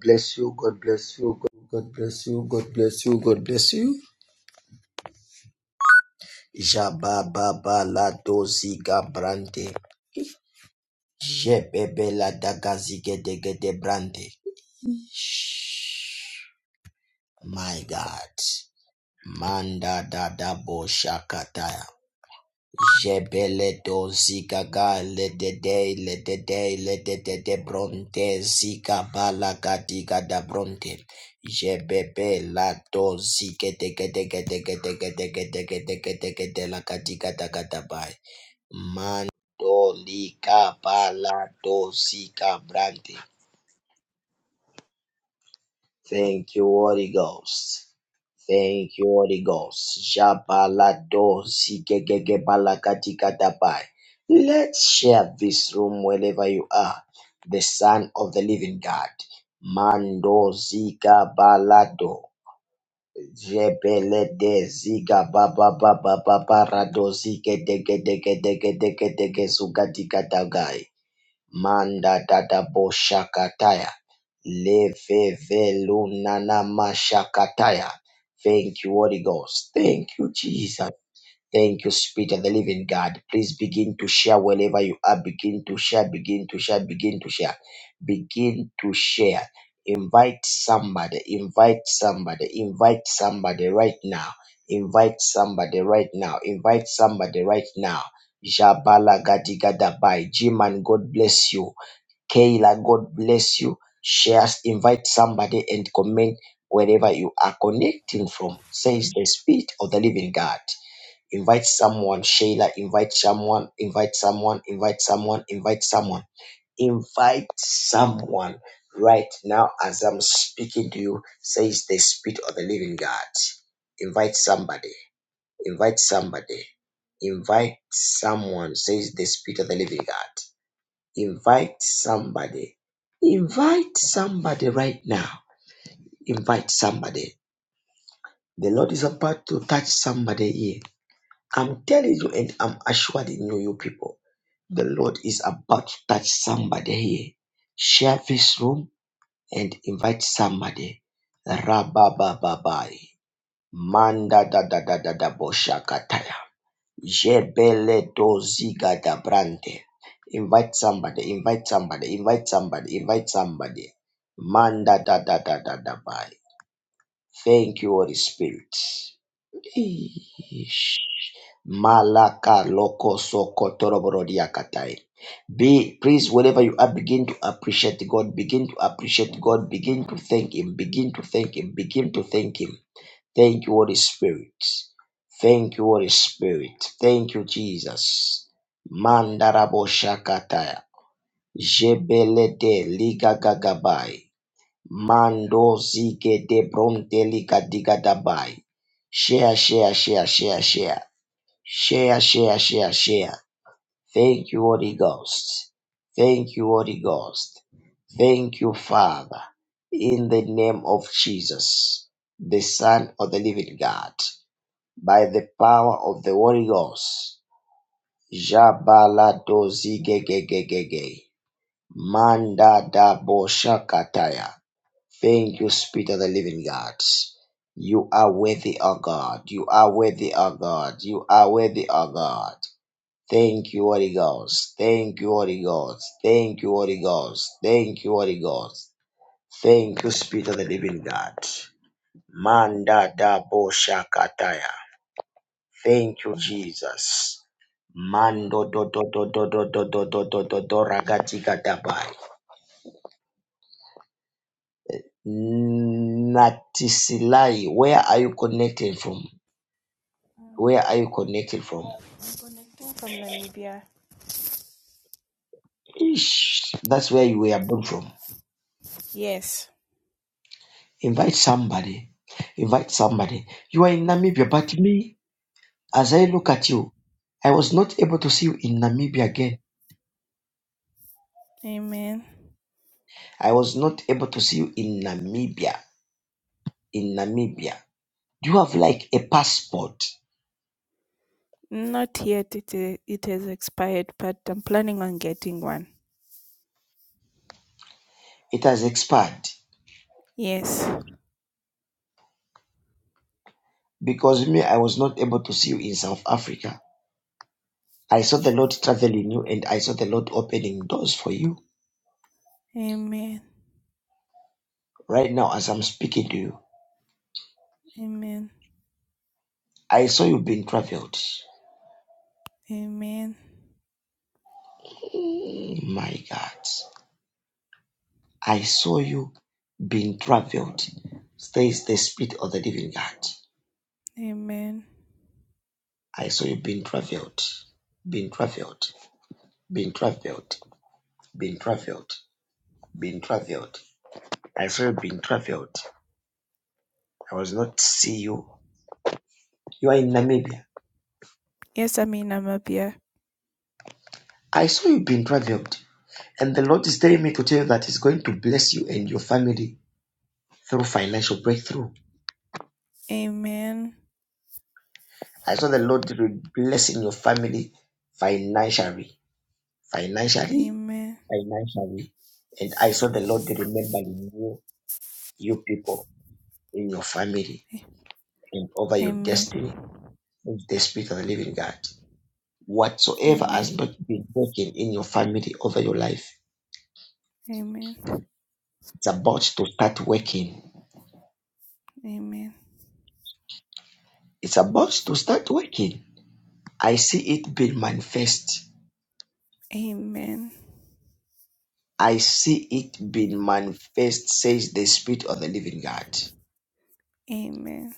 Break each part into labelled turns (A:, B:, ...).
A: bless you. God bless you. God, God bless you. God bless you. God bless you. Jababa la dozi ga brande. Jebebe la daga zige dege de brande. My God. Manda da da bo shakataya. Jebele do zika ga le de de le de de le de de de bronte zika bala gadiga da bronte jebebe la do zike de de de de de de de de de de de de de la gadiga da gada bai man do lika bala do zika brante Thank you, Holy Ghost. Thank you, Holy Ghost. Shabalado zigegege balakatikatabay. Let's share this room wherever you are. The Son of the Living God. Mando zika balado. Jebele de ziga baba baba baba rado zike dege dege dege dege dege zugatikatagai. Manda dada boshakataya. Leveve lunana mashakataya. Thank you, Holy Ghost. Thank you, Jesus. Thank you, Spirit of the Living God. Please begin to share wherever you are. Begin to share, begin to share, begin to share. Begin to share. Invite somebody, invite somebody, invite somebody right now. Invite somebody right now. Invite somebody right now. Jabala Gadigadabai. Jiman, God bless you. Kayla, God bless you. Shares, invite somebody and comment wherever you are connecting from, says the Spirit of the Living God. Invite someone, Shayla, invite someone, invite someone, invite someone, invite someone, invite someone right now as I'm speaking to you, says the Spirit of the Living God. Invite somebody, invite somebody, invite someone, says the Spirit of the Living God. Invite somebody, invite somebody right now, invite somebody. The Lord is about to touch somebody here. I'm telling you and I'm assuring you, you people. The Lord is about to touch somebody here. Share this room and invite somebody. Rabababai. Manda da da da da da boshakataya. Jebele doziga da brande. Invite somebody, invite somebody, invite somebody, invite somebody. Manda da da da da da bai. Thank you, Holy Spirit. Eesh. Malaka loko soko toroborodiakatai. Be please, wherever you are, begin to appreciate God. Begin to appreciate God. Begin to thank Him. Begin to thank Him. Begin to thank Him. Thank you, Holy Spirit. Thank you, Holy Spirit. Thank you, Jesus. Mandarabo shakataya. Jebele de liga gagabai. Mando zige de bronte liga diga dabai. Share, share, share, share, share. Share, share, share, share. Thank you, Holy Ghost. Thank you, Holy Ghost. Thank you, Father. In the name of Jesus, the Son of the Living God, by the power of the Holy Ghost. Jabala dozigegegege. Manda da boshakataya. Thank you, Spirit of the Living God. You are worthy, O God. You are worthy, O God. You are worthy, O God. Thank you, Holy Ghost. Thank you, Holy Ghost. Thank you, Holy Ghost. Thank you, Holy Ghost. Thank you, Spirit of the Living God. Manda da bo shakataya. Thank you, Jesus. Mando do do do do do do do do do do do ragatika dabai. Natisilai, where are you connected from?
B: Um,
A: Where are you connected from?
B: I'm connecting from Namibia.
A: Ish, that's where you were born from.
B: Yes.
A: Invite somebody. Invite somebody. You are in Namibia, but me, as I look at you, I was not able to see you in Namibia again.
B: Amen.
A: I was not able to see you in Namibia. In Namibia. You have like a passport.
B: Not yet. It is, it has expired, but I'm planning on getting one.
A: It has expired.
B: Yes.
A: Because me, I was not able to see you in South Africa. I saw the Lord traveling you and I saw the Lord opening doors for you.
B: Amen.
A: Right now, as I'm speaking to you,
B: Amen.
A: I saw you being traveled.
B: Amen.
A: Mm, My God. I saw you being traveled. Says the Spirit of the Living God.
B: Amen.
A: I saw you being traveled, being traveled, being traveled, being traveled, being traveled. I saw you being traveled. I was not see you. You are in Namibia.
B: Yes, I'm in Namibia.
A: I saw you being traveled. And the Lord is telling me to tell you that He's going to bless you and your family through financial breakthrough.
B: Amen.
A: I saw the Lord blessing your family financially, financially,
B: Amen.
A: financially. And I saw the Lord remembering you you people, in your family, and over your
B: Amen.
A: destiny of the Spirit of the Living God. Whatsoever has
B: Amen.
A: not been working in your family over your life,
B: Amen.
A: it's about to start working.
B: Amen.
A: It's about to start working. I see it being manifest.
B: Amen.
A: I see it being manifest, says the Spirit of the Living God.
B: Amen.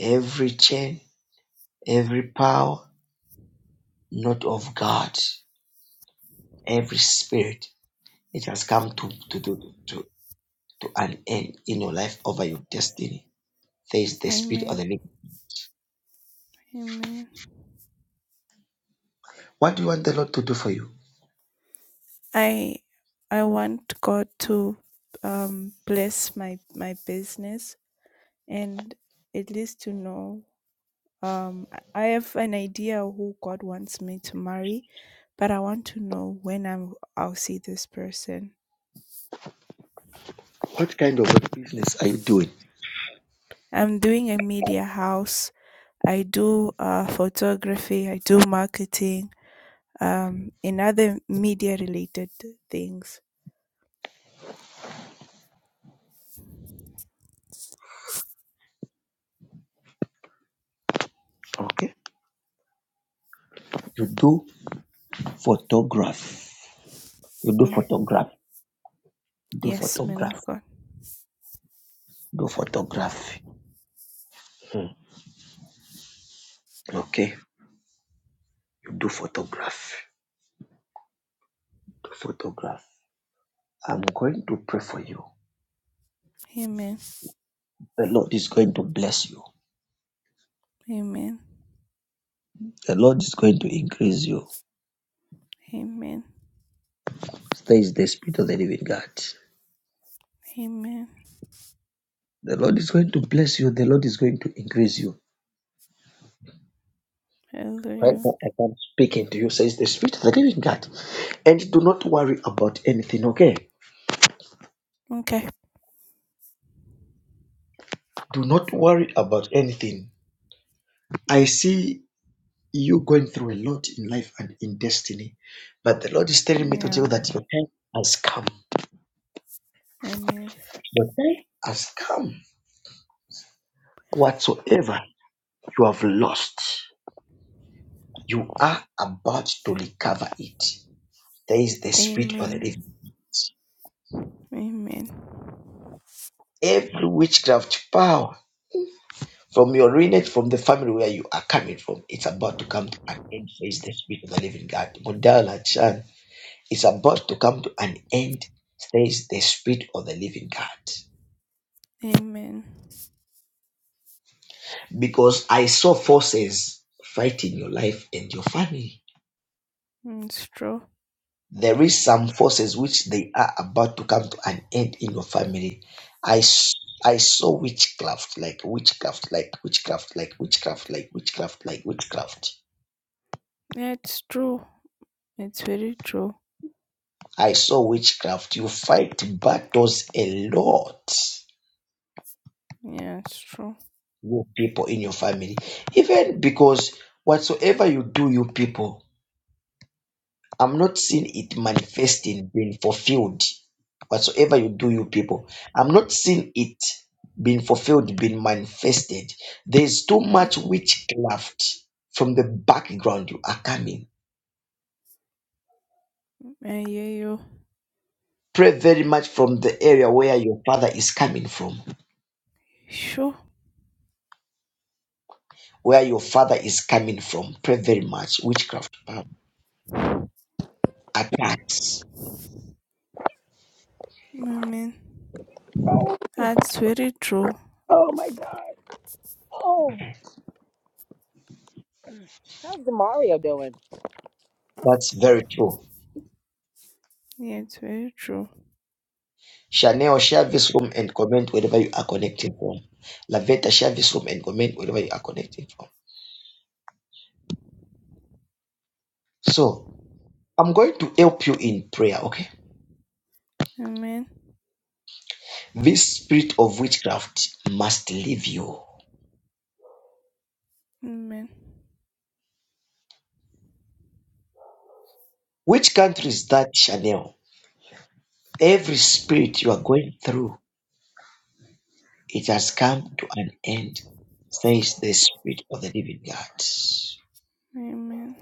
A: Every chain, every power, not of God, every spirit, it has come to, to, to, to, to an end in your life over your destiny There is the speed of
B: Amen.
A: the link.
B: Amen.
A: What do you want the Lord to do for you?
B: I I want God to um, bless my my business and at least to know um, I I have an idea of who God wants me to marry, but I want to know when I'm I'll see this person.
A: What kind of a business are you doing?
B: I'm doing a media house. I do uh, photography. I do marketing. Um, and other media related things.
A: Okay. You do photography. You do
B: Mm.
A: photograph. Do
B: Yes, man of
A: photography.
B: God.
A: Do photography. Hmm. Okay. You do photography. Do photography. I'm going to pray for you.
B: Amen.
A: The Lord is going to bless you.
B: Amen.
A: The Lord is going to increase you.
B: Amen.
A: There is the spirit of the living God.
B: Amen.
A: The Lord is going to bless you. The Lord is going to increase you. Right
B: Hallelujah.
A: now, I am speaking to you, says the Spirit of the Living God. And do not worry about anything, okay?
B: Okay.
A: Do not worry about anything. I see you going through a lot in life and in destiny, but the Lord is telling me to tell you
B: Yeah.
A: that your time has come.
B: Amen.
A: Your time has come. Whatsoever you have lost, you are about to recover it. There is the Spirit of the
B: Amen.
A: Living God.
B: Amen.
A: Every witchcraft power. From your lineage, from the family where you are coming from, it's about to come to an end. Says the Spirit of the Living God. Modala Chan, it's about to come to an end. Says the Spirit of the Living God.
B: Amen.
A: Because I saw forces fighting your life and your family.
B: Mm, It's true.
A: There is some forces which they are about to come to an end in your family. I s- I saw witchcraft, like witchcraft, like witchcraft, like witchcraft, like witchcraft, like witchcraft.
B: Yeah, it's true. It's very true.
A: I saw witchcraft. You fight battles a lot
B: Yeah, it's true.
A: with people in your family. Even because whatsoever you do, you people, I'm not seeing it manifesting being fulfilled. Whatsoever you do, you people, I'm not seeing it being fulfilled, being manifested. There's too
B: Mm.
A: much witchcraft from the background you are coming.
B: I hear you.
A: Pray very much from the area where your father is coming from
B: Sure.
A: where your father is coming from. Pray very much. Witchcraft um, attacks.
B: Amen.
C: Oh,
B: That's very true.
C: oh my God. Oh, how's the Mario doing?
A: That's very true.
B: Yeah, it's very true.
A: Chanel, share this room and comment wherever you are connecting from. Lavetta, share this room and comment wherever you are connecting from. So, I'm going to help you in prayer, okay?
B: Amen.
A: This spirit of witchcraft must leave you.
B: Amen.
A: Which country is that, Chanel? Every spirit you are going through, it has come to an end, says the Spirit of the Living God.
B: Amen.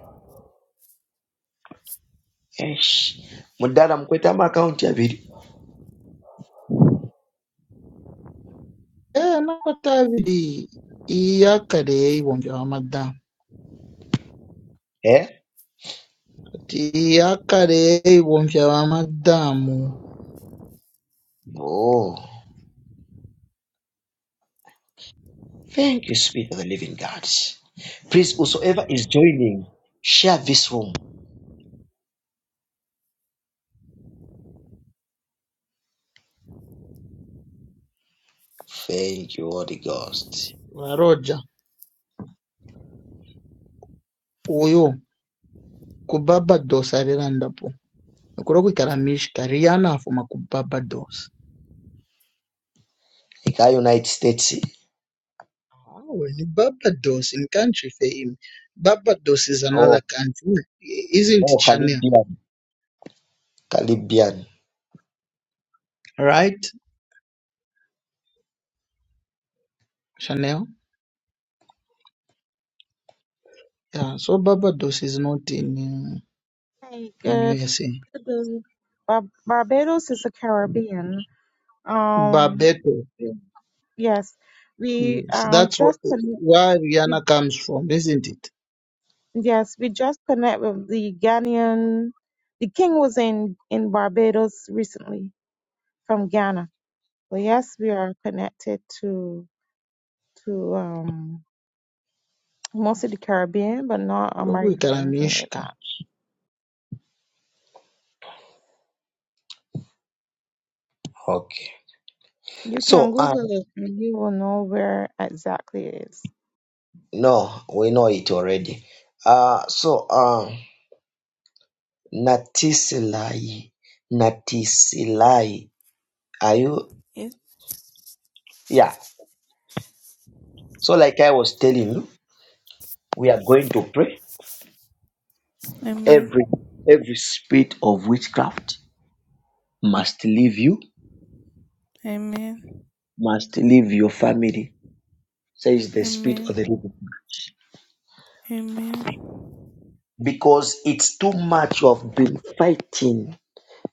A: Eish. Mundana mkweta ama akaunti yaviri.
D: Eh, nakotavidi iyakarei wonja wamadamu
A: Eh?
D: kati iyakarei wonja wamadamu
A: Oh. Thank you, Spirit of the Living God. Please, whosoever is joining, share this room. Thank you, Holy Ghost.
D: varoja uyu kubabadosa alilandapo nokulo kwikala mishka liyana afuma kubabadosa
A: Ika United States.
D: awe ni barbados in country for him barbados is
A: Oh,
D: another country isn't it
A: oh,
D: chanel
A: Caribbean. Caribbean.
D: right chanel yeah so barbados is not in uh,
E: Hey,
D: in
E: good.
D: usa
E: Good day. Bar- Barbados is the Caribbean. Um,
D: barbados
E: yes, we
D: Yes,
E: um
D: that's wh-
E: just con-
D: where
E: we,
D: Rihanna comes from, isn't it?
E: yes we just connect with the Ghanaian. The king was in in Barbados recently from Ghana. So yes, we are connected to to um most of the Caribbean, but not
D: Kulokhu
E: America or anything like
D: ikhalamishka.
E: that.
A: Okay.
E: You can
A: So, uh,
E: Google it and you will know where exactly it is.
A: no, we know it already. Uh, so, uh, Natisilai. Natisilai. Are you?
B: Yes.
A: Yeah. So, like I was telling you, we are going to pray. Every
B: Amen.
A: every spirit of witchcraft must leave you,
B: Amen.
A: must leave your family, says the spirit
B: Amen.
A: of the living God.
B: Amen.
A: Because it's too much. You have been fighting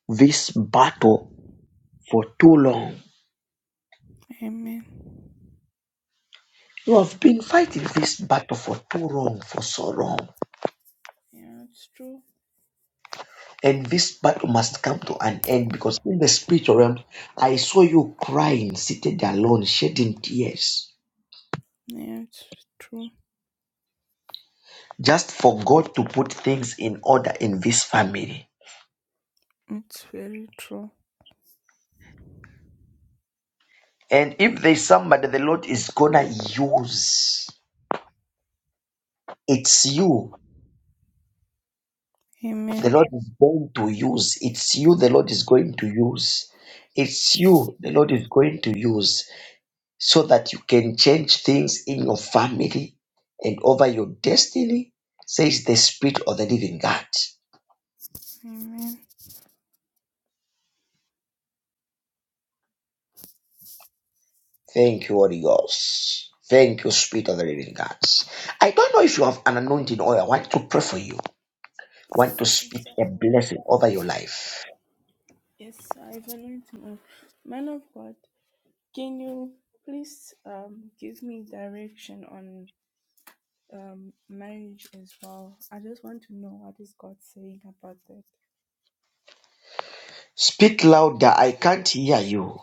A: this battle for too long.
B: Amen.
A: You have been fighting this battle for too long, for so long.
B: Yeah, it's true.
A: And this battle must come to an end because in the spiritual realm, I saw you crying, seated alone, shedding tears,
B: Yeah, it's true.
A: just for God to put things in order in this family.
B: It's very true.
A: And if there's somebody the Lord is gonna use, it's you. The
B: Amen.
A: Lord is going to use. It's you the Lord is going to use. It's you the Lord is going to use so that you can change things in your family and over your destiny, says the Spirit of the Living God.
B: Amen.
A: Thank you, Holy Ghost. Thank you, Spirit of the Living God. I don't know if you have an anointing oil. I want to pray for you. I want to speak
B: Yes,
A: a
B: I-
A: blessing over your life.
B: yes, I value to know. Man of God, can you please um give me direction on um marriage as well? I just want to know what is God saying about that.
A: Speak louder, I can't hear you.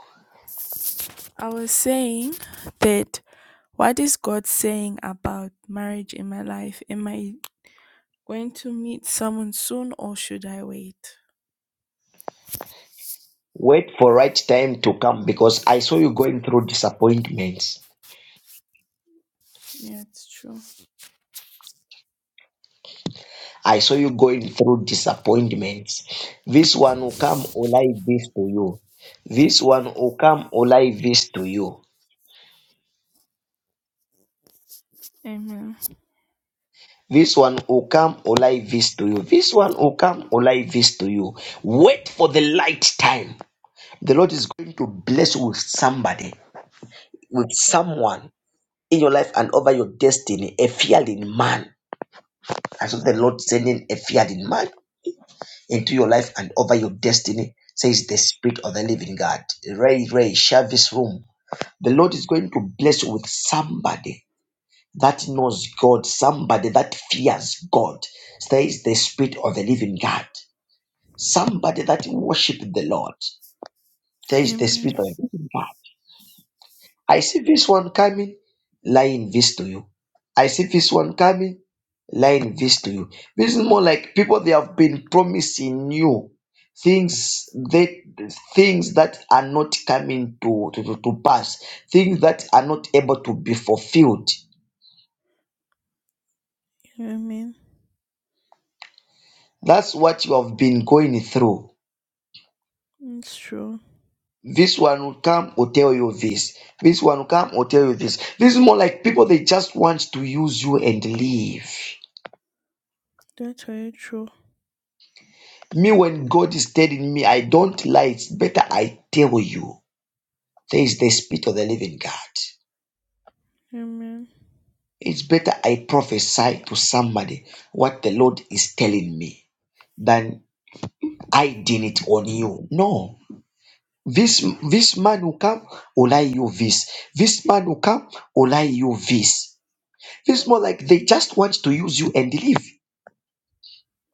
B: I was saying that what is God saying about marriage in my life? Am I going to meet someone soon or should I wait?
A: Wait for right time to come because I saw you going through disappointments.
B: Yeah, it's true.
A: I saw you going through disappointments. This one will come will lie this to you. This one will come will lie this to you.
B: Amen.
A: This one will come will lie this to you. This one will come will lie this to you. Wait for the light time. The Lord is going to bless you with somebody, with someone in your life and over your destiny, a fearing man I saw the Lord sending a feared man into your life and over your destiny, says the Spirit of the Living God. Ray, Ray, share this room. The Lord is going to bless you with somebody that knows God, somebody that fears God, says the Spirit of the Living God. Somebody that worship the Lord, says the
B: Amen.
A: Spirit of the Living God. I see this one coming, lying this to you. I see this one coming, lying this to you. This is more like people they have been promising you things that things that are not coming to, to, to to pass, things that are not able to be fulfilled.
B: Amen.
A: That's what you have been going through.
B: It's true.
A: This one will come or tell you this. This one will come or tell you this. This is more like people they just want to use you and leave.
B: That's very true.
A: Me, when God is telling me, I don't lie. It's better I tell you. There is the Spirit of the living God.
B: Amen.
A: It's better I prophesy to somebody what the Lord is telling me than I did it on you. No. This this man will come, will lie you this. This man will come, will lie you this. It's more like they just want to use you and leave.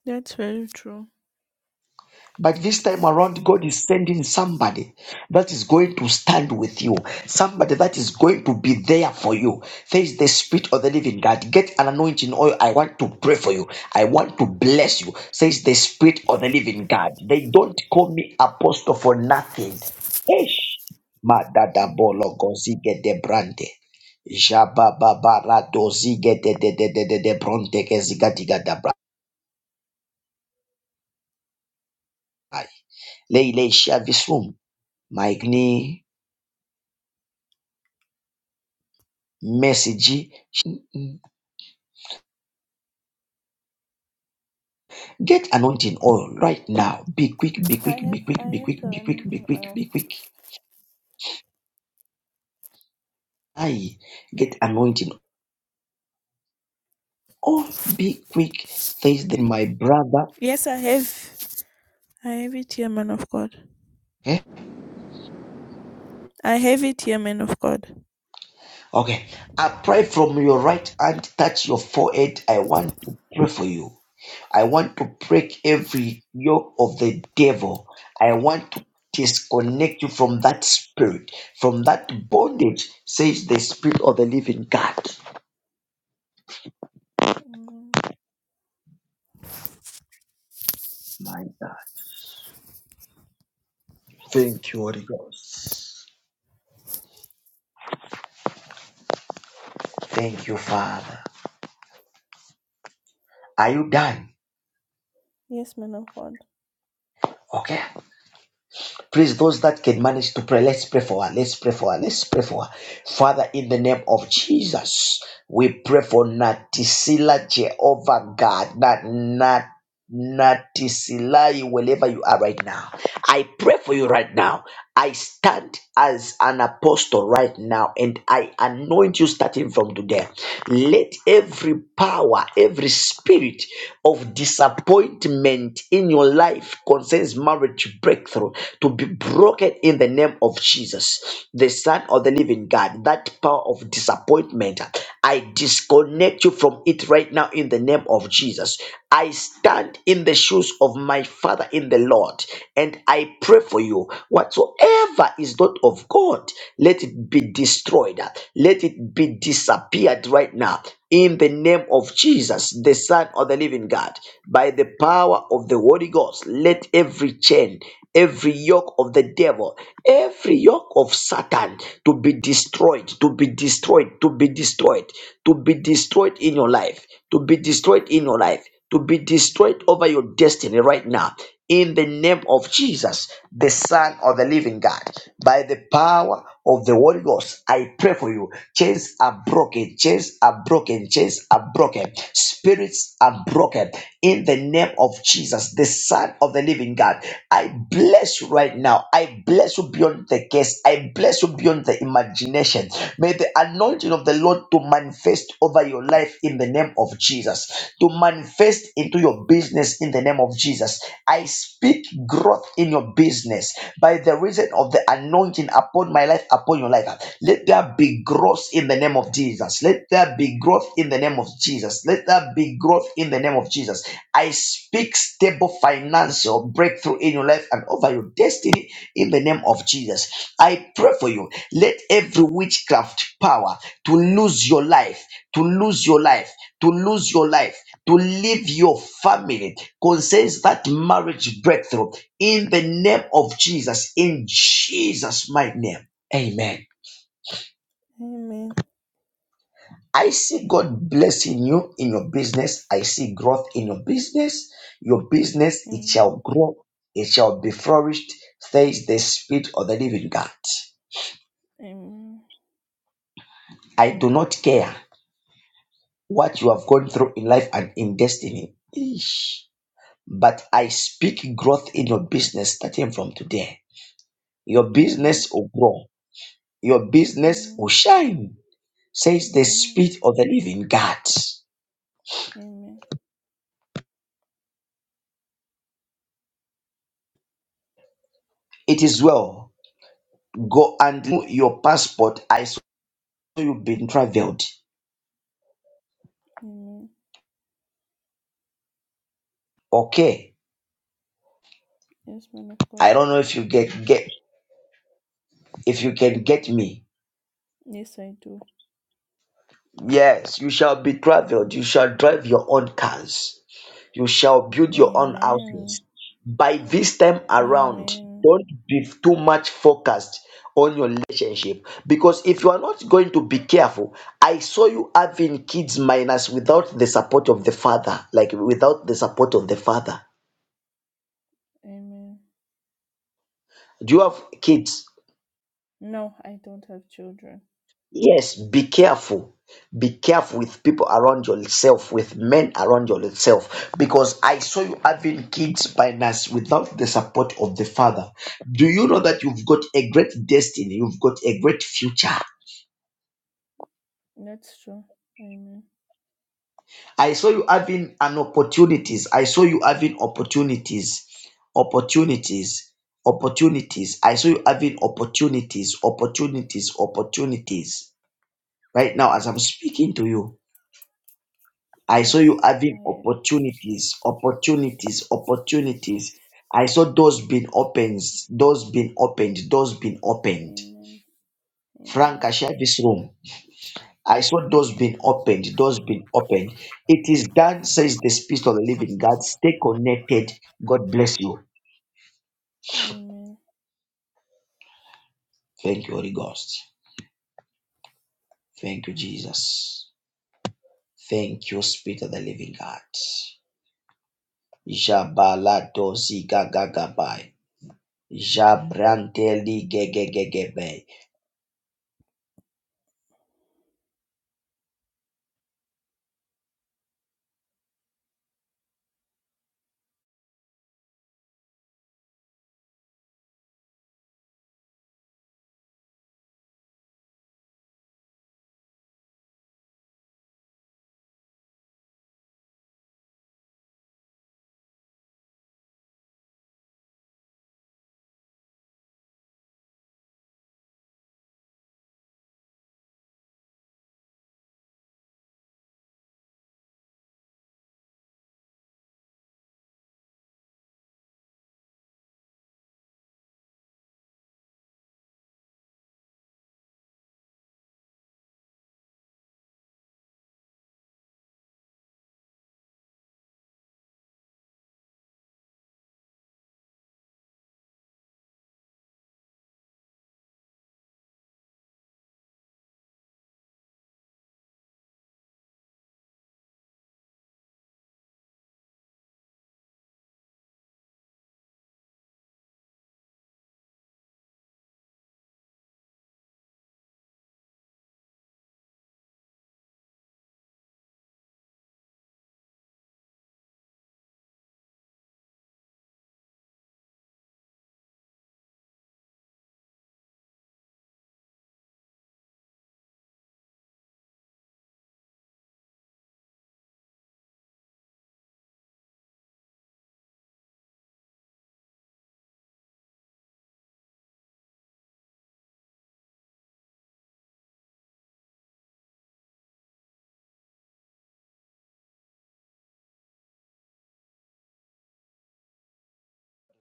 B: That's very true.
A: But this time around, God is sending somebody that is going to stand with you, somebody that is going to be there for you. There is the Spirit of the Living God. Get an anointing oil. I want to pray for you. I want to bless you. Says the Spirit of the Living God. They don't call me apostle for nothing. Ish.
B: Amen.
A: Madadabolo gozige de brande. Jabababara dozige de de de de de de bronte ke ziga diga da bra. Lei lei shavisum. Maigni Message Get anointing oil right now. Be quick, be
B: I
A: quick, be
B: have I
A: quick, be
B: have
A: quick,
B: the
A: be quick, be
B: anointing
A: quick,
B: oil.
A: be quick. I get anointing oil. Be quick. Face the my brother.
B: Yes, I have. I have it here, man of God.
A: Eh?
B: I have it here, man of God.
A: Okay. I pray from your right hand, touch your forehead. I want to pray for you. I want to break every yoke of the devil. I want to disconnect you from that spirit, from that bondage, says the spirit of the living God.
B: Amen.
A: My Thank you, Holy Ghost. Thank you, Father. Are you done?
B: Yes, man of God.
A: Okay. Please, those that can manage to pray, let's pray for her. Let's pray for her. Let's pray for her. Father, in the name of Jesus, we pray for Natisila Jehovah God. Not Nat Natisilai, wherever you are right now. I pray for you right now. I stand as an apostle right now and I anoint you starting from today. Let every power, every spirit of disappointment in your life concerns marriage breakthrough to be broken in the name of Jesus, the Son of the Living God. That power of disappointment, I disconnect you from it right now in the name of Jesus. I stand in the shoes of my Father in the Lord and I pray for you. Whatsoever is not of God, let it be destroyed, let it be disappeared right now in the name of Jesus, the Son of the Living God, by the power of the Holy Ghost, let every chain, every yoke of the devil, every yoke of Satan to be destroyed, to be destroyed, to be destroyed, to be destroyed in your life, to be destroyed in your life, to be destroyed over your destiny right now in the name of Jesus, the Son of the Living God. By the power of the Holy Ghost, I pray for you. Chains are broken, chains are broken, chains are broken, spirits are broken. In the name of Jesus, the Son of the Living God, I bless you right now. I bless you beyond the case. I bless you beyond beyond the imagination. May the anointing of the Lord to manifest over your life in the name of Jesus, to manifest into your business in the name of Jesus. I speak growth in your business by the reason of the anointing upon my life, upon your life. Let there be growth in the name of Jesus. Let there be growth in the name of Jesus. Jesus. Let that be growth in the name of Jesus. I speak stable financial breakthrough in your life and over your destiny in the name of Jesus. I pray for you. Let every witchcraft power to lose your life, to lose your life, to lose your life, to leave your family concerns that marriage breakthrough in the name of Jesus, in Jesus' mighty name. Amen.
B: Amen.
A: I see God blessing you in your business. I see growth in your business. Your business, it shall
B: Amen.
A: grow. It shall be flourished, says the Spirit of the living God.
B: Amen.
A: I do not care what you have gone through in life and in destiny. Eesh. But I speak growth in your business starting from today. Your
B: Amen.
A: business will grow. Your business
B: Amen.
A: will shine, says the
B: Amen.
A: Spirit of the living God.
B: Amen.
A: It is well. Go and do your passport. I. So you've been traveled.
B: Amen.
A: Okay.
B: Yes, man of God.
A: I don't know if you get get if you can get me.
B: Yes, I do.
A: Yes, you shall be traveled. You shall drive your own cars. You shall build your own
B: Amen.
A: houses. By this time around,
B: Amen.
A: don't be too much focused on your relationship because if you are not going to be careful, I saw you having kids minors without the support of the father, like without the support of the father.
B: Amen.
A: Do you have kids?
B: No, I don't have children.
A: Yes, be careful. Be careful with people around yourself, with men around yourself, because I saw you having kids by nurse without the support of the father. Do you know that you've got a great destiny? You've got a great future.
B: That's true. Amen.
A: I saw you having an opportunities. I saw you having opportunities, opportunities, opportunities. I saw you having opportunities, opportunities, opportunities. Right now, as I'm speaking to you. I saw you
B: Yes,
A: having
B: I.
A: opportunities, opportunities, opportunities. I saw doors being opened, doors being opened, doors being opened.
B: Amen.
A: Frank, I
B: Amen.
A: share this room. I saw doors being opened, doors being opened. It is done, says the Spirit of the Living God. Stay connected. God bless you.
B: Amen.
A: Thank you, Holy Ghost. Thank you, Jesus. Thank you, Spirit of the Living God. Jabala dosi gagagabai. Jabranteli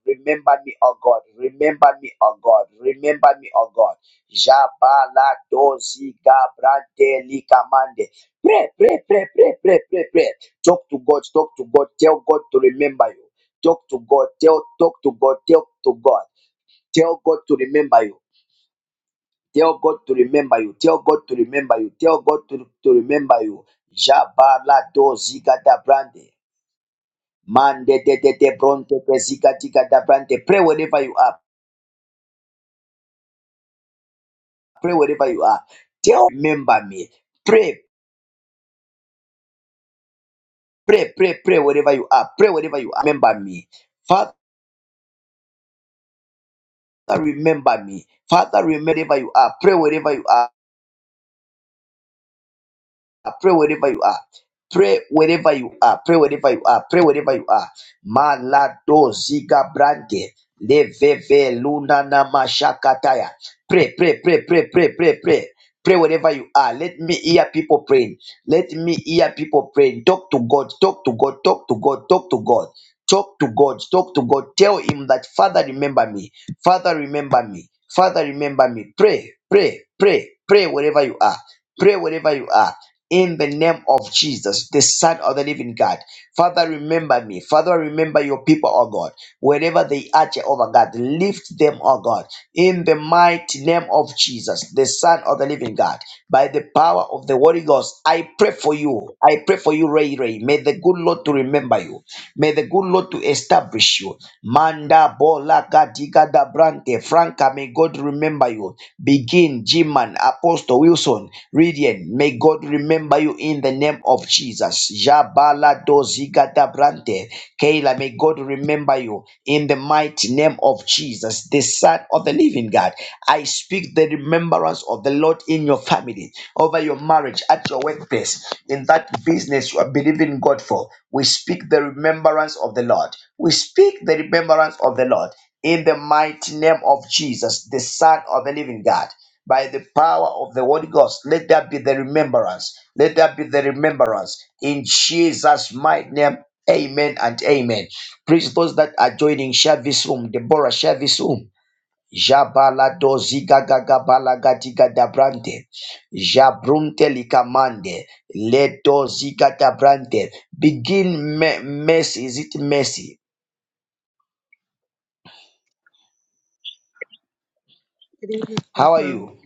A: Remember me, O God. Remember me, O God. Remember me, O God. Jabala dozi gabrante likamande. Pray, pray, pray, pray, pray, pray, pray. Talk to God. Talk to God. Tell God to remember you. Talk to God. Tell, talk to God. Tell to God. Tell God to remember you. Tell God to remember you. Tell God to remember you. Tell God to, to remember you. Jabala dozi gada brande. Mande de de de bronte ziga diga da brande. Pray whenever you are. Pray wherever you are. Tell remember me. Pray, pray, pray, pray wherever you are. Pray wherever you are. Remember me. Father, remember me. Father, remember wherever you are. Pray wherever you are. I pray wherever you are. Pray wherever you are. Pray wherever you are. Pray wherever you are. Malado ziga brande leveve luna na mashakataya. Pray, pray, pray, pray, pray, pray, pray. Pray wherever you are. Let me hear people praying. Let me hear people praying. Talk to God. Talk to God. Talk to God. Talk to God. Talk to God. Talk to God. Tell Him that Father, remember me. Father, remember me. Father, remember me. Pray, pray, pray, pray wherever you are. Pray wherever you are in the name of Jesus, the Son of the Living God. Father, remember me. Father, remember your people, oh God. Wherever they are, Jehovah God, lift them, oh God, in the mighty name of Jesus, the Son of the Living God. By the power of the Holy Ghost, I pray for you. I pray for you, Ray Ray. May the good Lord to remember you. May the good Lord to establish you. Manda bola gadiga da brante. Franca, may God remember you. Begin, Jiman, Apostle Wilson, Ridian, may God remember you in the name of Jesus. Jabala doziga da brante. Kayla, may God remember you in the mighty name of Jesus, the Son of the Living God. I speak the remembrance of the Lord in your family, over your marriage, at your workplace, in that business you are believing God for. We speak the remembrance of the Lord. We speak the remembrance of the Lord in the mighty name of Jesus, the Son of the Living God by the power of the Holy Ghost. Let that be the remembrance. Let that be the remembrance. In Jesus' mighty name, amen and amen. Please, those that are joining, share this room. Deborah, share this room. Jabala dozi gaga gabala gadiga dabrante. Jabrunte likamande. Le dozi gadabrante. Begin me- mercy. Is it mercy?
F: Good evening,
A: How are
F: Apostle.
A: you?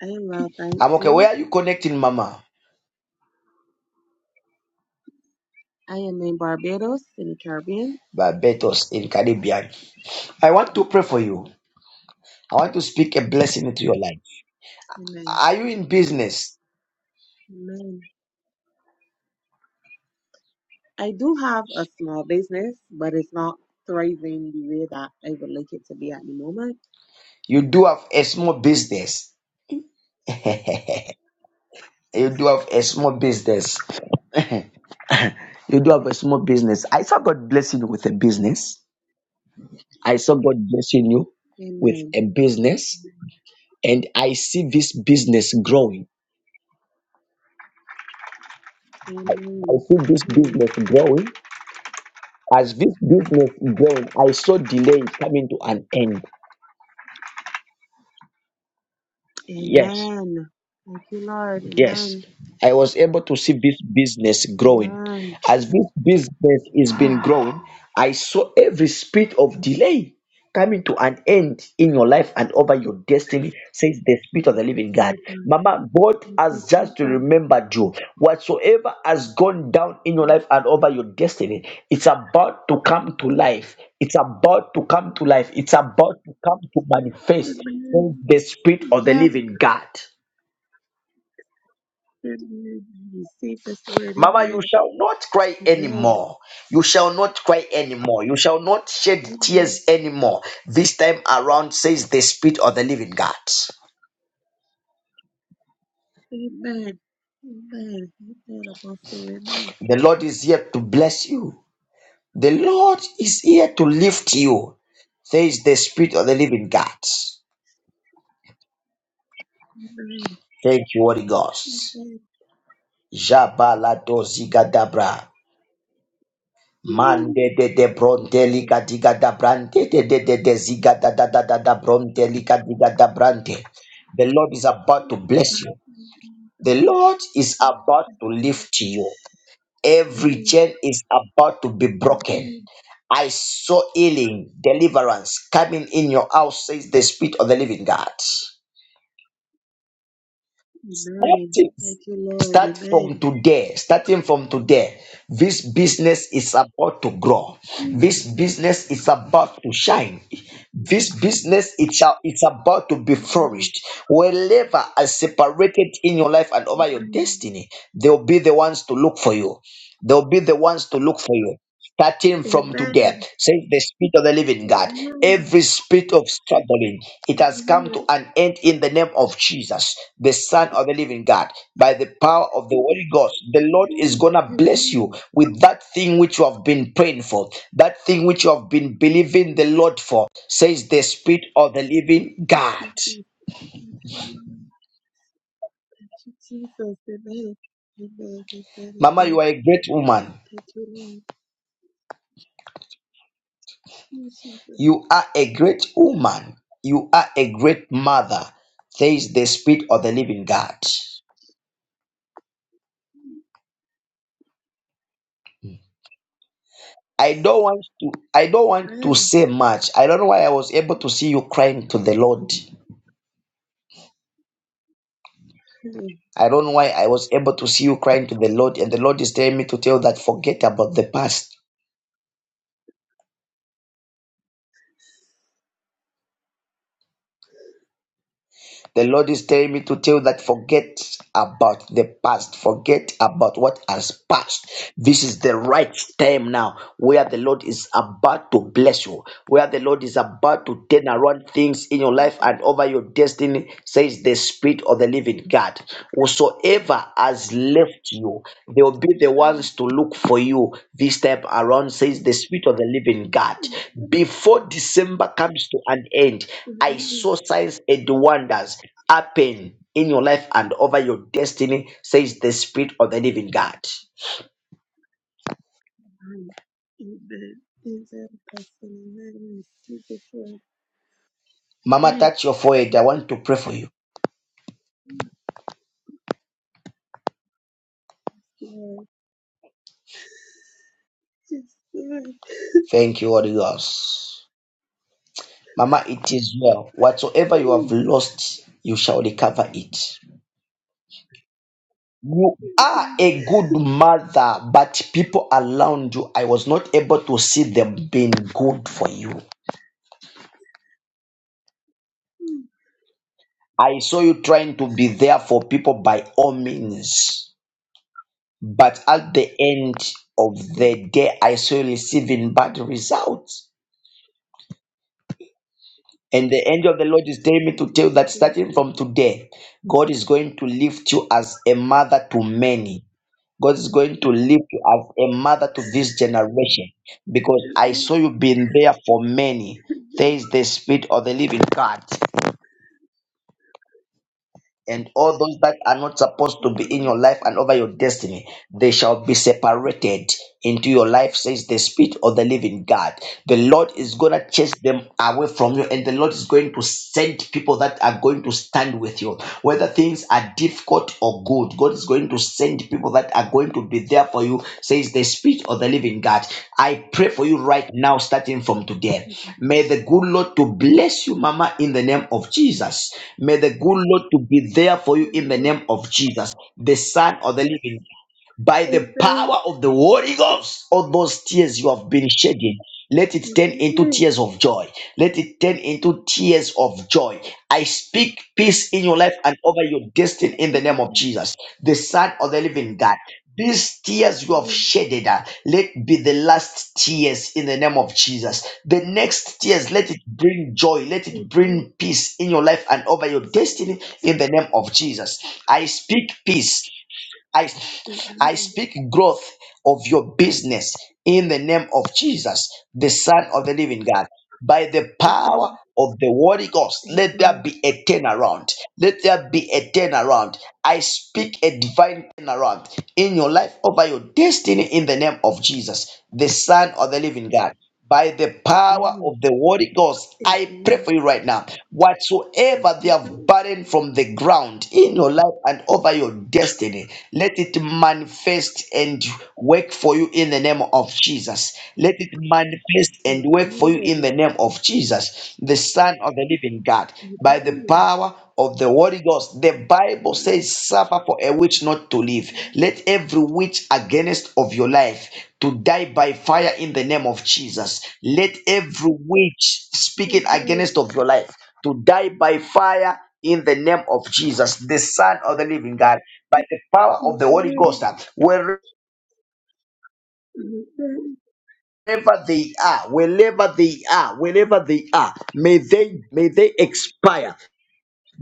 F: I am well, thanks
A: I'm okay. Where
F: you.
A: are you connecting, Mama?
F: I am in Barbados in the Caribbean.
A: Barbados in Caribbean. I want to pray for you. I want to speak a blessing into your life.
F: Amen.
A: Are you in business?
F: Amen. I do have a small business, but it's not thriving the way that I would like it to be at the moment.
A: You do have a small business. You
F: Yes.
A: do have
F: please.
A: a small business. You do have a small business. I saw God blessing you with a business. I saw God blessing you with
F: Amen.
A: a business. And I see this business growing. I
F: Amen.
A: see this
F: Mm.
A: business growing. As this business growing, I saw delay coming to an end. Yes.
F: Amen. Thank you, Lord.
A: Yes,
F: Amen.
A: I was able to see this business growing.
F: Amen.
A: As this business is been growing, I saw every spirit of delay coming to an end in your life and over your destiny, says the Spirit of
F: Thank
A: the
F: you,
A: Living God.
F: Jesus.
A: Mama, God
F: Thank you,
A: has just
F: Jesus.
A: remembered you. Whatsoever has gone down in your life and over your destiny, it's about to come to life. It's about to come to life. It's about to come to manifest, says
F: Amen. Amen.
A: the Spirit of the
F: Amen.
A: Living God.
F: I Receive this word.
A: Mama, you
F: Amen.
A: shall not cry
F: Amen.
A: anymore. You shall not cry anymore. You shall not shed
F: Amen.
A: tears anymore. This time around, says the Spirit of the Living God.
F: Amen. Amen. Amen. Apostle. Amen.
A: The Lord is here to bless you. The Lord is here to lift you, says the Spirit of the Living God.
F: Amen.
A: Thank you, Holy Ghost.
F: Amen.
A: Jabala
F: Ooh,
A: Mande de de
F: Okay.
A: brontelica diga da brante de de de de ziga da da da da da brontelica diga da brante. The Lord is about to bless you.
F: Amen.
A: The Lord is about to lift you. Every
F: Amen.
A: chain is about to be broken. I saw healing, deliverance coming in your house, says the Spirit of the Living God.
F: Amen.
A: Starting
F: Thank you, Lord.
A: Start from
F: Amen.
A: today. Starting from today, this business is about to grow.
F: Ooh,
A: This business is about to shine. This
F: Amen.
A: business it shall, it's about to be
F: Amen.
A: flourished. Wherever are separated in your life and over your destiny, they'll be the ones to look for you. They'll be the ones to look for you starting
F: Amen.
A: from today,
F: Amen.
A: says the Spirit of the Living God.
F: Amen.
A: Every spirit of struggling, it has come to
F: Amen.
A: an end in the name of Jesus, the Son of the Living God. By the power of the Holy Ghost, the Lord is
F: Ooh,
A: gonna bless you
F: Amen.
A: with that thing which you have been praying for, that thing which you have been believing the Lord for, says the Spirit of the Living
F: Yes,
A: God.
F: we pray. Thank you, Lord. Thank you, Jesus. Amen. Amen. Amen.
A: Mama,
F: Amen.
A: you are a great woman.
F: Thank you, Lord. Lord Jesus.
A: You are a great woman. You are a great mother, says the Spirit of the Living God. I don't want to I don't want to
F: Amen.
A: say much. I don't know why I was able to see you crying to the Lord.
F: Amen.
A: I don't know why I was able to see you crying to the Lord and the Lord is telling me to tell that forget about the past. The Lord is telling me to tell you that forget about the past, forget about what has passed. This is the right time now where the Lord is about to bless you, where the Lord is about to turn around things in your life and
F: Amen.
A: over your destiny, says the Spirit of the living God. Whosoever has left you, they will be the ones to look for you this time around, says the Spirit of the living God.
F: Amen.
A: Before December comes to an end, I
F: Amen.
A: saw signs and wonders happen in your life and over your destiny, says the Spirit of the Living God.
F: Apostle. Amen. Receive this word.
A: Mama,
F: Amen.
A: touch your forehead. I want to pray for you.
F: Lord. Yes, Lord.
A: Thank you, Holy Ghost. Mama, it is well. Whatsoever you have
F: Amen.
A: lost, you shall recover it. You are
F: Amen.
A: a good mother, but people around you, I was not able to see them being good for you.
F: Mm,
A: I saw you trying to be there for people by all means. But at the end of
F: mm,
A: the day, I saw receiving bad results. And the angel of the Lord is telling me
F: It
A: to tell you
F: is
A: that
F: true.
A: starting from today, God is going to lift you as a mother to many. God is going to lift you as a mother to this generation because I
F: Amen.
A: saw you being there for many. There
F: Amen.
A: is the spirit of the living God. and all those that are not supposed to be in
F: Amen.
A: your life
F: It
A: and over your destiny, they shall be separated into your life, says the Spirit of the Living God. The Lord is going to chase them away from you, and the
F: is-
A: Lord is going to send people that are going to stand with you, whether things are difficult or for good. God is going to send people that are going to be there for you, says the Spirit of the Living God. I pray for you right now, starting from today. May the good Lord to bless you, Mama, in the name of Jesus. May the good Lord to be there for you in the
F: Amen.
A: name of Jesus, the Son of the Living by the
F: Amen.
A: power of the Holy Ghost, all those tears you have been shedding, let it turn into
F: Amen.
A: tears of joy. Let it turn into tears of joy. I speak peace in your life and over your destiny in the name of
F: Amen. Amen.
A: Jesus, the Son of the Living God. These tears you have
F: Amen.
A: shedded, uh, let be the last tears in the name of Jesus. The next tears, let it bring joy, let it
F: Amen. Amen.
A: bring peace in your life and over your destiny in the name of Jesus. I speak peace I, I speak growth of your business in the name of Jesus, the Son of the Living God by the power of the Holy Ghost. Let there be a turnaround. Let there be a turnaround. I speak a divine turnaround in your life, over your destiny, in the name of Jesus, the Son of the Living God. By the power of the Holy Ghost,
F: Amen. Amen.
A: I pray
F: Amen.
A: for you right now. Whatsoever they have burdened from the ground in your life and over your destiny, let it manifest and work for you in the name of Jesus. Let it manifest
F: Amen.
A: and work for you
F: Amen.
A: in the name of Jesus, the Son of the living God,
F: You
A: by the
F: buried.
A: power of the Holy Ghost. The
F: You
A: Bible
F: buried.
A: says, suffer for a witch not to
F: You
A: live. Let every witch against of your life to die by fire in the name of Jesus. Let every witch speaking
F: buried.
A: against of your life to die by fire in the name of Jesus, the Son of the living God, by the power of
F: You
A: the Holy
F: buried.
A: Ghost. where.
F: You buried.
A: wherever they are, wherever they are, wherever they are, may they may they expire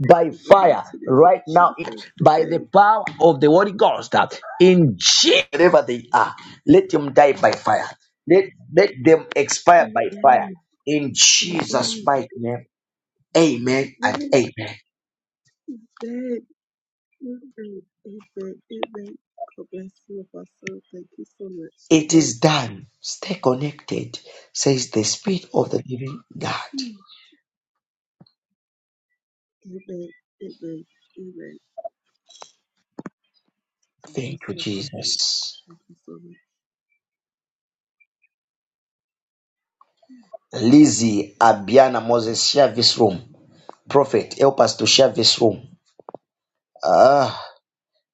A: by
F: In the
A: fire
F: mighty name of
A: right now
F: Jesus,
A: by the
F: amen.
A: power of the Holy Ghost. That In Jesus, wherever they are, let them die by fire. Let let them expire
F: You
A: by fire.
F: buried.
A: In
F: You
A: Jesus'
F: buried.
A: mighty name, Amen and
F: Amen.
A: Amen.
F: Amen. Amen. Amen. Amen. God bless you, Apostle. Thank you so much.
A: It
F: Amen.
A: is done. Stay connected, says the Spirit of the Living God.
F: Amen. Amen. Amen. God
A: Thank
F: bless
A: you,
F: you, Apostle.
A: Jesus.
F: Thank you so much.
A: Lizzie Abiana Moses, share this room. Prophet, help us to share this room. Ah,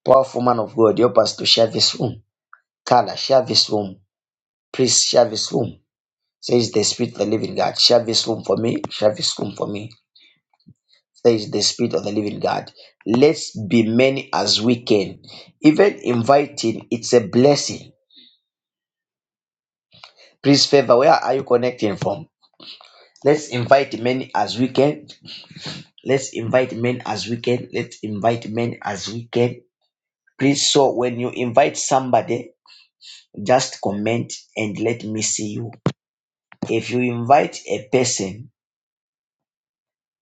A: powerful man of God, help us to share this room. Carla, share this room. Please share this room. Says the Spirit of the Living God. Share this room for me. Share this room for me. Says the Spirit of the Living God. Let's be many as we can. Even inviting, it's a blessing. Please favor, where are you connecting from? Let's invite many as we can Let's invite men as we can. Let's invite men as we can. Please, so when you invite somebody, just comment and let me see you. If you invite a person,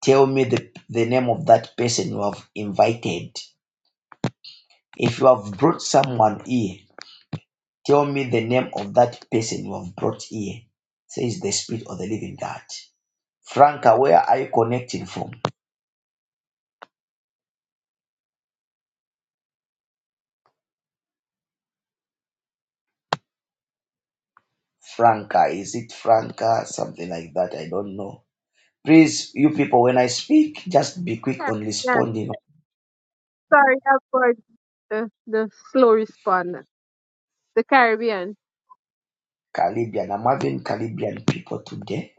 A: tell me the, the name of that person you have invited. If you have brought someone here, tell me the name of that person you have brought here, says the Spirit of the Living God. Franca, where are you connecting from? Franca, is it Franca? Something like that. I don't know. Please, you people, when I speak, just be quick
G: Yeah,
A: on
G: yeah.
A: responding.
G: Sorry for the, the slow response. The Caribbean.
A: Caribbean, I'm having Caribbean people today.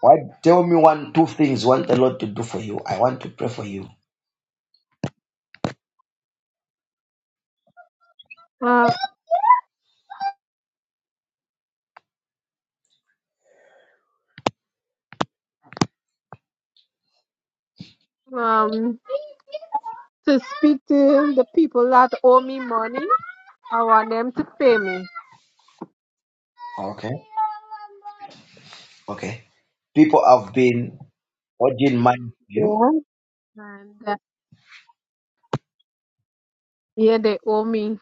A: Why tell me one, two things you want the Lord to do for you? I want to pray for you.
G: Uh, um, to speak to the people that owe me money, I want them to pay me.
A: Okay. Okay. People have been holding mind to you.
G: Yeah. And uh, yeah, they owe me.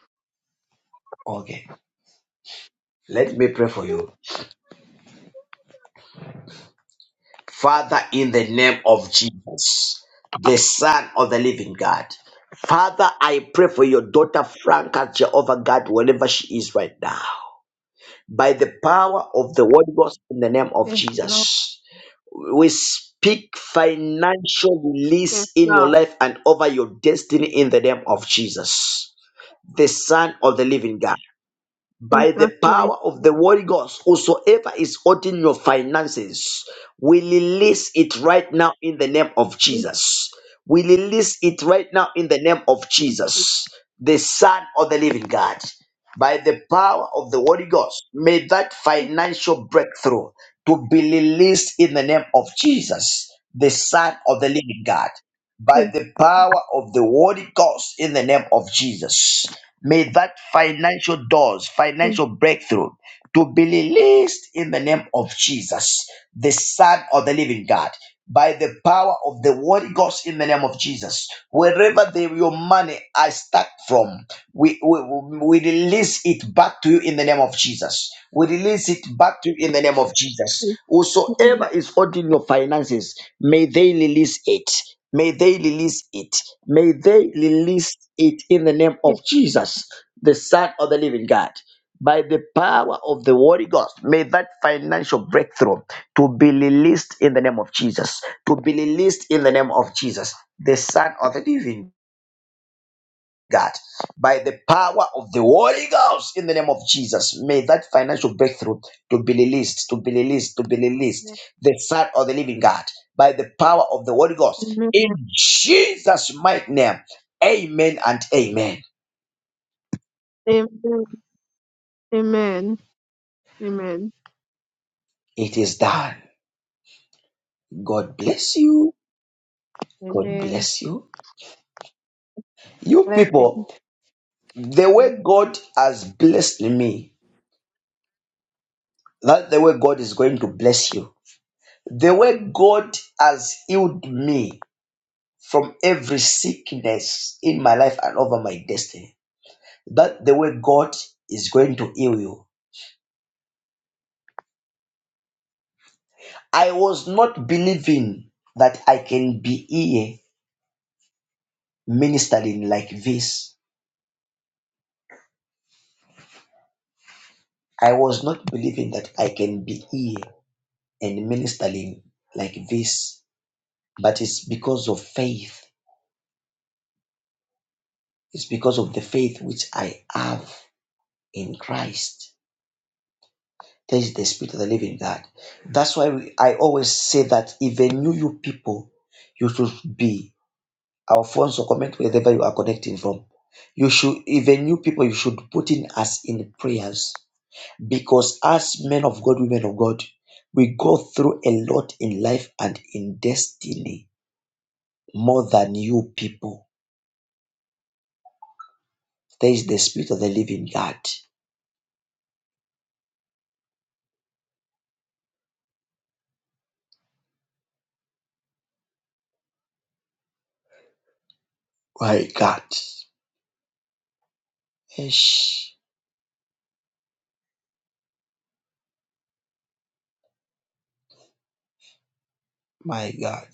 A: Okay. Let me pray for you. Father, in the name of Jesus, the Son of the Living God. Father, I pray for your daughter Franca, Jehovah God, wherever she is right now. by the power of the Holy Ghost in the name of
G: Yes, Lord.
A: Jesus. We speak financial
G: Yes,
A: release in your
G: Lord.
A: life and over your destiny in the name of Jesus, the Son of the Living God by the
G: Jesus, my
A: power of the Holy Ghost, whosoever is holding your finances, we release it right now in the name of
G: yes,
A: Jesus. We release it right now in the name of
G: yes,
A: Jesus, the Son of the Living God. By the power of the Holy Ghost, may that financial breakthrough to be released in the name of Jesus, the Son of the Living God. By
G: yes,
A: the power of the Holy Ghost, in the name of Jesus. May that financial doors, financial breakthrough, to be released in the name of Jesus, the Son of the Living God, by the power of the Holy Ghost in the name of Jesus. Wherever the, your money are stuck from, we, we, we release it back to you in the name of Jesus. We release it back to you in the name of Jesus.
G: yes,
A: Whosoever is holding your finances, may they release it. May they release it. May they release it in the name
G: yes, yes,
A: of Jesus, the Son of the Living God by the power of the Holy Ghost. May that financial breakthrough to be released in the name of Jesus. To be released in the name of Jesus, the Son of the Living God. By the power of the Holy Ghost in the name of Jesus, may that financial breakthrough to be released, to be released, to be released.
G: yes.
A: The Son of the Living God. By the power of the Holy Ghost
G: Amen.
A: in Jesus' mighty name. Amen and amen.
G: Amen. Amen. Amen.
A: It is done. God bless you. God
G: Amen.
A: bless you. You
G: Blessing.
A: people, the way God has blessed me, that the way God is going to bless you. The way God has healed me from every sickness in my life and over my destiny. That the way God is going to heal you. I was not believing that I can be here ministering like this. I was not believing that I can be here and ministering like this, but it's because of faith It's because of the faith which I have in Christ. There is the spirit of the living God. That's why we, I always say that even you, you people, you should be our phones or comment wherever you are connecting from. You should even you people, you should put in us in prayers because as men of God, women of God, we go through a lot in life and in destiny more than you people. There is the spirit of the living God. My God. Ish. My God,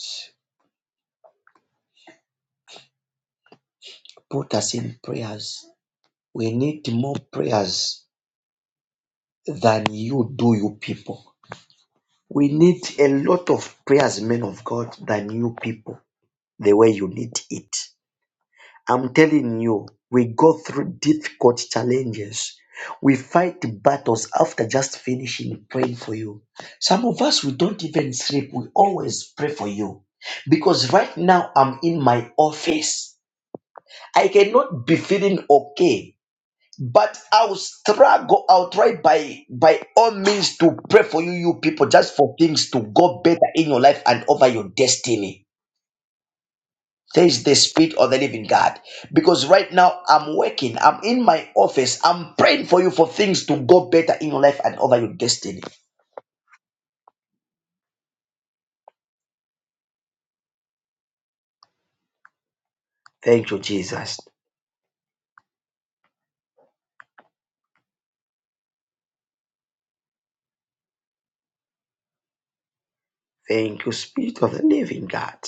A: put us in prayers. We need more prayers than you do, you people. We need a lot of prayers, men of God, than you people, the way you need it. I'm telling you, we go through difficult challenges. We fight battles after just finishing praying for you. Some of us, we don't even sleep. We always pray for you. Because right now, I'm in my office. I cannot be feeling okay But I'll struggle, I'll try by by all means to pray for you, you people, just for things to go better in your life and over your destiny. There is the spirit of the living God. Because right now I'm working, I'm in my office, I'm praying for you for things to go better in your life and over your destiny. Thank you, Jesus. Thank you, Spirit of the Living God.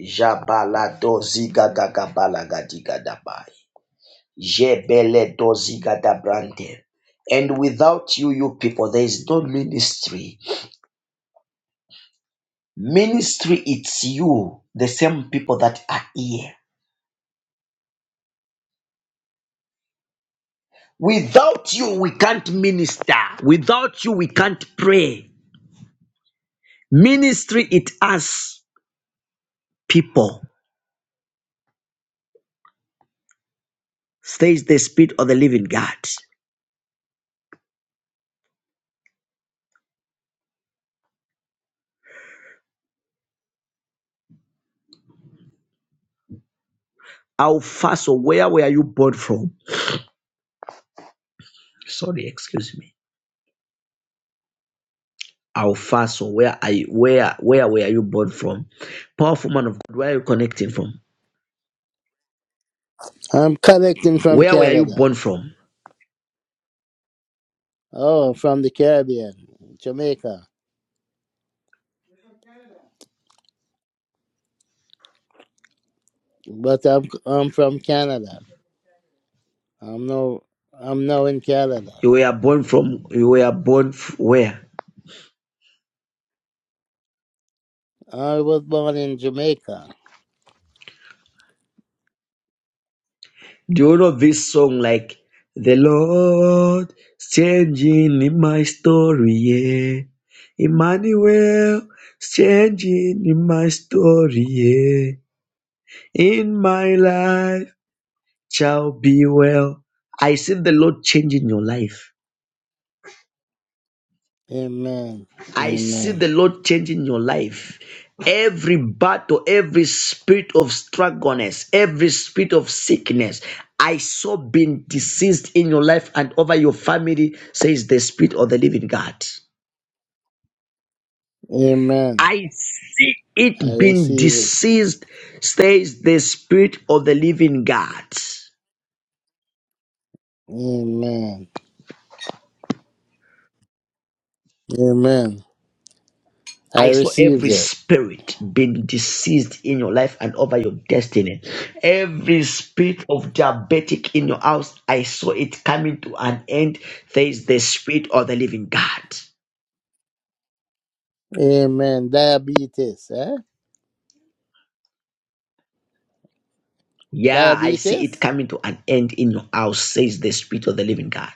A: Jabalado zigagagabalagadigadaba. Jebele dozigada brande. And without you, you people, there is no ministry. Ministry, it's you, the same people that are here. Without you, we can't minister. Without you, we can't pray. Ministry, it us people. Says the spirit of the living God. Alfaso, where were you born from? Sorry, excuse me. Alfaso, where are you? Where where were you born from? Powerful man of God, where are you connecting from?
H: I'm collecting from
A: Where were you
H: Canada.
A: born from?
H: Oh, from the Caribbean, Jamaica. But I'm I'm from Canada. I'm no I'm now in Canada.
A: You were born from, you were born f- where?
H: I was born in Jamaica.
A: Do you know this song like, The Lord is changing in my story, yeah. Emmanuel is changing in my story, yeah. In my life shall be well. I see the Lord changing your life.
H: Amen.
A: I see
H: Amen.
A: the Lord changing your life. Every battle, every spirit of struggleness, every spirit of sickness, I saw being deceased in your life and over your family, says the Spirit of the Living God.
H: Amen.
A: I see
H: I
A: it being
H: receive it.
A: deceased, says the Spirit of the Living God.
H: Amen. Amen. I
A: I saw
H: received
A: every
H: it.
A: spirit being deceased in your life and over your destiny. Every spirit of diabetic in your house, I saw it coming to an end. There is the spirit of the living God.
H: Amen. Diabetes, eh?
A: Yeah, I see it
H: Diabetes?
A: coming to an end in your house, says the spirit of the living God.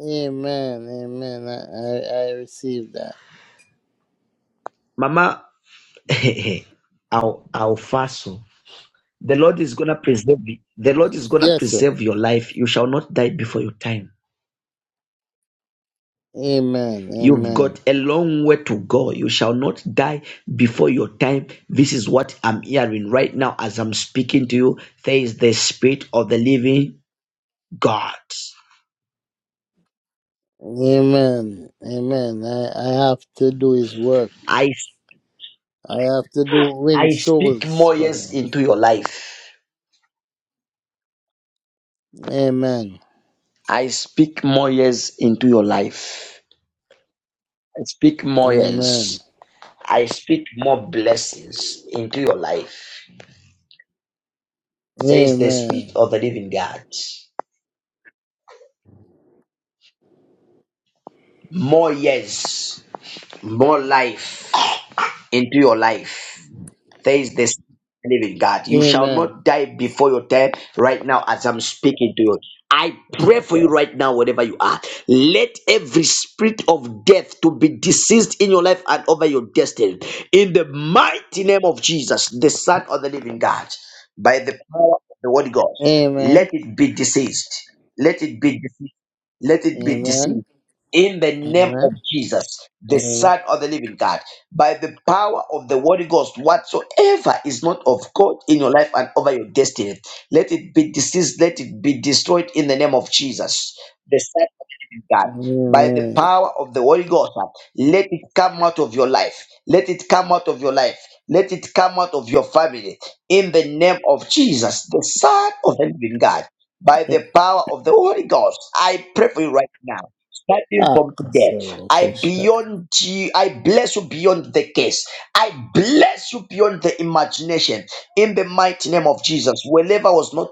H: Amen. Amen. I, I, I received that.
A: Mama, I'll, I'll fast. The Lord is gonna preserve you. The Lord is gonna
H: Yes, sir.
A: preserve your life. You shall not die before your time.
H: Amen.
A: You've
H: Amen.
A: got a long way to go. You shall not die before your time. This is what I'm hearing right now as I'm speaking to you. There is the spirit of the living God.
H: Amen. Amen. I, I have to do his work.
A: I
H: I have to do win
A: I speak
H: souls
A: more
H: for
A: years
H: him.
A: into your life.
H: Amen.
A: I speak more years into your life. I speak more
H: Amen.
A: years. I speak more blessings into your life. Says the spirit
H: Amen.
A: of the living God. More years. more life into your life. There is this living God. You shall
H: Amen.
A: not die before your time right now as I'm speaking to you. I pray for you
H: Amen.
A: right now, wherever you are. Let every spirit of death to be deceased in your life and over your destiny. In the mighty name of Jesus, the Son of the Living God, by the power of the Holy Ghost,
H: Amen.
A: let it be deceased. Let it be deceased let it be deceived in the name of
H: Amen.
A: Jesus, the
H: Amen.
A: Son of the Living God, by the power of the Holy Ghost, whatsoever is not of God in your life and over your destiny, let it be deceased, let it be destroyed in the name of Jesus, the Son of the Living God, by the
H: Amen.
A: power of the Holy Ghost, let it come out of your life, let it come out of your life, let it come out of your family, in the name of Jesus, the Son of the Living God by the power of the Holy Ghost. I pray for you right now. Starting
H: Ah,
A: from today,
H: Casero, okay,
A: I
H: shit.
A: beyond you, I bless you beyond the case. I bless you beyond the imagination. In the mighty name of Jesus, wherever was not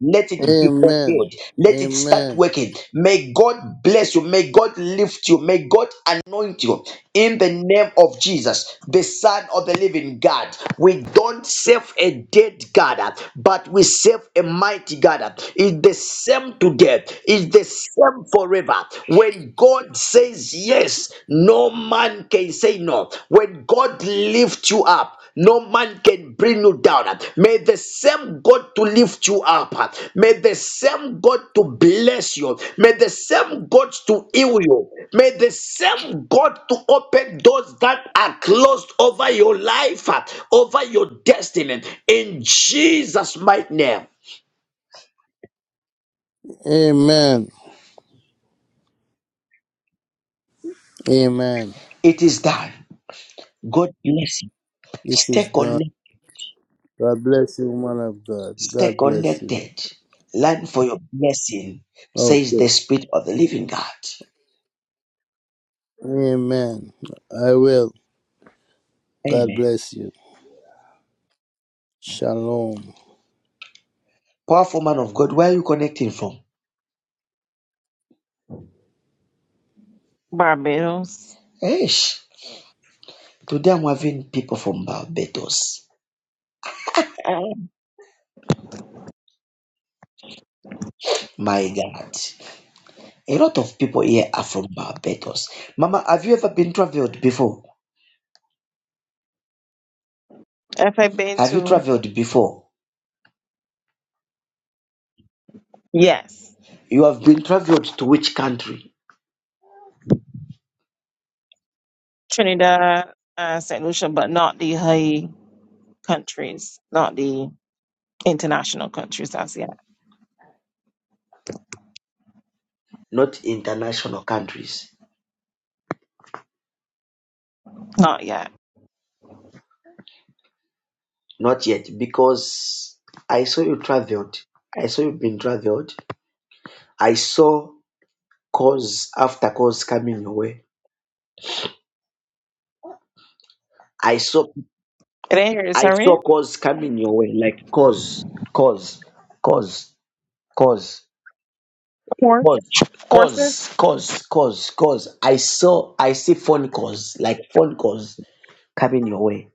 A: let it be
H: Amen.
A: fulfilled. Let it start
H: Amen.
A: working. May God bless you. May God lift you. May God anoint you in the name of Jesus, the Son of the Living God. We don't serve a dead God, but we serve a mighty God. It's the same today, it's the same forever. When God says yes, no man man can say no. When God lifts you up, no man can bring you down. May the same God to lift you up. May the same God to bless you. May the same God to heal you. May the same God to open doors that are closed over your life, over your destiny. In Jesus' mighty name,
H: Amen. Amen.
A: it is done. God bless you.
H: It is
A: Stay
H: done.
A: connected.
H: God bless you, man of God.
A: Stay
H: God bless you.
A: connected. Learn for your blessing, says
H: Okay.
A: the Spirit of the Living God.
H: Amen. I will. God
A: Amen.
H: bless you. Shalom.
A: Powerful man of God, where are you connecting from?
I: Barbados.
A: Eish. Today I'm having people from Barbados. My God. A lot of people here are from Barbados. Mama, have you ever been traveled before?
I: If I've been
A: Have you
I: to,
A: traveled before?
I: yes,
A: You have been traveled to which country?
I: Trinidad, uh, St. Lucia, but not the high countries, not the international countries as yet.
A: Not international countries.
I: Not yet.
A: Not yet, because I saw you traveled. I saw you been traveled. I saw cause after cause coming your way. I saw
I: It ain't here, it's
A: I
I: already
A: saw cause coming your way, like cause, cause, cause, cause,
I: horse, horses,
A: cause, cause, cause, cause. calls. I saw I see phone calls, like phone calls coming your way.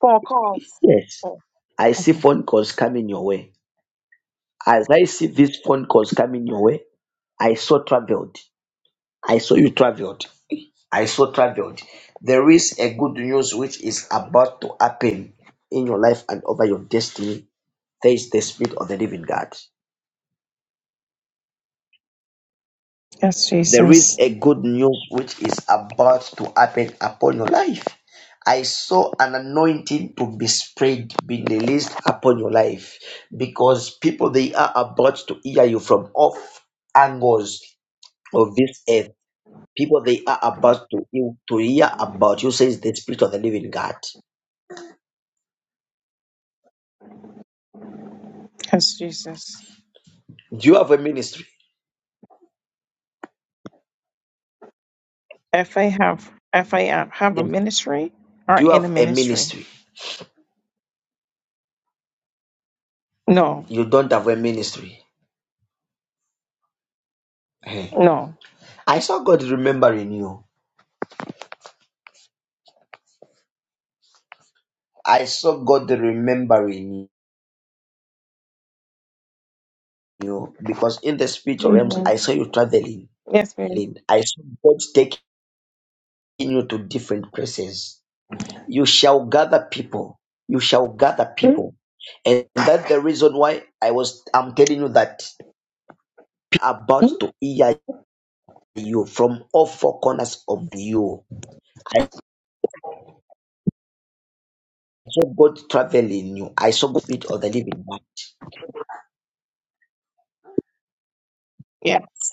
I: for calls.
A: Yes.
I: Oh,
A: I see
I: mhm.
A: phone calls coming your way. As I see these phone calls coming your way, I saw traveled. I saw you traveled. I so traveled. There is a good news which is about to happen in your life and over your destiny. There is the Spirit of the Living God.
I: yes,
A: There is
I: Jesus.
A: a good news which is about to happen upon your life. I saw an anointing to be spread, be released upon your life because people they are about to hear you from off angles of this earth. People they are about to, to hear about you says the Spirit of the Living God.
I: Yes, Jesus.
A: Do you have a ministry?
I: If I have, if I am- have a
A: Yes.
I: ministry or
A: Do you
I: in a
A: have a
I: ministry,
A: ministry?
I: no,
A: You don't have a ministry. Eh.
I: no.
A: I saw God remembering you. I saw God remembering you because in the spiritual realms, I
I: Amen.
A: saw you traveling.
I: Yes, ma'am.
A: I saw God taking you to different places. You shall gather people. You shall gather
I: Mm,
A: people. And that's the reason why I was I'm telling you that people are
I: mm,
A: about to hear you from all four corners of you. I saw God traveling you. I saw God speak of the living.
I: Yes.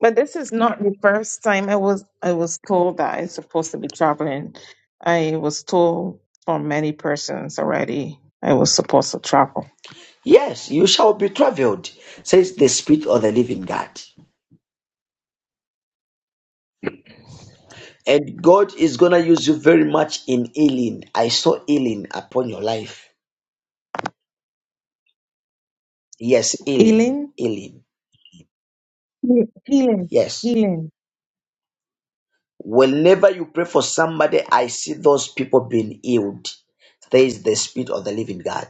I: But this is not the first time I was I was told that I'm supposed to be traveling. I was told from many persons already I was supposed to travel.
A: Yes, you shall be traveled, says the Spirit of the Living God. And God is going to use you very much in healing. I saw healing upon your life. Yes, healing,
I: Healing?
A: healing.
I: Ye- Healing.
A: Yes.
I: Healing.
A: Whenever you pray for somebody, I see those people being healed, says the Spirit of the Living God.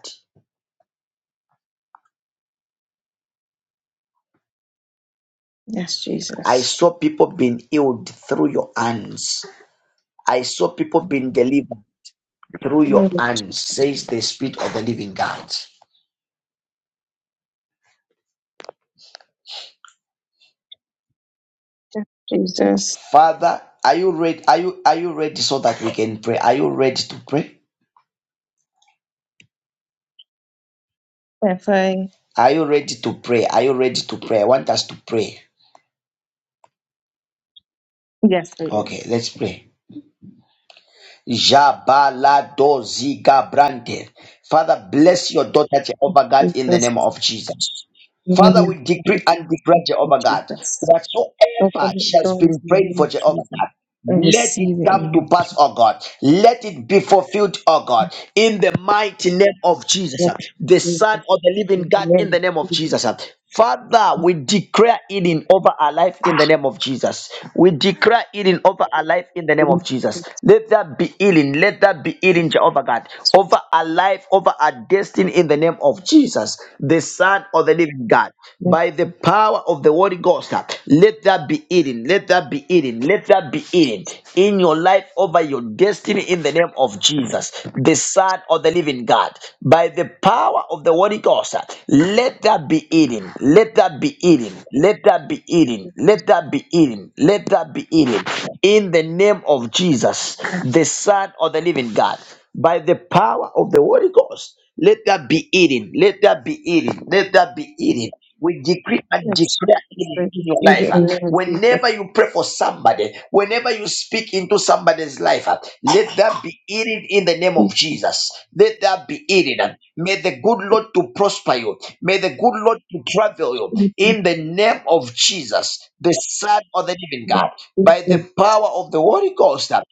I: Yes,
A: I
I: Jesus.
A: saw people being healed through your hands. I saw people being delivered through your
I: Yes,
A: hands, says the Spirit of the Living God.
I: Jesus.
A: Father, are you ready? Are you are you ready so that we can pray? Are you ready to pray?
I: If I
A: Are you ready to pray? Are you ready to pray? I want us to pray.
I: yes,
A: Okay,
I: please.
A: let's pray. Jabaladozikabrante. Father, bless your daughter, Jehovah God, in the
I: Jesus.
A: name of Jesus.
I: In the name
A: Father,
I: of
A: we decree
I: Jesus.
A: and declare,
I: Thank
A: Jehovah
I: you,
A: God,
I: Jesus. Open
A: whatsoever
I: the
A: she has
I: doors
A: been
I: in the
A: praying
I: name
A: for,
I: of
A: Jehovah
I: Jesus.
A: God,
I: I
A: let it
I: receive it
A: come to
I: in
A: pass,
I: the
A: oh God. Let it be fulfilled, oh God, in the mighty name of
I: name
A: Jesus,
I: of
A: the
I: Jesus. Yes,
A: Son
I: Jesus.
A: of the living
I: In the
A: God,
I: name
A: in the name of
I: of
A: Jesus. Father, we declare healing over our life
I: Jesus.
A: in the name of Jesus. We declare healing over our life in the name of Jesus. Let that be healing. Let that be healing, Jehovah God, over our life, over our destiny in the name of Jesus, the Son of the Living God.
I: Yes,
A: By the
I: yes,
A: power of the Holy Ghost, let that be healing. Let that be healing. Let that be healing in your life, over your destiny in the name of Jesus, the Son. Son of the living God. By the power of the Holy Ghost, let that be eating. Let that be eating. Let that be eating. Let that be eating. Let that be eating. In the name of Jesus, the Son of the living God. By the power of the Holy Ghost, let that be eating. Let that be eating. Let that be eating. We decree and
I: yes,
A: declare
I: yes,
A: healing in your life. uh.
I: Jesus.
A: Whenever you pray for somebody, whenever you speak into somebody's life, uh, let that be healing in the name of Jesus. Let that be healing. uh. May the good Lord to prosper you. May the good Lord to travel you in the name of Jesus, the Son of the Living God,
I: Yes,
A: by the
I: Jesus.
A: power of the Holy Ghost. uh,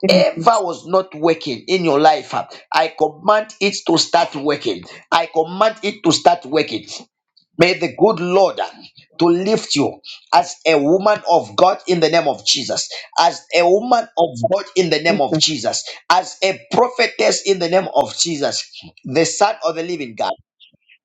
I: Thank you,
A: was not working in your life, uh, I command it to start working. I command it to start working. May the good Lord uh, to lift you as a woman of God in the name of Jesus, as a woman of God in the name of
I: Yes,
A: Jesus, as a prophetess in the name of Jesus, the Son of the Living God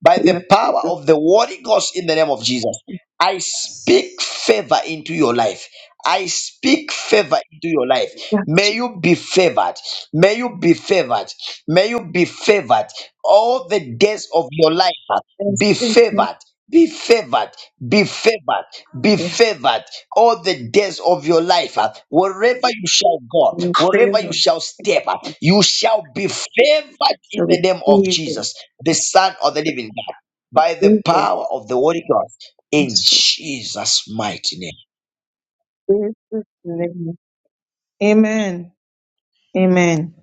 A: by the power of the Holy Ghost in the name of Jesus. I speak
I: Jesus.
A: favor into your life. I speak favor into your life. May you be favored. May you be favored. May you be favored all the days of your life. uh,
I: Yes, Jesus.
A: Be
I: Thank
A: favored. Be favored, be favored, be
I: Yes,
A: favored all the days of your life. uh, Wherever you shall go,
I: in
A: wherever you
I: favor.
A: shall step, uh, you shall be favored
I: I
A: in the name of
I: receive it.
A: Jesus the Son of the Living God, by the
I: Jesus.
A: power of the Holy Ghost, in
I: Yes,
A: Jesus' mighty name.
I: Jesus. name. Amen. Amen.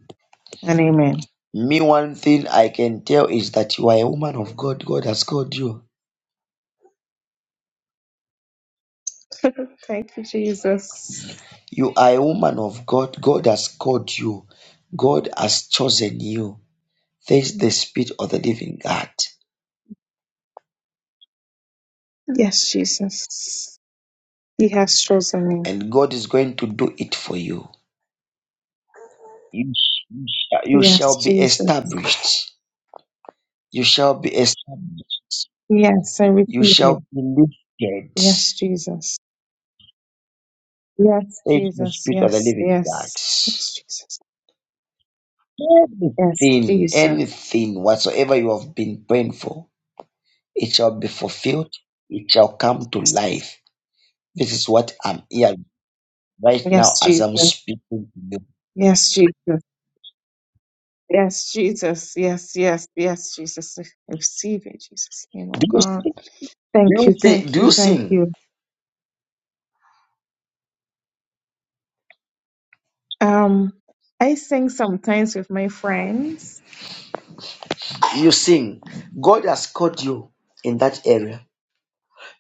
I: And amen.
A: Me, one thing I can tell is that you are a woman of God. God has called you.
I: Thank you, Jesus.
A: You are a woman of God. God has called you. God has chosen you. There is the Spirit of the Living God,
I: Yes, Jesus. He has chosen me.
A: and God is going to do it for you. You, sh- you sh- you shall
I: Yes,
A: be
I: Jesus.
A: established. You shall be established.
I: Yes, I receive
A: You
I: it.
A: shall be lifted.
I: Yes, Jesus. Yes,
A: Praise the
I: Jesus.
A: Spirit of the
I: Yes,
A: Living God.
I: yes. Yes,
A: Everything,
I: Jesus.
A: anything whatsoever you have been praying for, it shall be fulfilled. It shall come to life. This is what I'm hearing right now
I: Yes,
A: as
I: Jesus.
A: I'm speaking to you.
I: Yes, Jesus. Yes, Jesus. Yes, Jesus. Yes, yes, yes, Jesus. Receive it, Jesus. You know,
A: Do you
I: God.
A: sing? Do
I: Thank
A: you,
I: you,
A: sing?
I: thank
A: do
I: you,
A: you
I: thank
A: sing?
I: you. Um, I sing sometimes with my friends.
A: You sing. God has called you in that area.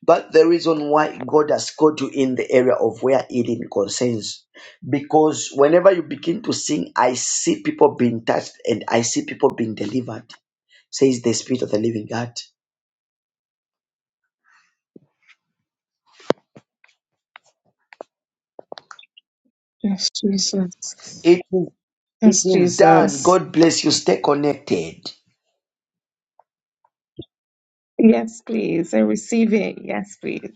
A: But the reason why God has called you in the area of where healing concerns, because whenever you begin to sing, I see people being touched and I see people being delivered, says the Spirit of the Living God.
I: Yes, Jesus.
A: It is, it
I: Yes,
A: is done.
I: Jesus.
A: God bless you. Stay connected.
I: Yes, please. I receive it. Yes, please.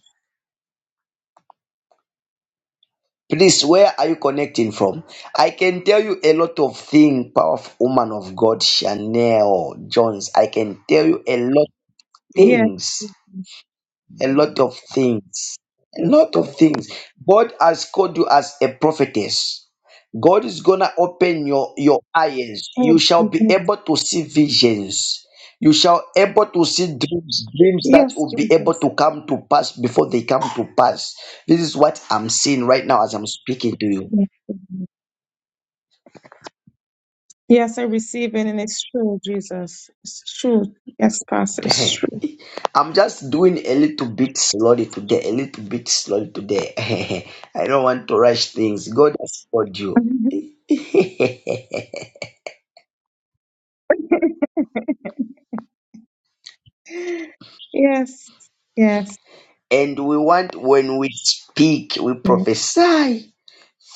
A: Please, where are you connecting from? I can tell you a lot of things, powerful woman of God, Chanel Jones. I can tell you a lot of
I: Yes,
A: things.
I: Jesus.
A: a lot of things. A lot of things. God has called you as a prophetess. God is gonna open your your eyes.
I: Oh,
A: You shall be
I: Jesus.
A: able to see visions. You shall able to see dreams, dreams that
I: Yes,
A: will be able
I: Jesus.
A: to come to pass before they come to pass. This is what I'm seeing right now as I'm speaking to you.
I: Yes, Lord. Yes, I receive it, and it's true, Jesus. It's true. Yes, Pastor, it's true.
A: I'm just doing a little bit slowly today, a little bit slowly today. I don't want to rush things. God has called you.
I: yes, yes,
A: And we want, when we speak, we
I: yes.
A: prophesy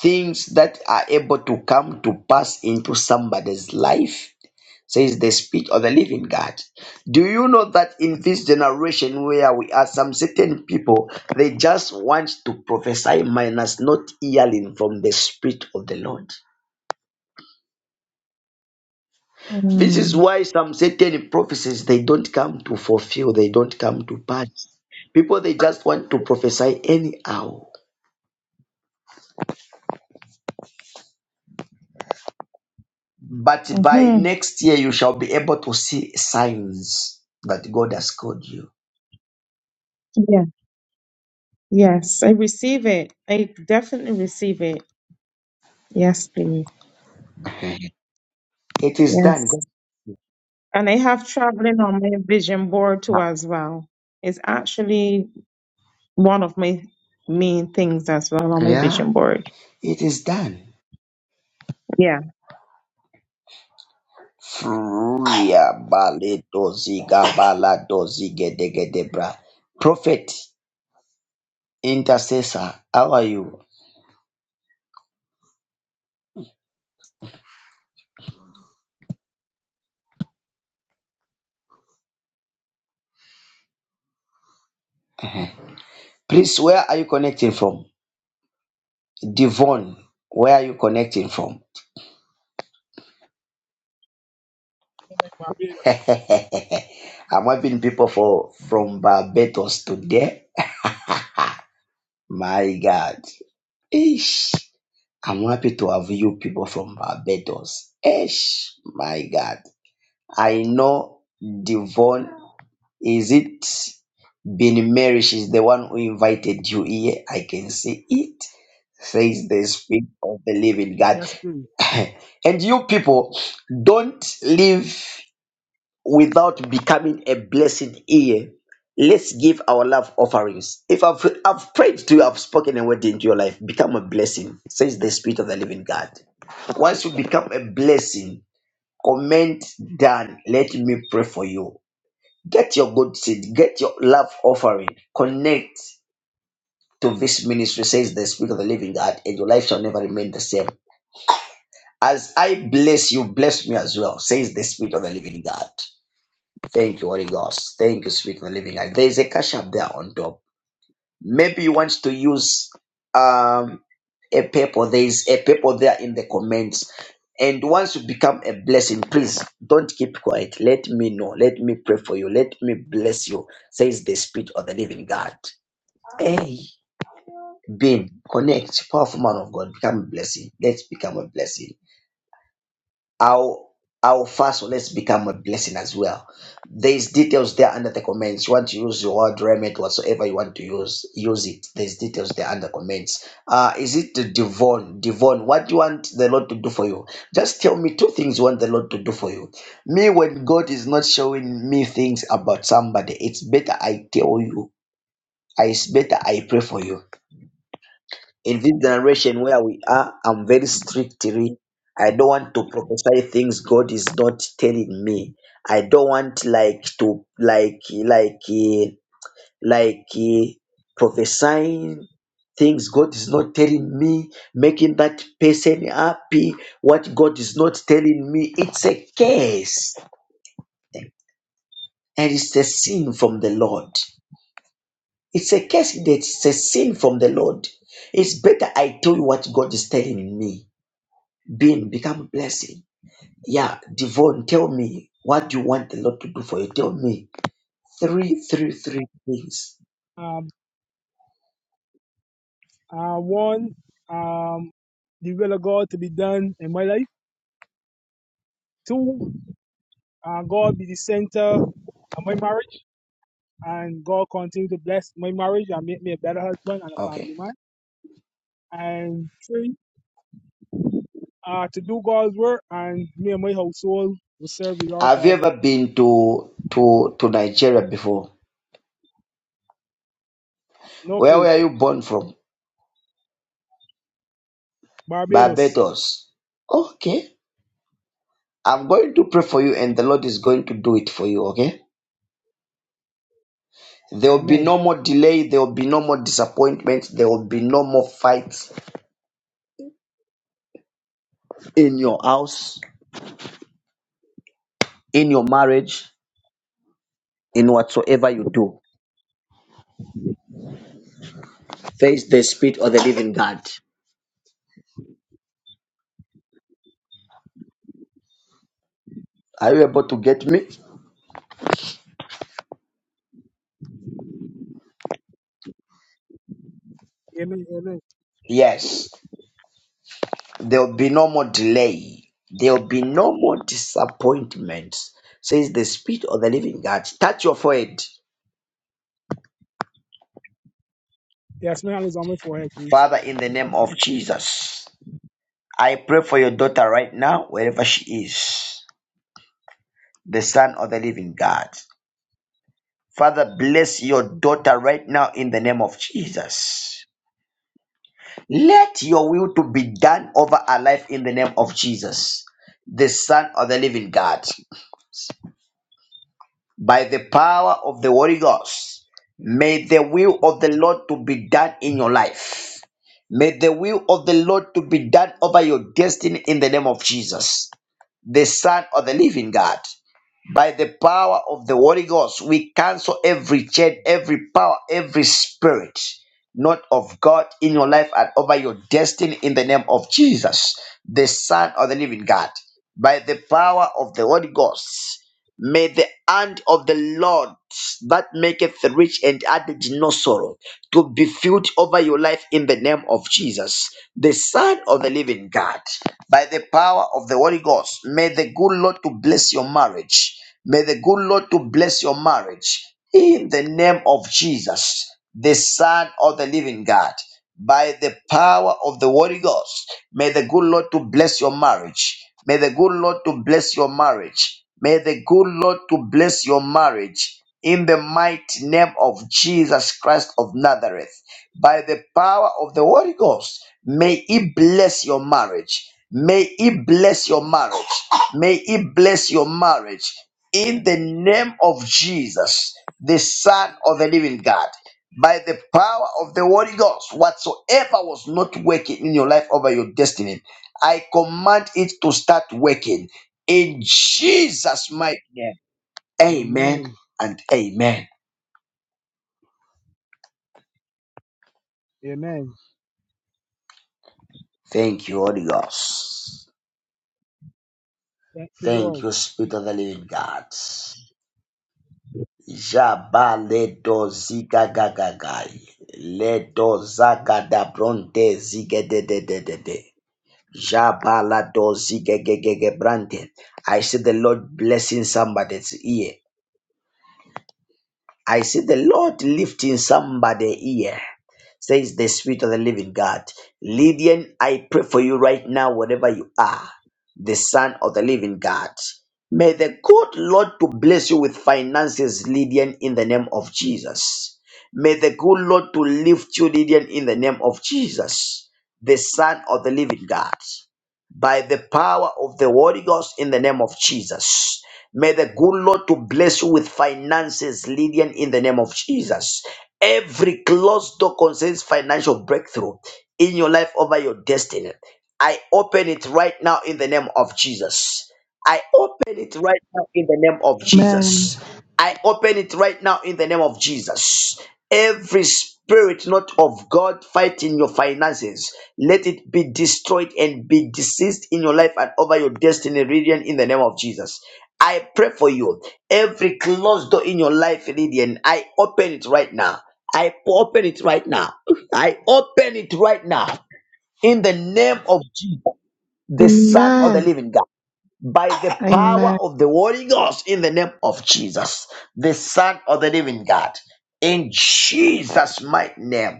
A: things that are able to come to pass into somebody's life, says the Spirit of the Living God. Do you know that in this generation where we are, some certain people, they just want to prophesy minus not hearing from the Spirit of the Lord? This is
I: Mm.
A: why some certain prophecies they don't come to fulfill, they don't come to pass. People they just want to prophesy anyhow But by
I: hmm
A: next year, you shall be able to see signs that God has called you.
I: Yeah. Yes, I receive it. I definitely receive it. Yes, please.
A: It is done.
I: Yes.
A: God.
I: And I have traveling on my vision board too as well. It's actually one of my main things as well on my
A: yeah.
I: vision board.
A: It is done.
I: Yeah.
A: Fruia baleto ziga balato zigedegedebra. Prophet, intercessor, how are you? Please, where are you connecting from? Devon, where are you connecting from? I'm
J: Barbados.
A: having people for from Barbados today. My God. Ish. I'm happy to have you people from Barbados. Esh, my God. I know Devon, is it Bin Mary? She's the one who invited you here. I can see it, says the Spirit of the Living God.
J: Yes, please.
A: and you people, don't live without becoming a blessing here. Let's give our love offerings. If I've, I've prayed to you, I've spoken a word into your life, become a blessing, says the Spirit of the Living God. Once you become a blessing, comment down, let me pray for you. Get your good seed, get your love offering, connect to this ministry, says the Spirit of the Living God, and your life shall never remain the same. As I bless you, bless me as well, says the Spirit of the Living God. Thank you, Holy Ghost. Thank you, Spirit of the Living God. There is a cash up there on top. Maybe you want to use um a paper. There is a paper there in the comments. And once you become a blessing, please don't keep quiet. Let me know. Let me pray for you. Let me bless you. Says the Spirit of the Living God. Hey, Bean, connect, powerful man of God, become a blessing. Let's become a blessing. Our our fast let's become a blessing as well. There's details there under the comments. You want to use your word remit, whatsoever you want to use, use it. There's details there under comments. Uh is it Devon? Devon, what do you want the Lord to do for you? Just tell me two things you want the Lord to do for you. Me, when God is not showing me things about somebody, it's better I tell you. I- It's better I pray for you in this generation where we are, I'm very strictly. I don't want to prophesy things God is not telling me. I don't want like to like like eh, like eh, prophesying things God is not telling me, making that person happy. What God is not telling me, it's a curse and it's a sin from the Lord. It's a curse that's a sin from the Lord. It's better I tell you what God is telling me Being become a blessing. Yeah, Devon, tell me what you want the Lord to do for you. Tell me three, three, three things.
J: Um, uh, one, um, the will of God to be done in my life. Two, uh, God be the center of my marriage, and God continue to bless my marriage and make me a better husband and a
A: Okay.
J: family man. And three, uh, to do God's work, and me and my household will serve the Lord
A: Have you
J: forever.
A: ever been to to to Nigeria before?
J: No
A: Where were
J: place,
A: you born from?
J: Barbados.
A: Barbados. Okay. I'm going to pray for you, and the Lord is going to do it for you. Okay. There will be
J: Amen.
A: no more delay. There will be no more disappointment. There will be no more fights in your house, in your marriage, in whatsoever you do. Face the Spirit of the living God. Are you able to get me?
J: Amen. Amen.
A: Yes. There will be no more delay. There will be no more disappointments. Says the Spirit of the Living God. Touch your forehead.
J: Yes, my hand is on my forehead, please.
A: Father, in the name of Jesus, I pray for your daughter right now, wherever she is, the Son of the Living God. Father, bless your daughter right now in the name of Jesus. Let your will to be done over our life in the name of Jesus, the Son of the Living God. By the power of the Holy Ghost, may the will of the Lord to be done in your life. May the will of the Lord to be done over your destiny in the name of Jesus the Son of the Living God. By the power of the Holy Ghost, we cancel every chain, every power, every spirit, not of God in your life and over your destiny in the name of Jesus, the Son of the Living God. By the power of the Holy Ghost. May the hand of the Lord that maketh rich and added no sorrow to be filled over your life in the name of Jesus, the Son of the Living God, by the power of the Holy Ghost. May the good Lord to bless your marriage. May the good Lord to bless your marriage in the name of Jesus, the Son of the Living God. By the power of the Holy Ghost, may the good Lord to bless your marriage May the good Lord to bless your marriage. May the good Lord to bless your marriage in the mighty name of Jesus Christ of Nazareth. By the power of the Holy Ghost, may He bless your marriage. May He bless your marriage. May He bless your marriage in the name of Jesus, the Son of the Living God. By the power of the Holy Ghost, whatsoever was not working in your life over your destiny, I command it to start working in Jesus' mighty name. Amen
J: Amen.
A: and amen.
J: Amen.
A: Thank you, Holy Ghost.
J: Thank you, Lord.
A: Thank you, Spirit of the Living God. Jabaledo zigagagagai. Ledo zagada bronte zigedededede. Jabalado zigegegege brante. I see the Lord blessing somebody's ear. I see the Lord lifting somebody here. Says the Spirit of the Living God. Lydian, I pray for you right now, wherever you are, the Son of the Living God. May the good Lord to bless you with finances, Lydian, in the name of Jesus. May the good Lord to lift you, Lydian, in the name of Jesus, the Son of the Living God by the power of the Holy Ghost in the name of Jesus. May the good Lord to bless you with finances, Lydian, in the name of Jesus. Every closed door concerns financial breakthrough in your life over your destiny. I open it right now in the name of Jesus. I open it right now in the name of
K: Amen.
A: Jesus. I open it right now in the name of Jesus. Every spirit not of God fighting your finances, let it be destroyed and be deceased in your life and over your destiny region in the name of Jesus. I pray for you. Every closed door in your life, Lydian, I open it right now. I open it right now. I open it right now in the name of Jesus, the Son of the
K: Amen.
A: Living God by the
K: Amen.
A: power of the Holy Ghost in the name of Jesus, the Son of the Living God, in Jesus' mighty name.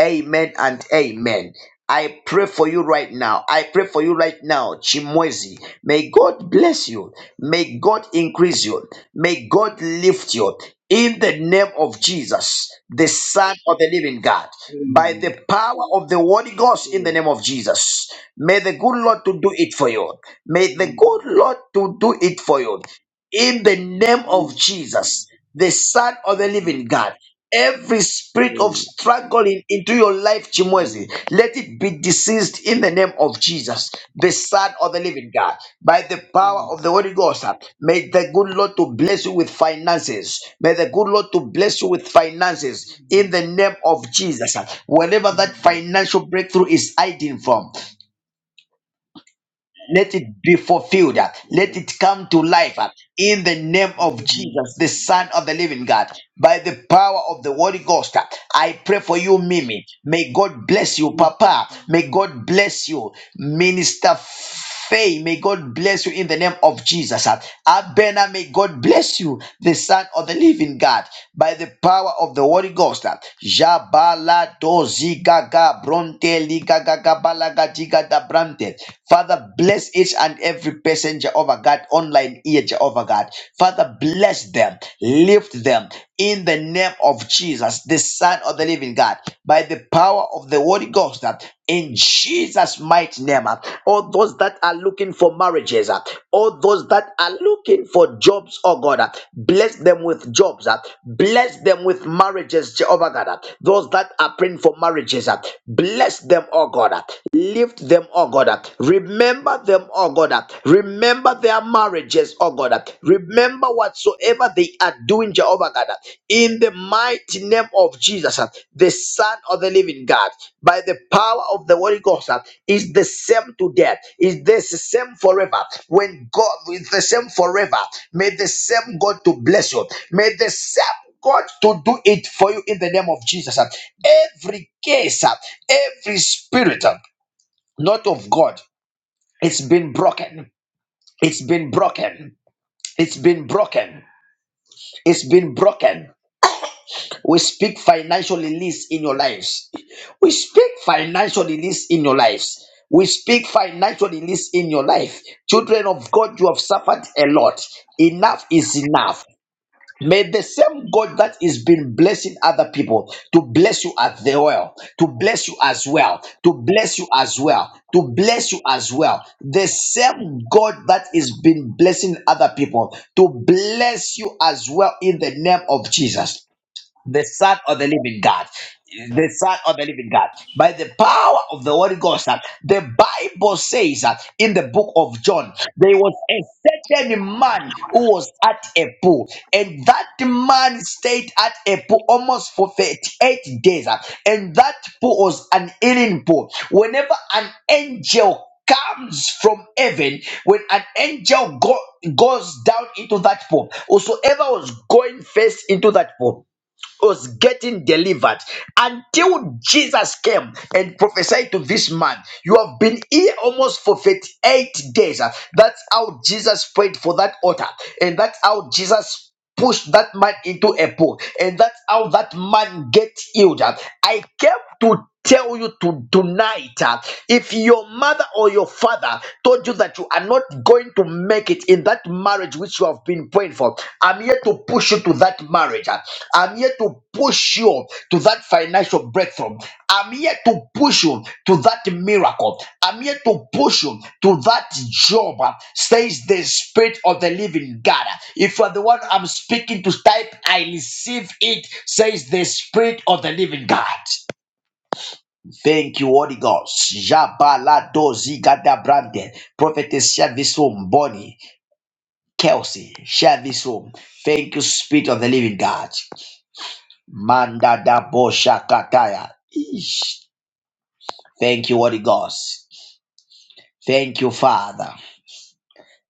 A: Amen and amen. I pray for you right now. I pray for you right now, Chimwezi. May God bless you. May God increase you. May God lift you in the name of Jesus, the Son of the Living God, by
L: Amen.
A: the power of the Holy Ghost in the
L: Amen.
A: name of Jesus. May the good Lord to do it for you. May the
L: In
A: good Lord to do it for you in the name of
L: Jesus' name,
A: Jesus, the Son of the
L: amen.
A: Living God. Every spirit of struggling into your life,
L: Amen.
A: Chimwezi,
L: Amen.
A: let it be deceased in the name of Jesus, the Son of the Living God. By the power
L: Amen.
A: of the Holy Ghost, uh, may the good Lord to bless you
L: Amen.
A: with finances. May the good Lord to bless you with finances in
L: Amen.
A: the name of Jesus. uh, Wherever that financial breakthrough is hiding from,
L: Amen.
A: let it be fulfilled.
L: Yes,
A: uh, Let
L: Lord.
A: it come to life uh, in the name of
L: Amen.
A: Jesus, the Son
L: Amen.
A: of the Living God. By the power of the Holy Ghost, uh, I pray for you, Mimi. May God bless you,
L: Jesus'
A: Papa. May
L: name.
A: God bless you, Minister Faye. May God bless you in the name name of Jesus. Uh, Abena, may God bless you, the Son of the Living God, by the power of the Holy Ghost. Uh, Jabala dozi gaga bronte liga gaga balaga diga da brante. Father, bless each and every person, Jehovah God, online here, Jehovah God. Father, bless them, lift them in the name of Jesus, the Son of the Living God by the power of the Holy Ghost uh, in Jesus' mighty name. uh, All those that are looking for marriages, uh, all those that are looking for jobs, oh God, uh, bless them with jobs, uh, bless them with marriages, Jehovah God. uh, Those that are praying for marriages, uh, bless them, oh God. uh, Lift them, oh God. Remember them, oh God. Remember their marriages, oh God. Remember whatsoever they are doing, Jehovah God. In the mighty name of Jesus, the Son of the Living God, by the power of the Holy Ghost, is the same today, is the same forever. When God is the same forever, may the same God to bless you. May the same God to do it for you in the name of Jesus. Every case, every spirit not of God. It's been broken. It's been broken. It's been broken. It's been broken. We speak financial release in your lives. We speak financial release in your lives. We speak financial release in your life. Children of God, you have suffered a lot. Enough is enough. May the same God that is been blessing other people to bless you as the well, to bless you as well, to bless you as well, to bless you as well. The same God that is been blessing other people to bless you as well in the name of Jesus the Son of the Living God. The Son of the Living God. By the power of the Holy Ghost, that the Bible says that in the book of John, there was a certain man who was at a pool, and that man stayed at a pool almost for 38 days, uh, and that pool was an healing pool. Whenever an angel comes from heaven when an angel go, goes down into that pool whosoever was going first into that pool was getting delivered until Jesus came and prophesied to this man. You have been here almost for 38 days. That's how Jesus prayed for that altar, and that's how Jesus pushed that man into a pool, and that's how that man get healed. I came to tell you to tonight uh, if your mother or your father told you that you are not going to make it in that marriage which you have been praying for i'm here to push you to that marriage uh. i'm here to push you to that financial breakthrough i'm here to push you to that miracle i'm here to push you to that job uh, says the spirit of the living god if you are the one i'm speaking to type i receive it says the spirit of the living god Thank you, Holy Ghost. Jabalado zigada brande. Prophetess Shavisum Bonnie Kelsey Shavisum. Thank you, Spirit of the Living God. Manda da bosha kataya. Ish. Thank you, Holy Ghost. Thank you, Father,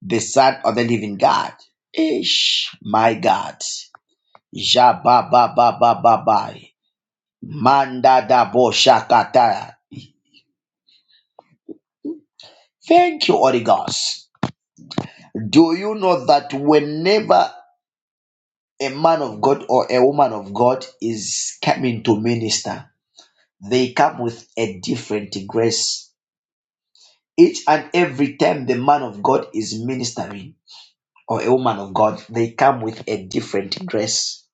A: the Son of the Living God. Ish, my God. Jabababababai. Manda da bosha kataya. Thank you, Holy Ghost. Do you know that whenever a man of God or a woman of God is coming to minister, they come with a different grace. Each and every time the man of God is ministering or a woman of God, they come with a different grace.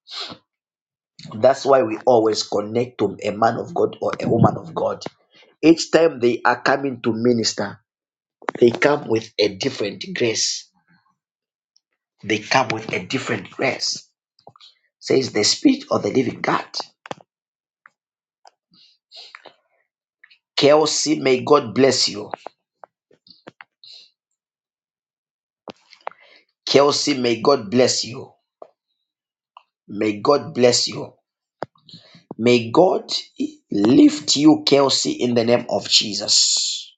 A: That's why we always connect to a man of God or a woman of God. Each time they are coming to minister, they come with a different grace. They come with a different grace, says the Spirit of the Living God. Kelsey, may God bless you. Kelsey, may God bless you. May God bless you. May God lift you, Kelsey, in the name of Jesus.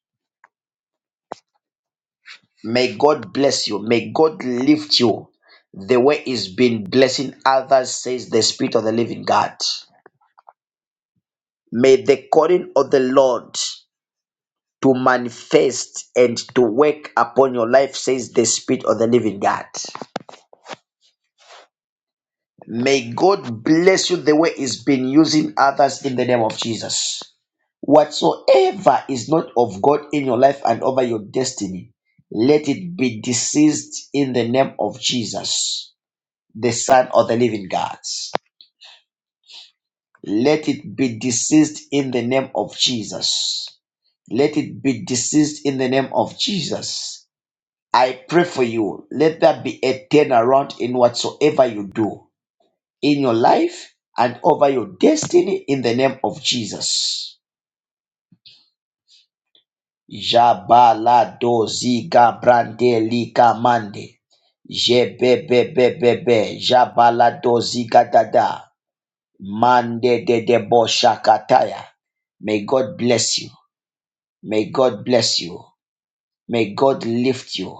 A: May God bless you. May God lift you the way it's been blessing others, says the Spirit of the Living God. May the calling of the Lord to manifest and to work upon your life, says the Spirit of the Living God. May God bless you the way He's been using others in the name of Jesus. Whatsoever is not of God in your life and over your destiny, let it be deceased in the name of Jesus, the Son of the living God. Let it be deceased in the name of Jesus. Let it be deceased in the name of Jesus. I pray for you. Let there be a turnaround in whatsoever you do in your life and over your destiny in the name of Jesus. Jabaladozi Gabrandeli Kamande. Jebebebebebe Jabaladozi Gadada. Mande de Debo Shakataya. May God bless you. May God bless you. May God lift you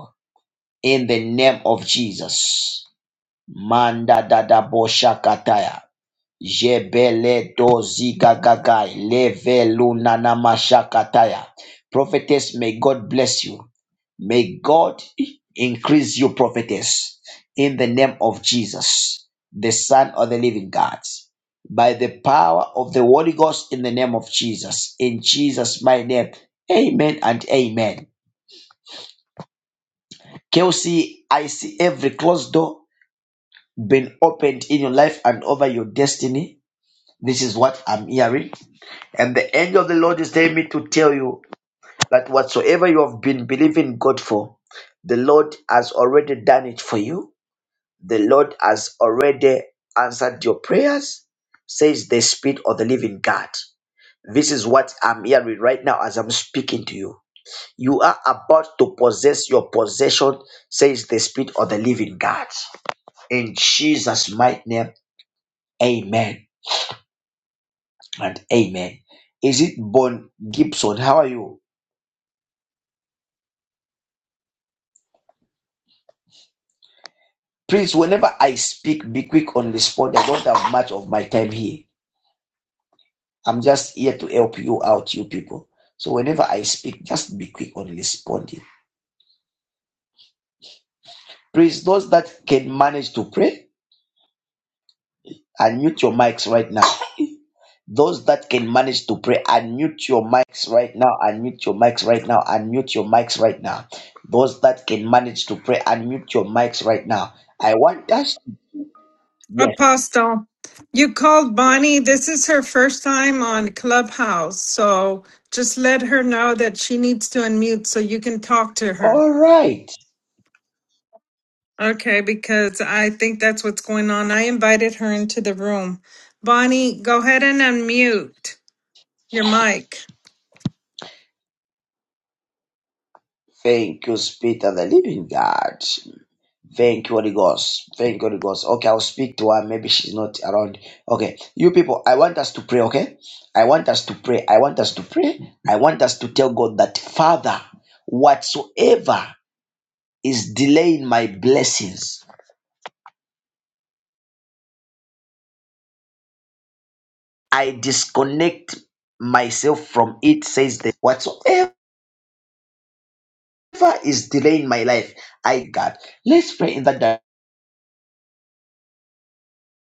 A: in the name of Jesus. Manda Dada Bo Shakataya. Jebele dozi gagagai levelu nana Prophetess, may God bless you. May God increase you, prophetess, in the name of Jesus, the Son of the Living God. By the power of the Holy Ghost in the name of Jesus. In Jesus' my name. Amen and amen. Kelsey, I see every closed door being opened in your life and over your destiny. This is what I'm hearing. And the angel of the Lord is telling me to tell you that whatsoever you have been believing God for, the Lord has already done it for you. The Lord has already answered your prayers, says the Spirit of the living God. This is what I'm hearing right now as I'm speaking to you. You are about to possess your possession, says the Spirit of the living God. In Jesus' mighty name, amen and amen. Is it Bon Gibson? How are you? Please, whenever I speak, be quick on the spot. I don't have much of my time here. I'm just here to help you out, you people. So whenever I speak, just be quick on responding. Please, those that can manage to pray, unmute your mics right now. Those that can manage to pray, unmute your mics right now. Unmute your mics right now. Unmute your mics right now. Those that can manage to pray, unmute your mics right now. I want us. Yes.
M: Apostle, you called Bonnie. This is her first time on Clubhouse, so just let her know that she needs to unmute so you can talk to her.
A: All right.
M: Okay, because I think that's what's going on. I invited her into the room. Bonnie, go ahead and unmute your mic.
A: Thank you, Spirit of the Living God. Thank you, Holy Ghost. Thank you, Holy Ghost. Okay, I'll speak to her. Maybe she's not around. Okay, you people, I want us to pray, okay? I want us to pray. I want us to pray. I want us to tell God that, Father, whatsoever is delaying my blessings, I disconnect myself from it, says that whatsoever is delaying my life, I God. Let's pray in that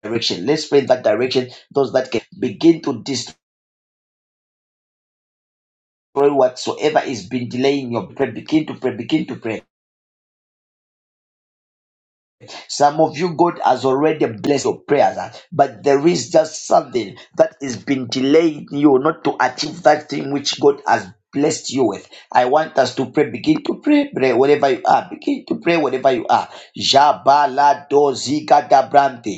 A: direction. Let's pray in that direction. Those that can begin to disconnect. pray whatsoever is been delaying your prayer begin to pray begin to pray some of you god has already blessed your prayers uh, but there is just something that is been delaying you not to achieve that thing which god has blessed you with i want us to pray begin to pray pray wherever you are begin to pray wherever you are Jabalado zigadabranti.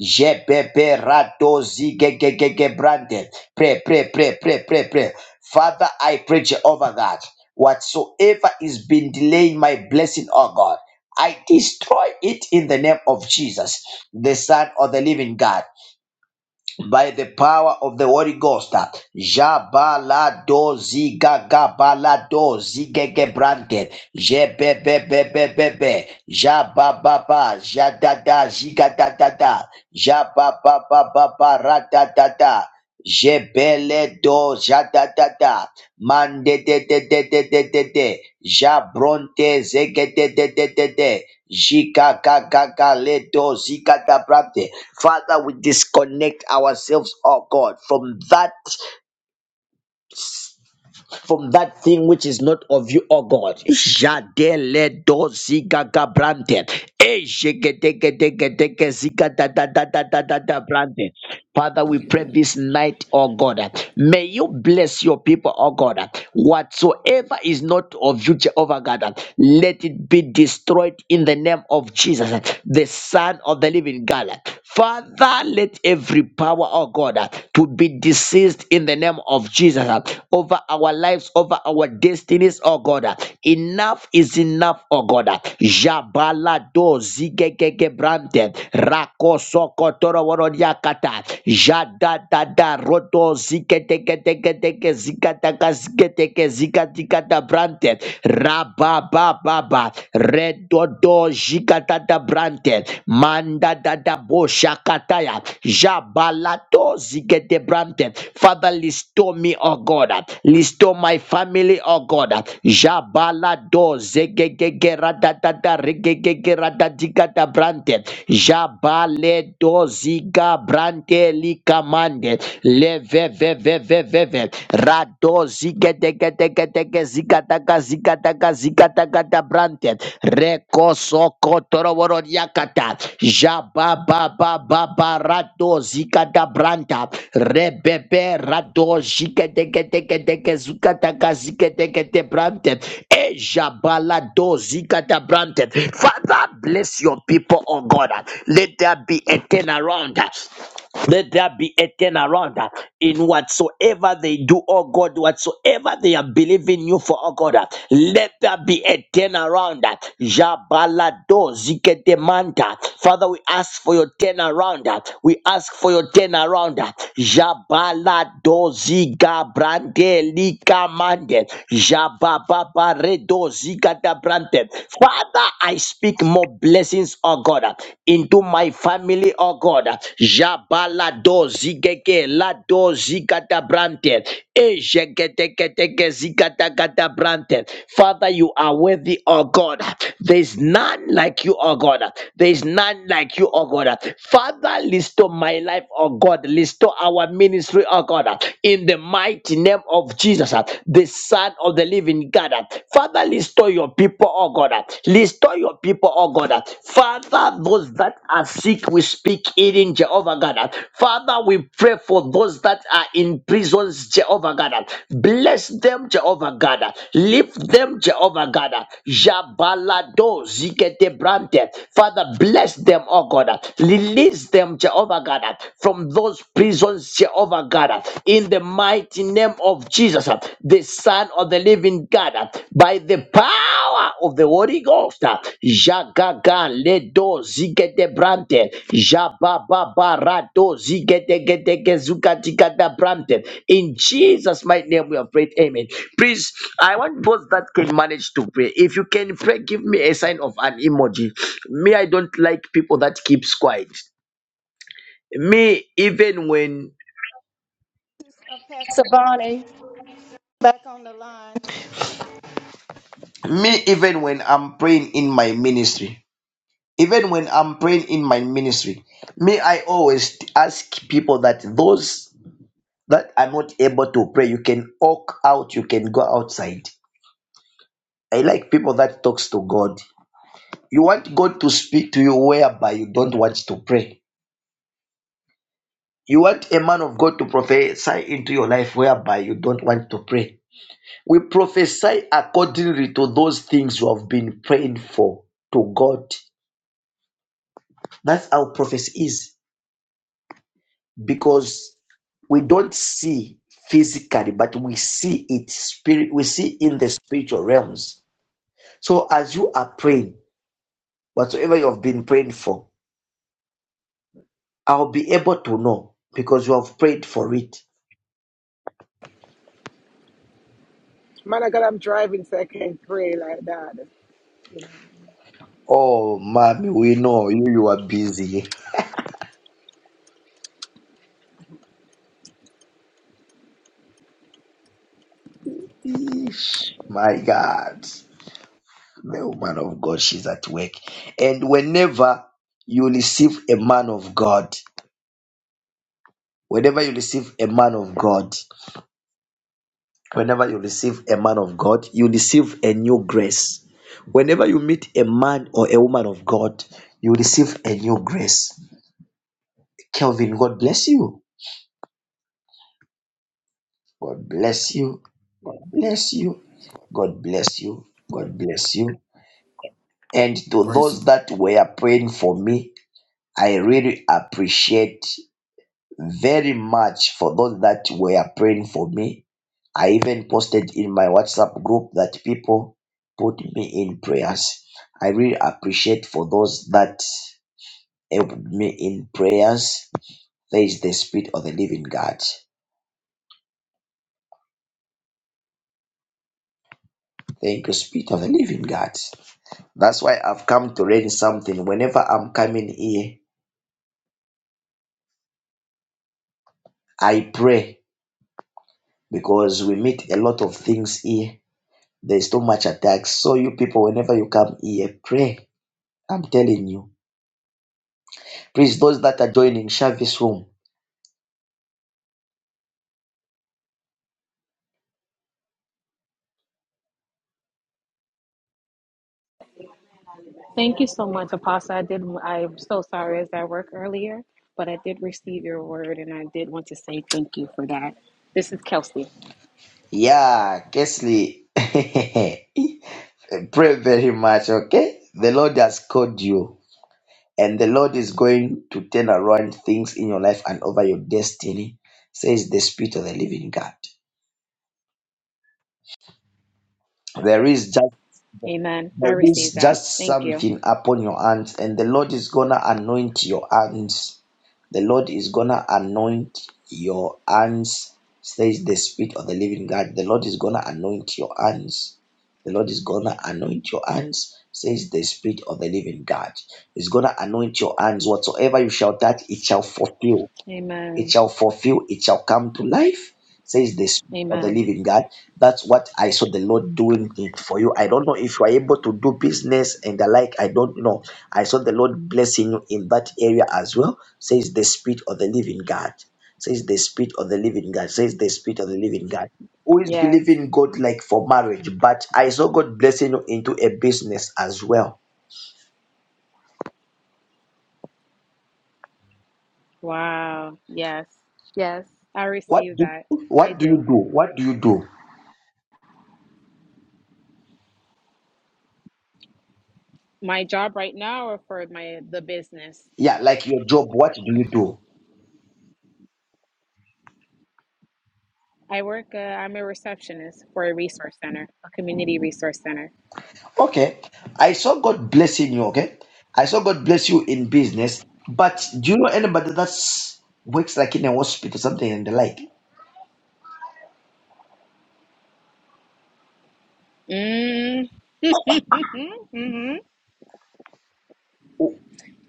A: Jebeberadozigegegege-brande. Pray, pray, pray, pray, pray, pray. Father, I pray, Jehovah that. whatsoever is been delaying my blessing, oh God, I destroy it in the name of Jesus, the Son of the Living God by the power of the Holy Ghost. Jabalado zigagabalado zigegebrante. Jebebebebebebe. Jabababa. Jadada zigadadada. Jababababa radadada. Jebeledo jadadada. Mande de de de de de de de. Jabronte zege de de de de de. Jika ga ga ga le zika da brante. Father, we disconnect ourselves, oh God, from that from that thing which is not of you, oh God. Jade le zika ga brante. E jege de de de de de zika da da da da da da da brante. Father, we pray this night, oh God. May you bless your people, oh God. Whatsoever is not of you, Jehovah God, let it be destroyed in the name of Jesus, the Son of the Living God. Father, let every power, oh God, to be deceased in the name of Jesus over our lives, over our destinies, oh God. Enough is enough, oh God. Jabala do zigegege brante rakoso kotoro woro yakata jada da da roto zikete kete kete ke zikata ka zikete ke zikati kata brante raba ba ba ba redo do jikata da brante manda da da bo shakataya jabalato zikete brante father listo me oh god listo my family oh god jabalado zegegege radadada regegege radadikata brante Jabale doziga brante likamande leve ve ve ve rado zige dege dege dege ziga daga ziga daga ziga daga da brante reko soko toroboro yakata jaba ba ba ba ba rado ziga da branta Rebebe rado jikedekedeke zukataka zikedekete brante. Eja balado zikata brante. Father, bless your people, oh God. Let there be a turnaround. Let there be a turnaround uh, in whatsoever they do, oh God, whatsoever they are believing you for, oh God. uh, Let there be a turnaround. uh, Jabalado ziketemanta. Father, we ask for your turnaround. uh, We ask for your turnaround. uh, Jabalado zigabrande likamande. Jabababaredo zigadabrante. Father, I speak more blessings, oh God. uh, into my family, oh God. Jabala Jabalado zigege lado zigatabrante. Ejegetegege zigatagatabrante. Father, you are worthy, oh God. There is none like you, oh God. There is none like you, oh God. Father, restore my life, oh God. Restore our ministry, oh God. In the mighty name of Jesus, the Son of the living God. Father, restore your people, oh God. Restore your people, oh God. Father, those that are sick, we speak healing, Jehovah God. Father, we pray for those that are in prisons, Jehovah God. Bless them, Jehovah God. Lift them, Jehovah God. Jabalado zikete brante. Father, bless them, oh God. Release them, Jehovah God, from those prisons, Jehovah God. In the mighty name of Jesus, uh, the Son of the Living God, uh, by the power of the Holy Ghost. uh, Jagaga ledo zigete brante, jababa rado zigete gete gezuka tikata brante. In Jesus' mighty name, we have prayed. Amen. Please, I want those that can manage to pray. If you can pray, give me a sign of an emoji. Me, I don't like people that keeps quiet. Me, even when
N: Pastor Bonnie back on the line.
A: me even when i'm praying in my ministry even when i'm praying in my ministry me i always ask people that those that are not able to pray you can walk out you can go outside i like people that talks to god you want god to speak to you whereby you don't want to pray you want a man of god to prophesy into your life whereby you don't want to pray we prophesy accordingly to those things you have been praying for to god that's how prophecy is because we don't see physically, but we see it spirit. We see in the spiritual realms. So as you are praying, whatsoever you have been praying for, I'll be able to know because you have prayed for it.
O: Man, I got I'm driving so I can't pray like that. You
A: Oh, mommy, we know you. You are busy. Eesh, my God, the woman of God, she's at work, and whenever you receive a man of God, whenever you receive a man of God. Whenever you receive a man of God, you receive a new grace. Whenever you meet a man or a woman of God, you receive a new grace. Kelvin, God bless you. God bless you. God bless you. God bless you. God bless you. And to
P: Grace and
A: those that were praying for me, I really appreciate very much for those that were praying for me. I even posted in my WhatsApp group that people put me in prayers. I really appreciate for those that helped me in prayers. There is the Spirit of the Living God. Thank you, Spirit of the Living God. That's why I've come to learn something. Whenever I'm coming here, I pray because we meet a lot of things here. There's too much attacks. So you people, whenever you come here, pray. I'm telling you. Please, those that are joining, share this room
Q: Thank you so much, Apostle. I did. I'm so sorry. I was at work earlier, but I did receive your word, and I did want to say thank you for that. This is Kelsey.
A: Yeah, Kesley. Pray very much, okay? The Lord has called you, and the Lord is going to turn around things in your life and over your destiny, says the Spirit of the Living God. There is just
Q: Amen. I
A: there
Q: received
A: is
Q: that.
A: just
Q: Thank you.
A: something upon your hands, and the Lord is gonna anoint your hands. The Lord is gonna anoint your hands, says the Spirit of the Living God. The Lord is gonna anoint your hands. The Lord is gonna anoint your hands, says the Spirit of the Living God. He's gonna anoint your hands. Whatsoever you shall touch, it shall fulfill it
Q: Amen.
A: shall fulfill, it shall come to life, says the Spirit of the
Q: Amen.
A: living God. That's what I saw the Lord doing it for you. I don't know if you are able to do business and the like. I don't know. I saw the Lord blessing you in that area as well, says the Spirit of the living God. Says the Spirit of the living God. Says the Spirit of the living God. Who is
Q: Yes.
A: believing God like for marriage? But I saw God blessing you into a business as well.
Q: Wow. Yes. Yes. I
A: What
Q: received
A: do
Q: that. I
A: what do you
Q: do.
A: do? What do you do?
Q: My job right now, or for my the business.
A: Yeah, like your job, what do you do?
Q: I work. Uh, I'm a receptionist for a resource center, a community resource center.
A: Okay. I saw God blessing you, okay? I saw God bless you in business, but do you know anybody that's works like in a hospital, something and the like?
Q: Mm. hmm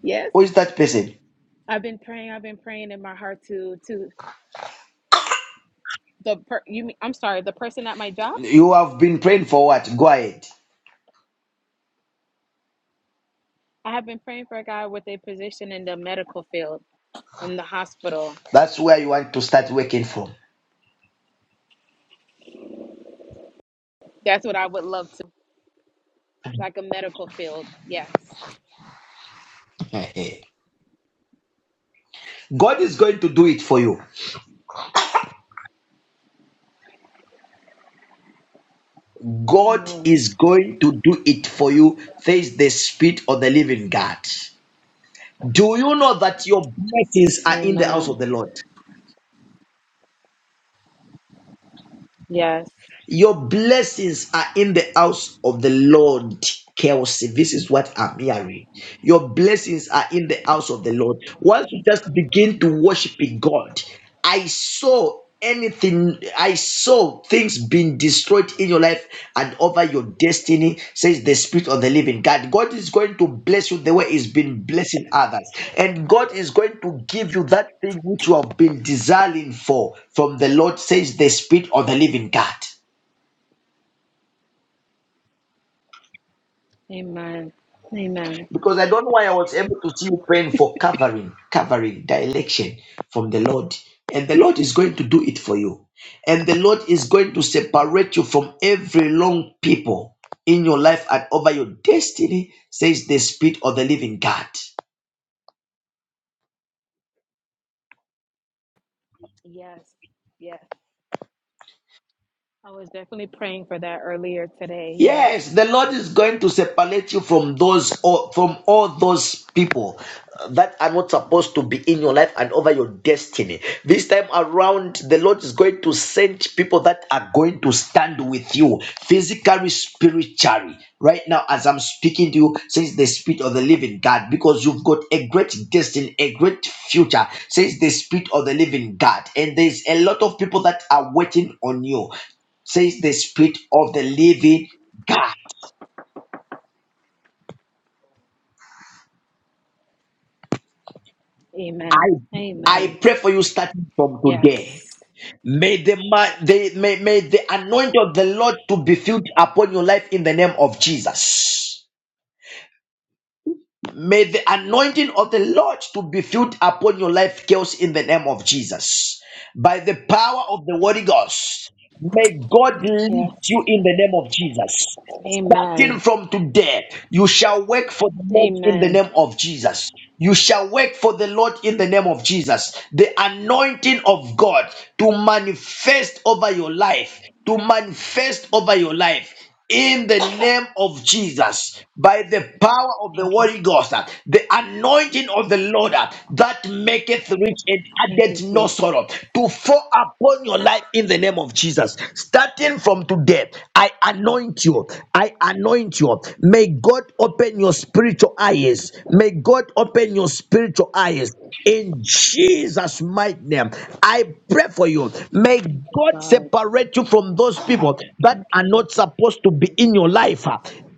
Q: Yes.
A: Who is that person?
Q: I've been praying. I've been praying in my heart to to the per, you. mean- I'm sorry, the person at my job.
A: You have been praying for what? Go ahead.
Q: I have been praying for a guy with a position in the medical field in the hospital.
A: That's where you want to start working from.
Q: That's what I would love to, like a medical field. Yes.
A: God is going to do it for you. God
Q: Amen.
A: is going to do it for you. Face the spirit of the living God. Do you know that your blessings are in the house of
Q: Amen.
A: the Lord?
Q: Yes.
A: Your blessings are in the house of the Lord. Kelsey, this is what I'm hearing. Your blessings are in the house of the Lord. Once you just begin to worship God, I saw anything, I saw things being destroyed in your life and over your destiny, says the Spirit of the Living God. God is going to bless you the way He's been blessing others, and God is going to give you that thing which you have been desiring for from the Lord, says the Spirit of the Living God.
Q: Amen. Amen.
A: Because I don't know why I was able to see you praying for covering, covering, direction from the Lord. And the Lord is going to do it for you. And the Lord is going to separate you from every wrong people in your life and over your destiny, says the Spirit of the living God.
Q: Yes. Yes. I was definitely praying for that earlier today. Yes.
A: Yes, the Lord is going to separate you from those or from all those people that are not supposed to be in your life and over your destiny. This time around, the Lord is going to send people that are going to stand with you physically, spiritually. Right now, as I'm speaking to you, says the Spirit of the Living God, because you've got a great destiny, a great future, says the Spirit of the Living God. And there's a lot of people that are waiting on you says the Spirit of the living God. I,
Q: Amen.
A: I
Q: Amen.
A: pray for you starting from today.
Q: Yes.
A: May the, ma- the may, may the anointing of the Lord to be filled upon your life in the name of Jesus. May the anointing of the Lord to be filled upon your life, girls, in the name of Jesus. By the power of the Holy Ghost, may God
Q: Yes.
A: lift you in the name of Jesus. Starting
Q: Amen.
A: from today, you shall work for the Lord in the
Q: Amen.
A: name of Jesus. You shall work for the Lord in the name of Jesus. The anointing of God to manifest over your life, to manifest over your life in the name of Jesus, by the power of the
Q: Thank
A: Holy
Q: you.
A: Ghost, uh, the anointing of the Lord uh, that makes maketh rich and
Q: Thank you,
A: addeth no
Q: Jesus.
A: sorrow to fall upon your life in the name of Jesus. Starting from today, I anoint you. I anoint you. May God open your spiritual eyes. May God open your spiritual eyes. In Jesus' mighty name, I pray for you. May
Q: Thank you,
A: God
Q: God.
A: separate you from those people that
Q: Thank
A: are
Q: you,
A: not
Q: Heavenly
A: supposed
Q: Father. in
A: to
Q: the
A: be
Q: name
A: in
Q: of
A: your
Q: Jesus,
A: life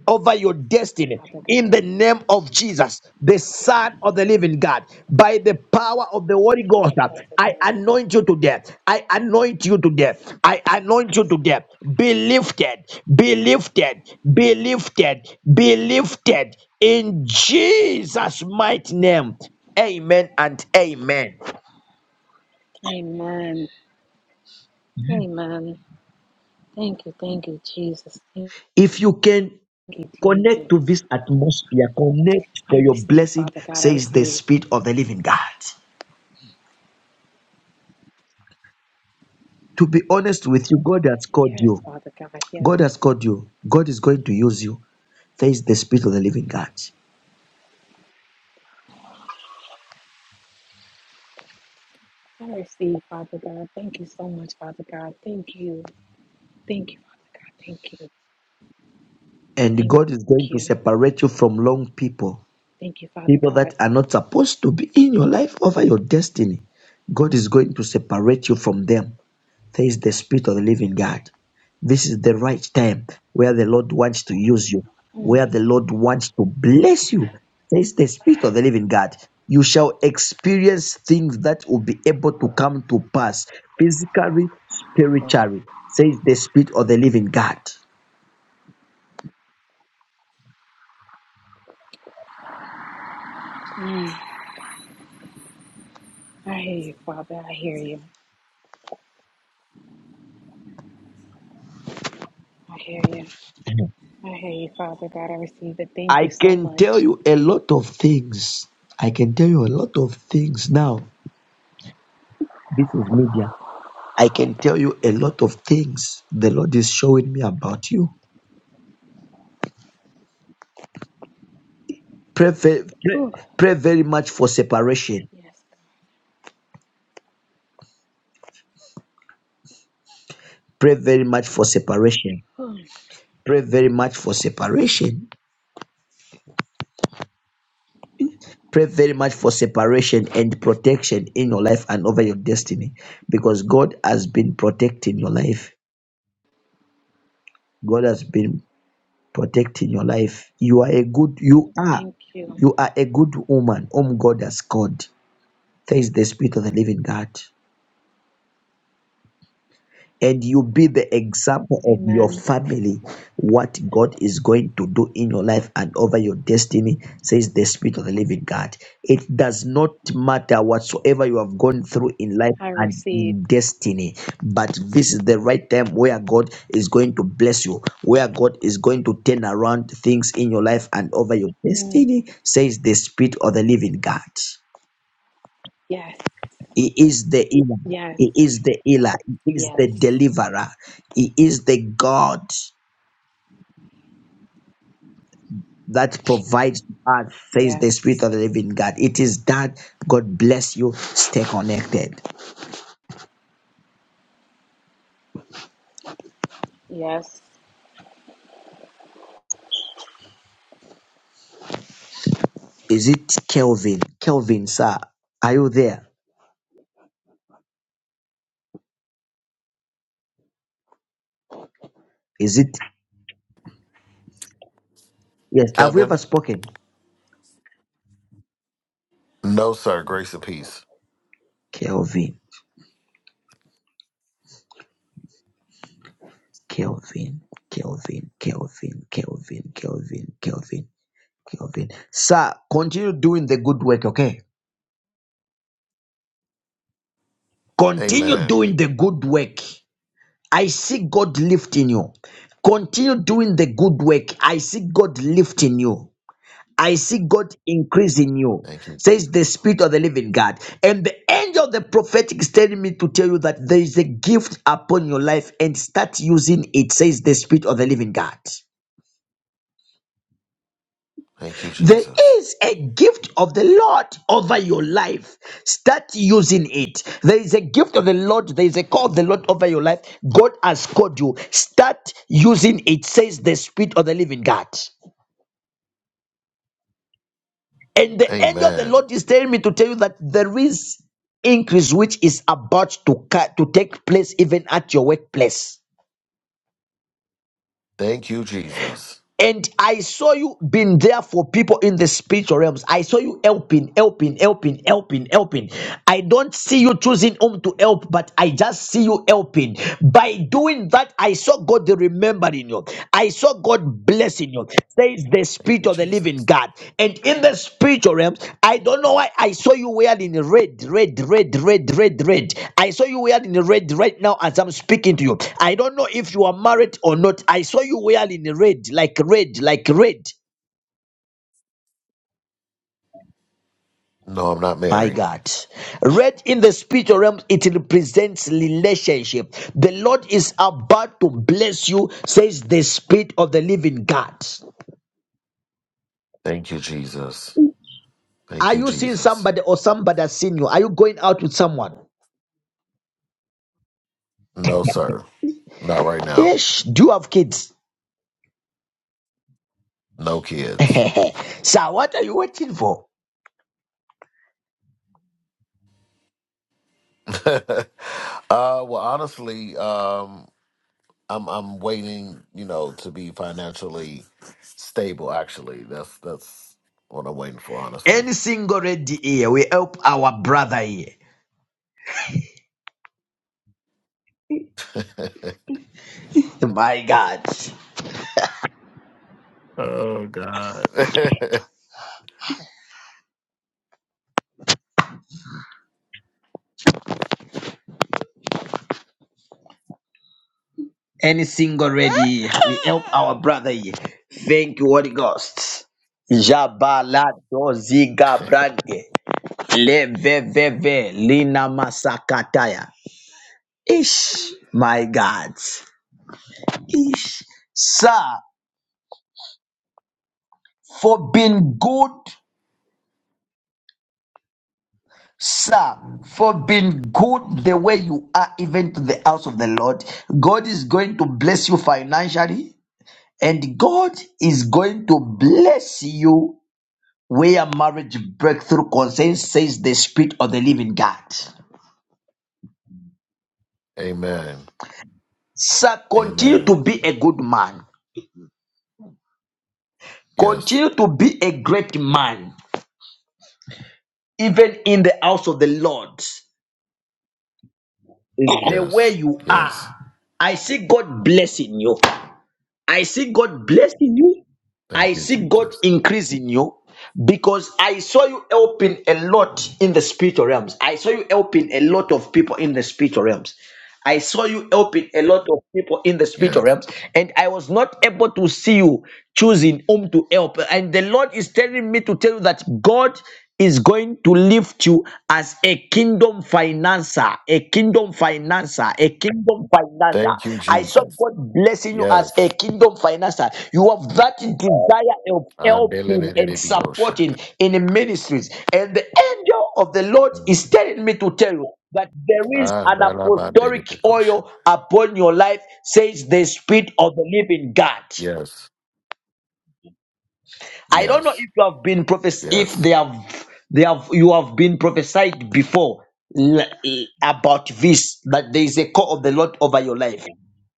A: over your destiny
Q: Father
A: in
Q: God.
A: the name of Jesus, the Son of the Living God. By the power of the Holy
Q: Thank
A: Ghost,
Q: you, Father
A: I
Q: God.
A: anoint you to death. I anoint you to death. I anoint you
Q: Yes.
A: to death. Be lifted, be lifted, be lifted, be lifted in Jesus' mighty name. Amen and amen.
Q: Amen. Amen. Thank you. Thank you, Jesus. Thank
A: If you can
Q: you,
A: connect
Q: Jesus.
A: to this atmosphere, connect for
Q: I
A: your
Q: receive,
A: blessing,
Q: Father God. I
A: says the
Q: receive.
A: Spirit of the Living God. to be honest with you, God has called
Q: Yes,
A: you.
Q: Father God. Yes.
A: God has called you. God is going to use you. There is the Spirit of the Living God.
Q: I receive, Father God. Thank you so much, Father God. Thank you. Thank you, Father God. Thank you.
A: And God is going
Q: Thank
A: to
Q: you.
A: separate you from wrong people,
Q: Thank you, Father
A: people
Q: God.
A: that are not supposed to be in your life over your destiny. God is going to separate you from them. There is the Spirit of the Living God. This is the right time where the Lord wants to use you,
Q: Mm,
A: where the Lord wants to bless you. Says the Spirit of the Living God. You shall experience things that will be able to come to pass physically, spiritually, says the Spirit of the Living God.
Q: mm. I hear you, Father. I hear you. I hear you.
A: Mhm.
Q: I hear you, Father God. I receive it. Thank
A: I
Q: you so
A: can tell
Q: much.
A: you a lot of things. I can tell you a lot of things now. This is media. I can tell you a lot of things the Lord is showing me about you Pray, ve- pray,
Q: Whew.
A: pray very much for separation.
Q: Yes.
A: Pray very much for separation.
Q: God. Whew.
A: Pray very much for separation. Pray very much for separation and protection in your life and over your destiny because God has been protecting your life. God has been protecting your life. You are a good, you are,
Q: Thank you.
A: you are a good woman whom God has called. Thanks the Spirit of the Living God. and you be the example of your
Q: Amen.
A: family what God is going to do in your life and over your destiny, says the Spirit of the Living God. It does not matter whatsoever you have gone through in life
Q: I
A: and
Q: receive.
A: in destiny, but this is the right time where God is going to bless you, where God is going to turn around things in your life and over your
Q: Mm.
A: destiny, says the Spirit of the Living God.
Q: Yes.
A: He is the healer.
Q: Yes.
A: He is the healer. He is
Q: Yes.
A: the deliverer. He is the God that provides to us, says the Spirit
Q: Yes.
A: of the Living God. It is that. God bless you. Stay connected.
Q: Yes.
A: Is it Kelvin? Kelvin, sir, are you there? Is it? Yes. Have we ever
P: Kevin?
A: spoken?
P: No, sir. Grace and peace.
A: Kelvin, Kelvin, Kelvin, Kelvin, Kelvin, Kelvin, Kelvin, Kelvin. Sir, continue doing the good work, okay? Continue
P: Amen.
A: doing the good work. I see God lifting you. Continue doing the good work. I see God lifting you. I see God increasing you,
P: Thank you,
A: says the
P: Jesus.
A: Spirit of the Living God. And the angel of the prophetic is telling me to tell you that there is a gift upon your life and start using it, says the Spirit of the Living God.
P: Thank you,
A: There
P: Jesus.
A: is a gift of the Lord over your life. Start using it. There is a gift of the Lord. There is a call of the Lord over your life. God has called you. Start using it, says the Spirit of the living God. And the angel of the
P: Amen.
A: Lord is telling me to tell you that there is increase which is about to, ca- to take place even at your workplace.
P: Thank you, Jesus.
A: And I saw you being there for people in the spiritual realms. I saw you helping, helping, helping, helping, helping. I don't see you choosing whom to help, but I just see you helping. By doing that, I saw God remembering you. I saw God blessing you says the
P: Thank
A: spirit
P: you,
A: of the living
P: Jesus.
A: God. And in the spiritual realm, I don't know why I saw you wearing red, red, red, red, red, red. I saw you wearing red right now as I'm speaking to you. I don't know if you are married or not. I saw you wearing red, like red, like red.
P: No, I'm not
A: My
P: married.
A: God. Red in the spiritual realm, it represents relationship. The Lord is about to bless you, says the Spirit of the Living God.
P: Thank you, Jesus. Thank
A: Are
P: you,
A: you seeing
P: Jesus.
A: somebody or somebody has seen you? Are you going out with someone?
P: No, sir. Not right now.
A: Yes, do you have kids?
P: No kids.
A: Sir, what are you waiting for?
P: uh well honestly, um I'm I'm waiting, you know, to be financially stable actually. That's that's what I'm waiting for, honestly.
A: And we help our brother. here. At
P: Oh God.
A: Any single ready, we help our brother. here. Thank you, Holy Ghost. Jabala doziga brande leveveve lina masakataya. Ish, my God. Ish, sir, for being good, sir, for being good the way you are, even to the house of the Lord. God is going to bless you financially. And God is going to bless you where marriage breakthrough concerns, says the Spirit of the living God.
P: Amen.
A: Sir, continue
P: Amen.
A: to be a good man.
P: Yes.
A: Continue to be a great man. The house of the Lord is there
P: Yes.
A: you
P: Yes.
A: are. I see God blessing you. I
P: Thank you,
A: see God
P: Jesus.
A: increasing you because I saw you helping a lot in the spiritual realms. I saw you helping a lot spiritual realms. I saw you helping a lot of people in the spiritual
P: Yes.
A: realms, and I was not able to see you choosing whom to help. And the Lord is telling me to tell you that God is going to lift you as a kingdom financer, a kingdom financer, a kingdom financer.
P: Thank you,
A: I saw
P: Jesus.
A: God blessing you as a
P: Yes.
A: kingdom financer. You have that desire of helping and
P: Adelelelelebiyosha.
A: supporting in ministries. And the angel of the Lord
P: Mhm.
A: is telling me to tell you that there is an apostolic
P: Adalabadelebekoshana.
A: oil upon your life, says the Spirit of the living God.
P: Yes.
A: I don't know
P: Yes.
A: if you have been prophes if
P: Yes.
A: they have they have you have been prophesied before l- eh, about this that there is a call of the Lord over your life.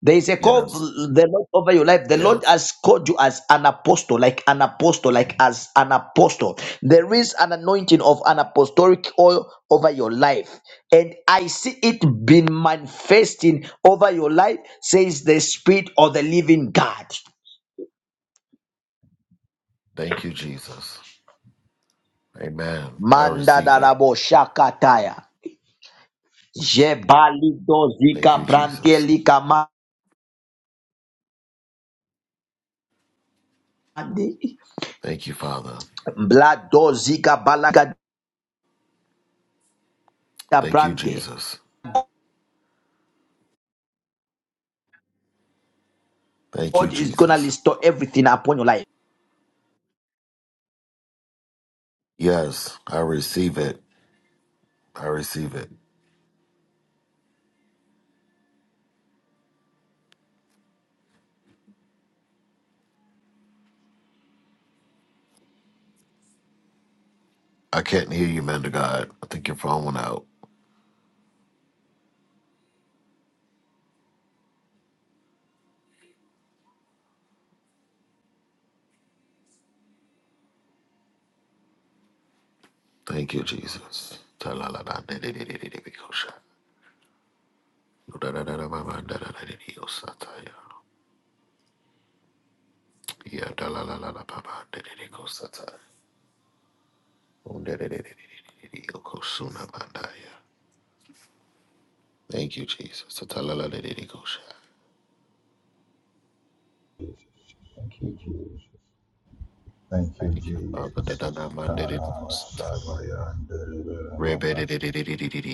A: There is a call of
P: Yes.
A: the Lord over your life. The Lord
P: Yes.
A: has called you as an apostle, like an apostle, like as an apostle. There is an anointing of an apostolic oil over your life. And I see it being manifesting over your life, says the Spirit of the living God.
P: Thank you, Jesus. Amen. I
A: Manda
P: receive it.
A: darabo shakataya. Jebali
P: Thank
A: dozika
P: you,
A: brante
P: Jesus.
A: lika mande.
P: Thank you, Father.
A: Bla dozika balaga da
P: Thank you,
A: brante.
P: Jesus. Thank you,
A: God is gonna
P: Jesus.
A: restore everything upon your life.
P: Yes, I receive it. I receive it. I can't hear you, man. To God, I think your phone went out. Thank you, Jesus. Thank you, Father. Thank you, Jesus. Thank you, Father. Thank you, Jesus. Thank you, Father. Thank you, Jesus. Thank you,
R: Jesus. Thank you, Jesus. Thank you, Jesus. Kana masabaya ndelebele mama.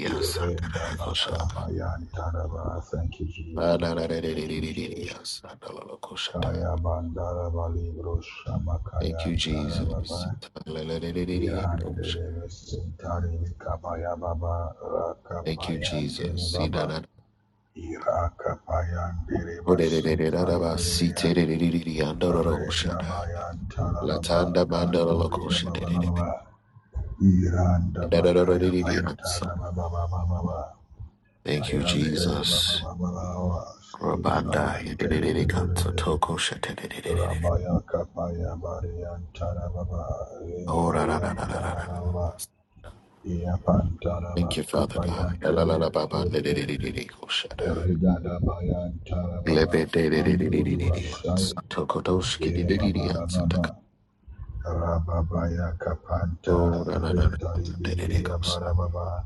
R: Irenda makabaya ntaraba. Thank you, Jesus.
P: Father. Thank
R: Thank you, Jesus.
P: you, Jesus.
R: Kaya bandara balibro shama kaya
P: Thank you,
R: ntaraba ba.
P: Jesus.
R: Irandelebe sentari kabaya baba.
P: Thank you,
R: Rakabaya
P: Jesus.
R: ndelebaba. Irakapaya ndeleba suntali Regabayantarababa,
P: Latanda mandala
R: Kanduria
P: kosha.
R: Bababa, Iranda Bakaya Bantarababa,
P: Thank you,
R: Ayampere
P: Jesus.
R: Bababa,
P: Rabanda
R: Sinabayan Terebebe,
P: toko
R: Rabaya Kapaya barian Bariantarababa,
P: Oh, ra ra ra ra ra ra. ra.
R: Regayantarababa, Iapantaraba
P: Thank you, Father God.
R: Kapayan
P: La la la ba ba de de de
R: Terebebe,
P: de de de go shada.
R: Regadabayantarababa,
P: Glebe de de de de de de
R: Anduri
P: de de.
R: Basai, Dire
P: Tokotosh
R: Bababa, Rababaya Kapanta
P: Oh, da, da, da, da, da,
R: Rindari
P: da, da, da,
R: Biriya
P: comes.
R: Barababa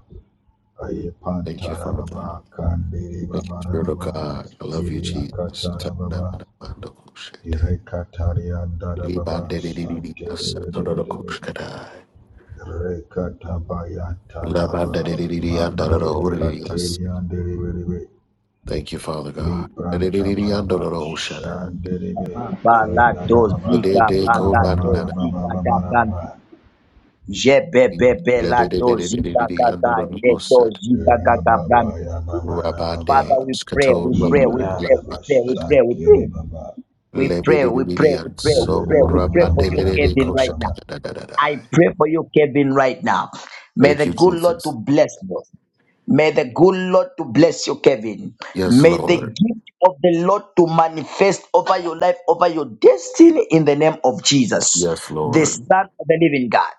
P: Thank you,
R: Ayapanta
P: Father.
R: Rababa Kandiri
P: Thank you, Spirit of
R: Babarababa
P: God. I love you,
R: Siria
P: Jesus. Da, da, da,
R: Katarababa
P: da, da, da, comes.
R: Irekataria
P: Di, ba,
R: Darababa
P: da, da, di, di, di,
R: Santiri
P: as, da, da, da,
R: Biribiribi
P: comes, da, da.
R: Rekatabaya
P: La, ba, da, da,
R: Tarababa
P: di, di, di, and, da, da, da,
R: Mande
P: oh, di, di, as.
R: Kateria Diribiribi
P: Thank you, Father God. Da, da, di,
R: Libranta
P: di, di, and, da,
R: Baraba
P: da, da, oh, sha, da.
R: Shandiribi
P: Da,
R: Regadababa
P: da,
A: Dozika
P: da, go,
A: bala
P: da, da,
R: Rababa
P: da, da.
A: dozika
R: Rababa
A: da
R: Rababa
A: brante. Jebebebe
P: La,
A: la
P: da, da, da, da, da, da, di,
A: dozika
P: di, and, da,
A: gaga
P: da, da,
A: le
P: comes.
A: dozika gaga
R: Rababa
A: brante.
R: Yamama
P: Rabba,
R: Ramama
P: de,
A: Father, we pray,
P: skato,
A: we
P: rabba,
A: pray, we
P: da, la,
A: pray,
R: Irana
A: we pray, we
P: ba.
A: pray, we pray.
R: Mashakiri Baba
A: We
P: Let me
A: pray,
P: be
A: we pray, we
P: obedient,
A: pray, we
P: so
A: pray,
R: Irena
A: we
P: I'm
R: Mama
A: pray
P: bound
A: for
P: to
R: Mama
A: you,
P: be
A: Kevin,
R: Ramama
A: right
P: victorious.
A: now.
P: Da
R: Ramama.
P: da da da da.
A: I pray for you, Kevin, right now. May
P: Thank
A: the
P: you,
A: good Lord to
P: Jesus.
A: bless you. May the good Lord to bless you, Kevin.
P: Yes,
A: May the
P: Lord.
A: gift of the Lord to manifest over your life, over your destiny in the name of Jesus,
P: Yes,
A: the
P: Lord.
A: Son of the Living God.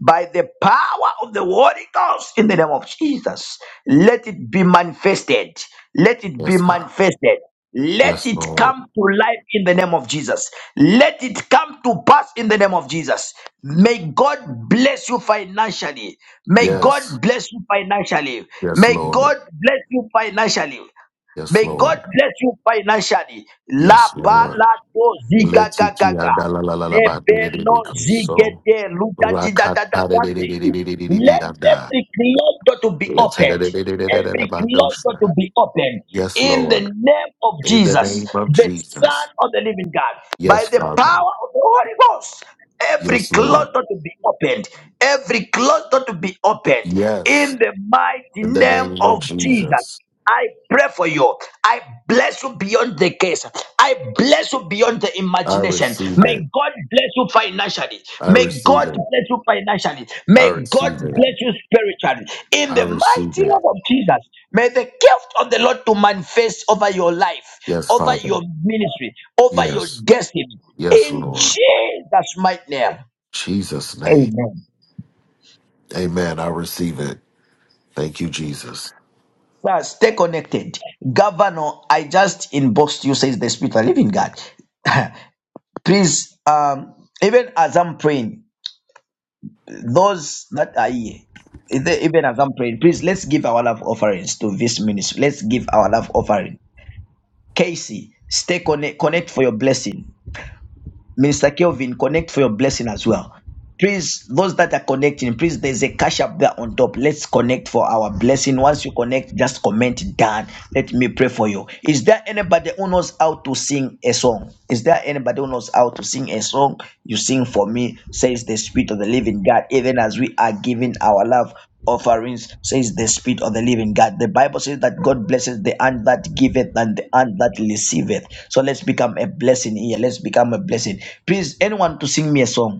A: By the power of the Holy Ghost in the name of Jesus, let it be manifested. Let it be
P: Yes, God.
A: manifested. Let
P: Yes,
A: it
P: Lord.
A: come to life in the name of Jesus. Let it come to pass in the name of Jesus. May God bless you financially. May
P: Yes,
A: God bless you financially.
P: yes,
A: May
P: Lord.
A: God bless you financially.
P: Yes,
A: May God
P: Lord.
A: bless you financially. La
P: Yes, Lord.
A: balado ziga
P: Let's take
A: gaga.
P: a da da da da da. Bound to be
A: Lebelo
P: become so.
A: zigete luda di
P: Rock
A: da
P: hard
A: da da
P: da da da
A: bande.
P: da da da
A: Let
P: da da.
A: every closed door to be
P: Let's have da
A: opened.
P: da da da da.
A: Every
P: Bound to be
A: closed door
P: come.
A: to be opened.
P: Yes,
A: In the
P: Lord.
A: name of
P: In the
A: Jesus,
P: name of
A: the Son
P: Jesus.
A: of the Living God, by
P: Yes,
A: the
P: Father.
A: power of the Holy Ghost, every
P: Yes, Lord.
A: closed door to be opened, every closed door to be opened
P: Yes.
A: in the mighty
P: In the
A: name
P: name of
A: of Jesus.
P: Jesus,
A: I pray for you. I bless you beyond the case. I bless you beyond the
P: I
A: imagination.
P: receive it.
A: May God bless you financially.
P: I
A: May
P: receive
A: God
P: it.
A: bless you financially.
P: I
A: May God
P: receive it.
A: bless you spiritually. In
P: I
A: the
P: receive
A: mighty name
P: it.
A: of Jesus, may the gift of the Lord to manifest over your life,
P: Yes,
A: over your
P: Father.
A: ministry, over your
P: Yes.
A: destiny.
P: Yes,
A: In
P: Lord.
A: Jesus' mighty name.
P: Jesus' name. Amen. I receive it. Thank you, Jesus.
A: Sir, stay connected. Governor, I just inboxed you, says the Spirit of the Living God. Please, um, even as I'm praying, those that are here, the- even as I'm praying, please let's give our love offerings to this ministry. Let's give our love offering. Casey, stay connect, connect for your blessing. Minister Kelvin, connect for your blessing as well. Please, those that are connecting, please, there's a cash up there on top. Let's connect for our blessing. Once you connect, just comment down. Let me pray for you. Is there anybody who knows how to sing a song? Is there anybody who knows how to sing a song? You sing for me, says the Spirit of the Living God, even as we are giving our love offerings, says the Spirit of the Living God. The Bible says that God blesses the hand that giveth and the hand that receiveth. So let's become a blessing here. Let's become a blessing. Please, anyone to sing me a song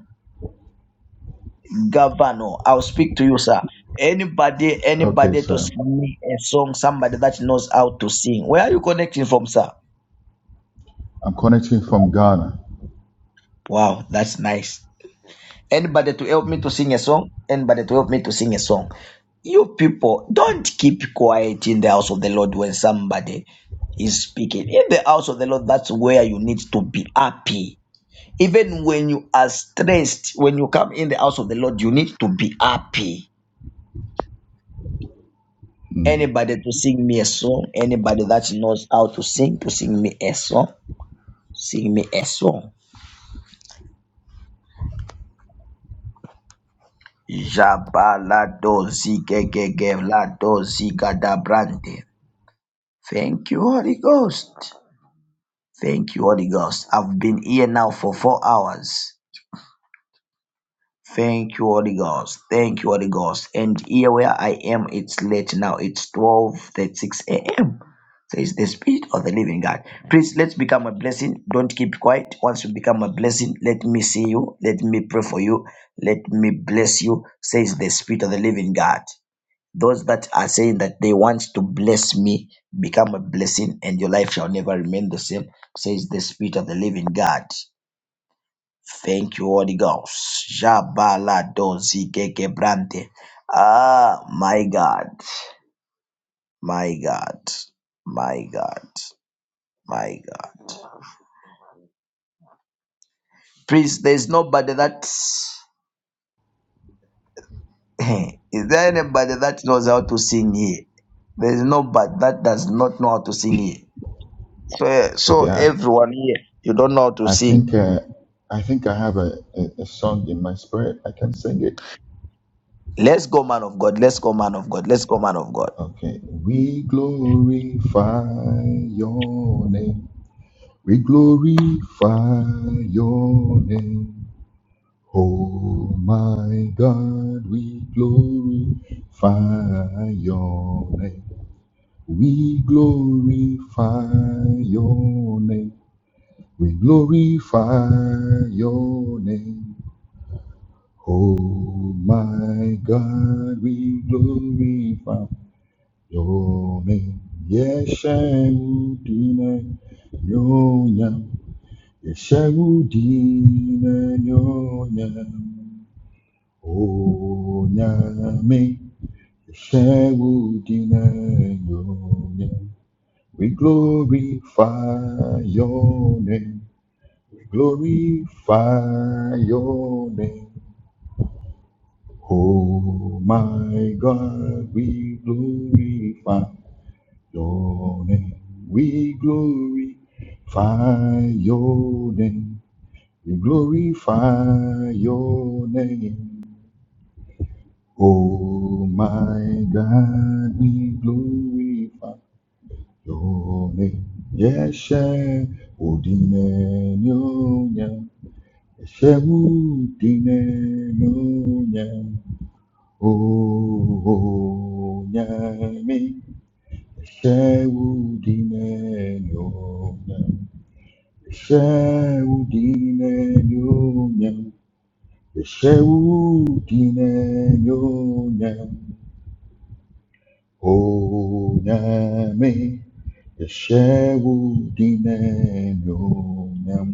A: governor. I'll speak to you, sir. Anybody,
R: Okay,
A: anybody to
R: so
A: sing me a song, somebody that knows how to sing. Where are you connecting from, sir?
R: I'm connecting from Ghana.
A: Wow, that's nice. Anybody to help me to sing a song? Anybody to help me to sing a song? You people, don't keep quiet in the house of the Lord when somebody is speaking. In the house of the Lord, that's where you need to be happy. Even when you are stressed, when you come in the house of the Lord, you need to be happy
R: Mm.
A: Anybody to sing me a song, anybody that knows how to sing, to sing me a song, sing me a song. Jabalado zigegegelado zigadabrante. Thank you, Holy Ghost. Thank you, Holy Ghost. I've been here now for four hours. Thank you, Holy Ghost. Thank you, Holy Ghost. And here where I am, it's late now. It's 12.36 a.m. Says the spirit of the living God. Please, let's become a blessing. Don't keep quiet. Once you become a blessing, let me see you. Let me pray for you. Let me bless you, says the spirit of the living God. Those that are saying that they want to bless me, become a blessing and your life shall never remain the same, says the spirit of the living God. Thank you, Holy Ghost. Jabala dozi gegebrante. Ah, my God, my God, my God, my God. Please, there's nobody that. Is there anybody that knows how to sing here? There's nobody that does not know how to sing here. So, so
R: Okay, I
A: everyone here, you don't know how to
R: I
A: sing.
R: think uh, I think I have a, a, a song in my spirit. I can sing it.
A: Let's go, man of God. Let's go, man of God. Let's go, man of God.
R: Okay, we glorify your name. We glorify your name. Oh my God, we glorify your name. We glorify your name. We glorify your name. Oh my God, we glorify your name. Yeshua, Nyonya. Yeshua, Nyonya. Onyame, Shewudineyonye. We glorify your name. We glorify your name. Oh my God, we glorify your name. We glorify your name. We glorify your name. Oh my God, we glorify your name. Yeshe udine nyonya. Yeshe udine nyonya. Oh nyami. Yeshe udine nyonya. Yeshe udine nyonya. Yeshe udine nyonya. onyame yɛhyɛwo din na anuonyam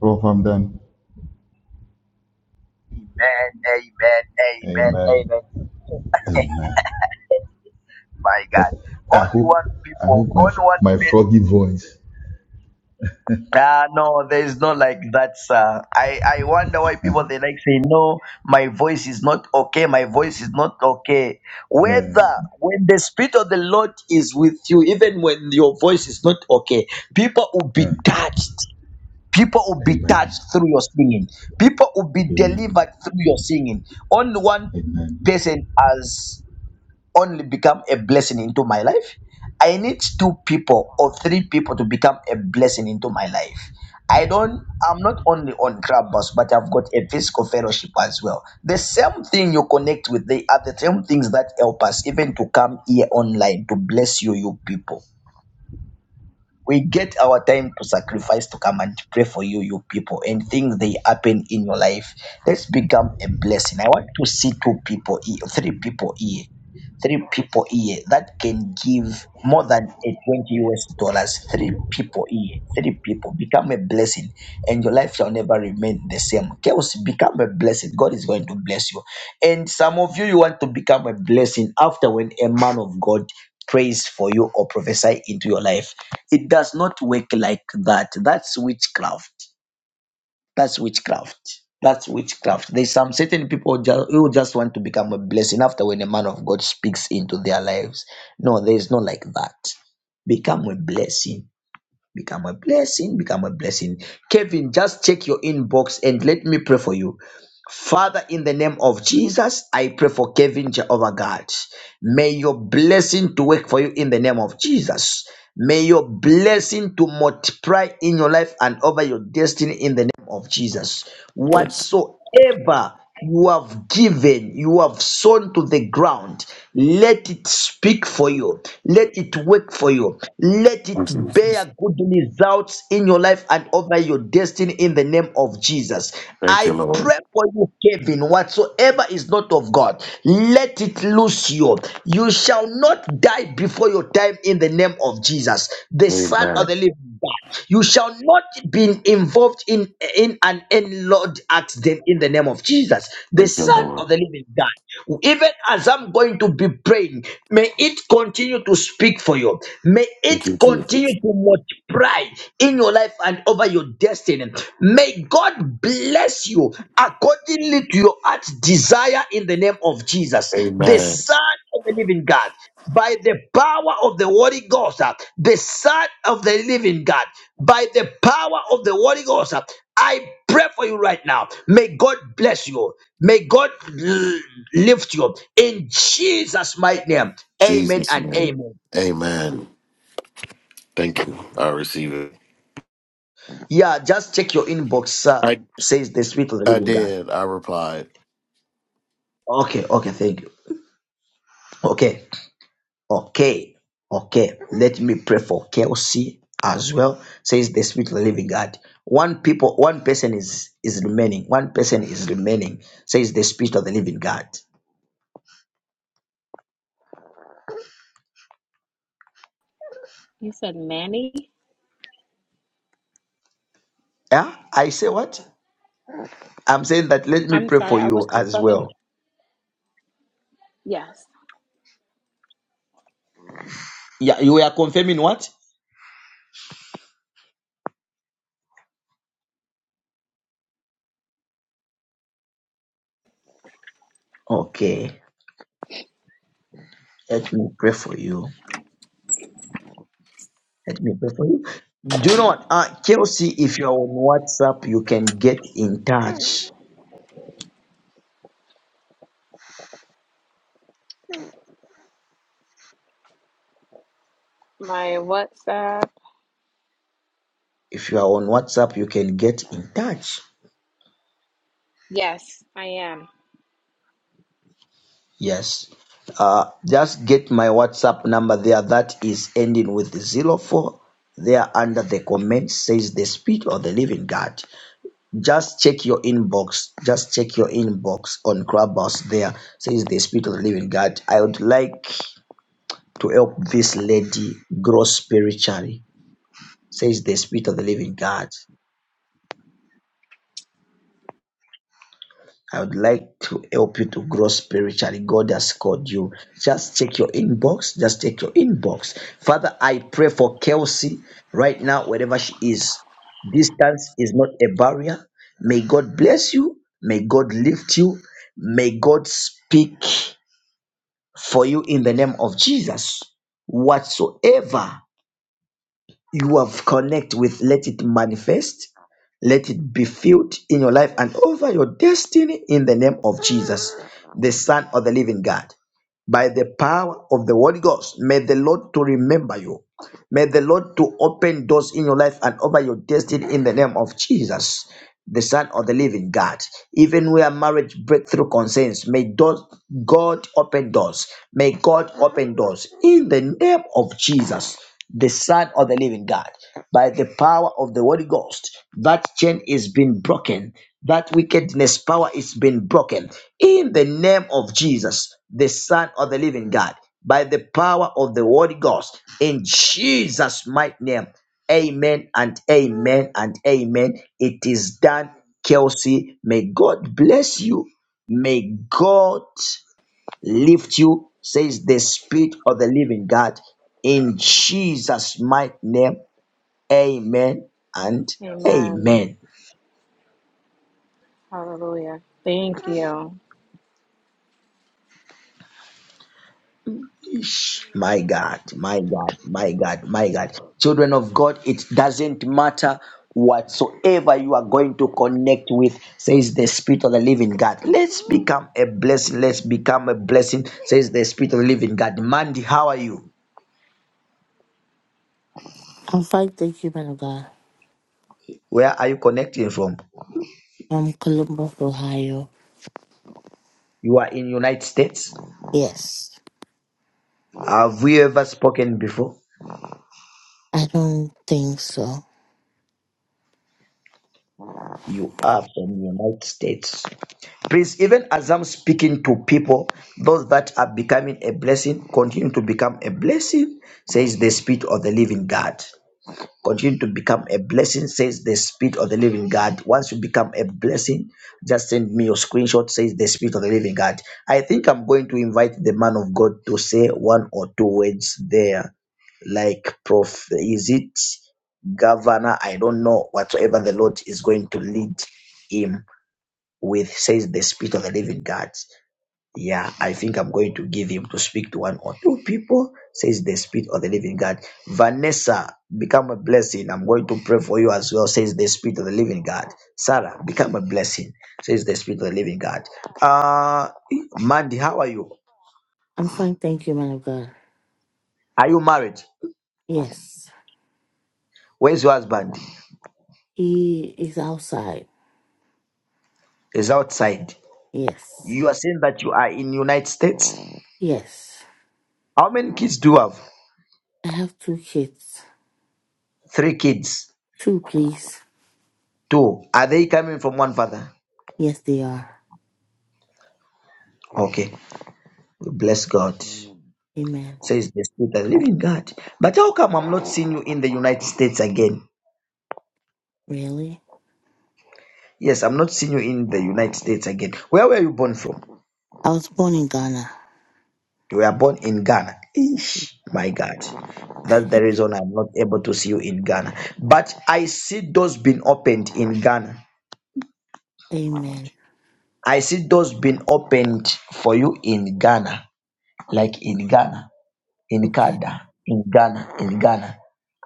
R: roll from them amen amen
A: My God.
R: i
A: Only
R: hope
A: one
R: i hope
A: people,
R: my
A: only one
R: my froggy voice
A: Ah no, there's no like that, sir. I, I wonder why people they like say no, my voice is not okay, my voice is not okay.
R: yeah,
A: Whether when the spirit of the Lord is with you, even when your voice is not okay, people will be
R: yeah.
A: touched. People will be
R: amen
A: touched through your singing. People will be
R: amen
A: delivered through your singing. Only one
R: amen
A: person has only become a blessing into my life. I need two people or three people to become a blessing into my life. I don't, I'm not only on Clubhouse, but I've got a physical fellowship as well. The same thing you connect with, they are the same things that help us even to come here online to bless you, you people we get our time to sacrifice to come and pray for you, you people, and things they happen in your life. Let's become a blessing. I want to see two people, here, three people here, three people here that can give more than a 20 US dollars. Three people here, three people become a blessing, and your life shall never remain the same. Chaos, become a blessing. God is going to bless you. And some of you, you want to become a blessing after when a man of God prays for you or prophesy into your life it does not work like that. That's witchcraft. That's witchcraft. That's witchcraft. There's some certain people ju- who just want to become a blessing after when a man of God speaks into their lives. No, there's no like that. Become a blessing. Become a blessing. Become a blessing. Kevin, just check your inbox and let me pray for you. Father, in the name of Jesus, I pray for Kevin Jehovah God. May your blessing to work for you in the name of Jesus. May your blessing to multiply in your life and over your destiny in the name of Jesus.
P: Yes.
A: Whatsoever you have given, you have sown to the ground. Let it speak for you. Let it work for you. Let it
P: Thank you, Jesus.
A: bear good results in your life and over your destiny in the name of Jesus.
P: Thank you,
A: I
P: Lord.
A: pray for you, Kevin. Whatsoever is not of God, let it loose you. You shall not die before your time in the name of Jesus, the Son of
P: Amen.
A: the Living God. you. You shall not be involved in, in an unload accident in the name of Jesus, the
P: Thank you,
A: Son
P: Lord.
A: of the Living God. Even as I'm going to be praying, may it continue to speak for you. May
P: Thank
A: it
P: you, Jesus.
A: continue to multiply in your life and over your destiny. May God bless you accordingly to your heart's desire in the name of Jesus, the
P: Amen.
A: Son of the Living God by the power of the Holy Ghost, uh, the Son of the Living God by the power of the Holy Ghost. uh, I pray for you right now. May God bless you. May God l- lift you in Jesus' mighty name. Amen
P: Jesus'
A: and
P: name.
A: amen.
P: Amen. Thank you. I receive it.
A: Yeah, just check your inbox, sir.
P: I
A: Says the Spirit of the
P: I
A: Living God.
P: did. I replied.
A: Okay, okay, thank you. Okay, okay, okay. Let me pray for Kelsey as well. Says the Spirit of the Living God. One people, one person is is remaining. One person is remaining. Says the Spirit of the Living God.
Q: You said Manny?
A: Yeah, I say what? I'm saying that let me
Q: I'm
A: pray
Q: sorry.
A: for
Q: I was
A: you as
Q: confirming.
A: well.
Q: Yes.
A: Yeah, you are confirming what? Okay, let me pray for you. Let me pray for you. Do you know what? Uh, Kelsey, if you are on WhatsApp, you can get in touch.
Q: My WhatsApp.
A: If you are on WhatsApp, you can get in touch.
Q: Yes, I am.
A: Yes. Uh, just get my WhatsApp number there. That is ending with zero four. There under the comment says the spirit of the living God. Just check your inbox. Just check your inbox on Clubhouse there. Says the Spirit of the Living God. I would like to help this lady grow spiritually. Says the Spirit of the Living God. I would like to help you to grow spiritually. God has called you. Just check your inbox. Just check your inbox. Father, I pray for Kelsey right now, wherever she is. Distance is not a barrier. May God bless you. May God lift you. May God speak. for you in the name of Jesus. Whatsoever you have connect with, let it manifest, let it be filled in your life and over your destiny in the name of Jesus, the Son of the Living God. By the power of the Holy Ghost, may the Lord to remember you. May the Lord to open doors in your life and over your destiny in the name of Jesus the Son of the Living God. Even where marriage breakthrough concerns, may doors- God open doors. May God open doors in the name of Jesus, the Son of the Living God, by the power of the Holy Ghost. That chain is being broken. That wickedness power is being broken in the name of Jesus, the Son of the Living God. By the power of the Holy Ghost, in Jesus' mighty name, Amen and amen and amen. It is done, Kelsey. May God bless you. May God lift you, says the Spirit of the Living God. In Jesus' mighty name, amen and
Q: Amen.
A: amen.
Q: Hallelujah. Thank you.
A: Ish. My God, my God, my God, my God. Children of God, it doesn't matter whatsoever you are going to connect with, says the Spirit of the Living God. Let's become a blessing. Let's become a blessing, says the Spirit of the Living God. Mandy, how are you?
S: I'm fine, thank you, man of God.
A: Where are you connecting from?
S: From Columbus, Ohio.
A: You are in United States.
S: Yes.
A: Have we ever spoken before?
S: I don't think so.
A: You are from the United States. Please, even as I'm speaking to people, those that are becoming a blessing, continue to become a blessing, says the Spirit of the Living God. Continue to become a blessing, says the Spirit of the Living God. Once you become a blessing, just send me your screenshot, says the Spirit of the Living God. I think I'm going to invite the man of God to say one or two words there, like Prof. Is it Governor? I don't know. Whatsoever the Lord is going to lead him with, says the Spirit of the Living God. Yeah, I think I'm going to give him to speak to one or two people, says the Spirit of the Living God. Vanessa, become a blessing. I'm going to pray for you as well, says the Spirit of the Living God. Sarah, become a blessing, says the Spirit of the Living God. Uh, Mandy, how are you?
S: I'm fine, thank you, man of God.
A: Are you married?
S: Yes.
A: Where's your husband?
S: He is outside.
A: He's outside.
S: Yes.
A: You are saying that you are in United States.
S: Yes.
A: How many kids do you have?
S: I have two kids.
A: Three kids.
S: Two, please.
A: Two. Are they coming from one father?
S: Yes, they are.
A: Okay. Bless God.
S: Amen.
A: says the Spirit of the Living God. But how come I'm not seeing you in the United States again?
S: Really?
A: Yes, I'm not seeing you in the United States again. Where were you born from?
S: I was born in Ghana.
A: You were born in Ghana. Eesh, my God. That's the reason I'm not able to see you in Ghana. But I see doors being opened in Ghana.
S: Amen.
A: I see doors being opened for you in Ghana, like in Ghana. in
S: Okay.
A: Canada, in Ghana, in Ghana.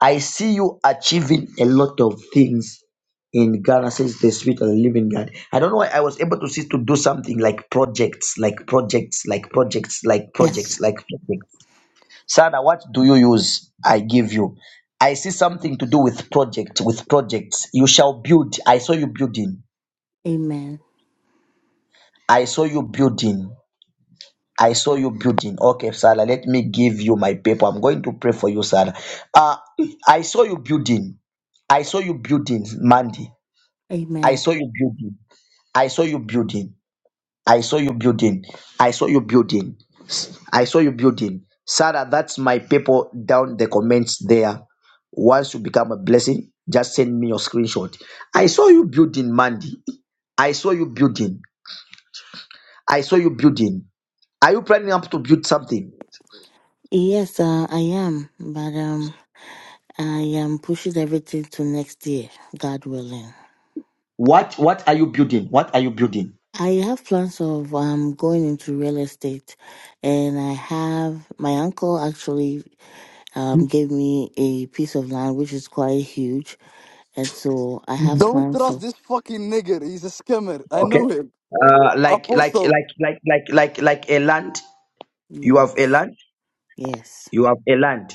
A: I see you achieving a lot of things in Ghana, says the Spirit of the Living God. I don't know why I was able to see to do something like projects, like projects, like projects, like
S: Yes.
A: projects, like projects. Sana, what do you use? I give you. I see something to do with project, with projects. You shall build. I saw you building.
S: Amen.
A: I saw you building. I saw you building. Okay, Sarah, let me give you my paper. I'm going to pray for you, Sarah. Uh, I saw you building. I saw you building, Mandy. I
S: Amen.
A: saw you building. I saw you building. I saw you building. I saw you building. I saw you building. Sarah, that's my paper down the comments there. Once you become a blessing, just send me your screenshot. I saw you building, Mandy. I saw you building. I saw you building. Are you planning up to build something?
S: Yes, uh, I am, but um, I am pushing everything to next year, God willing.
A: What what are you building? What are you building?
S: I have plans of um going into real estate, and I have my uncle actually um gave me a piece of land which is quite huge, and so I have
T: Don't
S: plans
T: trust
S: of
T: this fucking nigger. He's a scammer. I
A: Okay.
T: know him.
A: Uh, like like
T: Apostle.
A: like like like like like a land. You have a
S: yes,
A: land.
S: yes,
A: You have a land.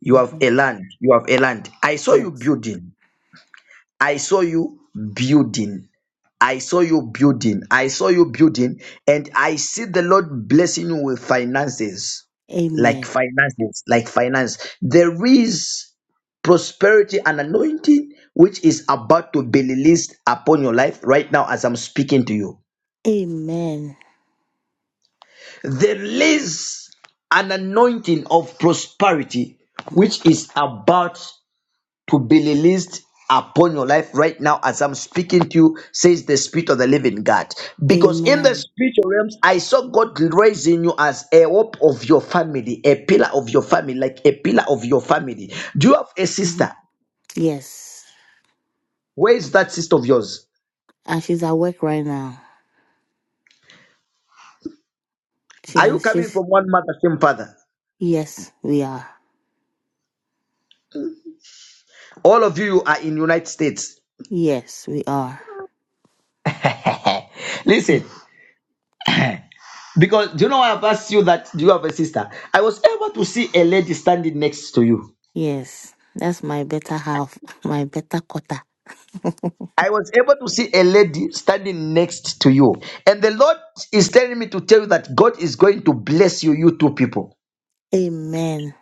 A: You have
S: hmm
A: a land. You have a land. I saw you
S: yes,
A: building. I saw you building. I saw you building. I saw you building, and I see the Lord blessing you with finances, like
S: amen,
A: finances, like finance. There is prosperity and anointing which is about to be released upon your life right now as I'm speaking to you
S: amen,
A: There is an anointing of prosperity
S: Mm.
A: which is about to be released upon your life right now as I'm speaking to you, says the Spirit of the Living God. Because in the
S: amen,
A: spiritual realms, I saw God raising you as a hope of your family, a pillar of your family, like a pillar of your family. Do you have a
S: hmm
A: sister?
S: yes.
A: Where is that sister of yours?
S: And she's at work right now.
A: Are you
S: She's
A: coming
S: she's
A: from one mother, same father?
S: yes, we are,
A: All of you, you are in United States.
S: yes, we are,
A: Listen, Because do you know I've asked you that do you have a sister? I was able to see a lady standing next to you.
S: yes. That's my better half, my better quarter.
A: I was able to see a lady standing next to you. And the Lord is telling me to tell you that God is going to bless you, you two people.
S: Amen.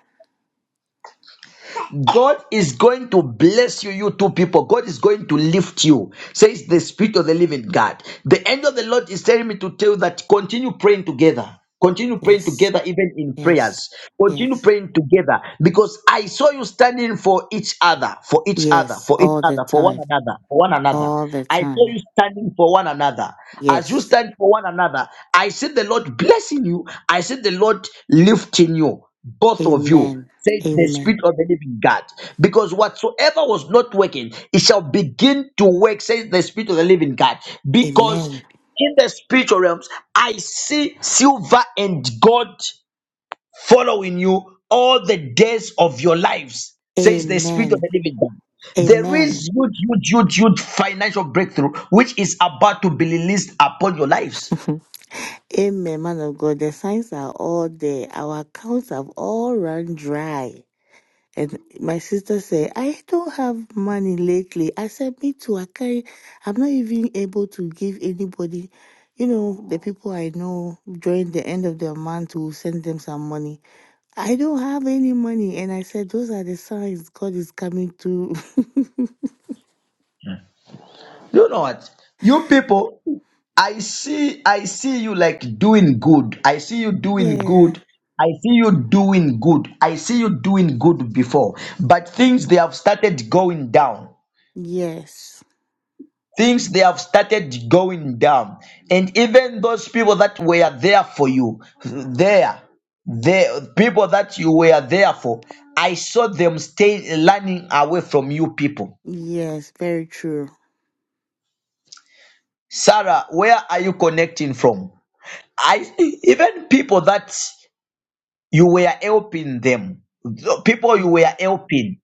A: God is going to bless you, you two people. God is going to lift you, says the Spirit of the living God. The end of the Lord is telling me to tell you that continue praying together. Continue praying
S: Yes,
A: together, even in
S: yes,
A: prayers. Continue
S: yes,
A: praying together because I saw you standing for each other, for each other,
S: yes,
A: for each
S: all the
A: other, for one
S: time,
A: another, for one another.
S: all the
A: I saw
S: time.
A: you standing for one another. As you
S: Yes.
A: stand for one another, I see the Lord blessing you. I see the Lord lifting you, both of you
S: Amen.
A: says the
S: Amen.
A: spirit of the living God. Because whatsoever was not working, it shall begin to work, says the spirit of the living God. Because
S: Amen.
A: in the spiritual realms, I see silver and gold following you all the days of your lives, says the spirit of
S: Amen.
A: the living God. There
S: Amen.
A: is huge, huge, huge, huge financial breakthrough which is about to be released upon your lives.
S: Amen, man of God. The signs are all there. Our accounts have all run dry. And my sister said, I don't have money lately. I said, Me too. I can't, I'm not even able to give anybody, you know, the people I know during the end of the month to send them some money. I don't have any money. And I said, Those are the signs God is coming through.
A: You know what? You people, I see, I see you like doing good. I see you doing
S: yeah.
A: good. I see you doing good. I see you doing good before, but things they have started going down.
S: Yes.
A: Things they have started going down, and even those people that were there for you, there, the people that you were there for, I saw them stay running away from you people.
S: Yes. Very true.
A: Sarah, where are you connecting from? I even people that you were helping them, the people you were
S: Mm.
A: helping,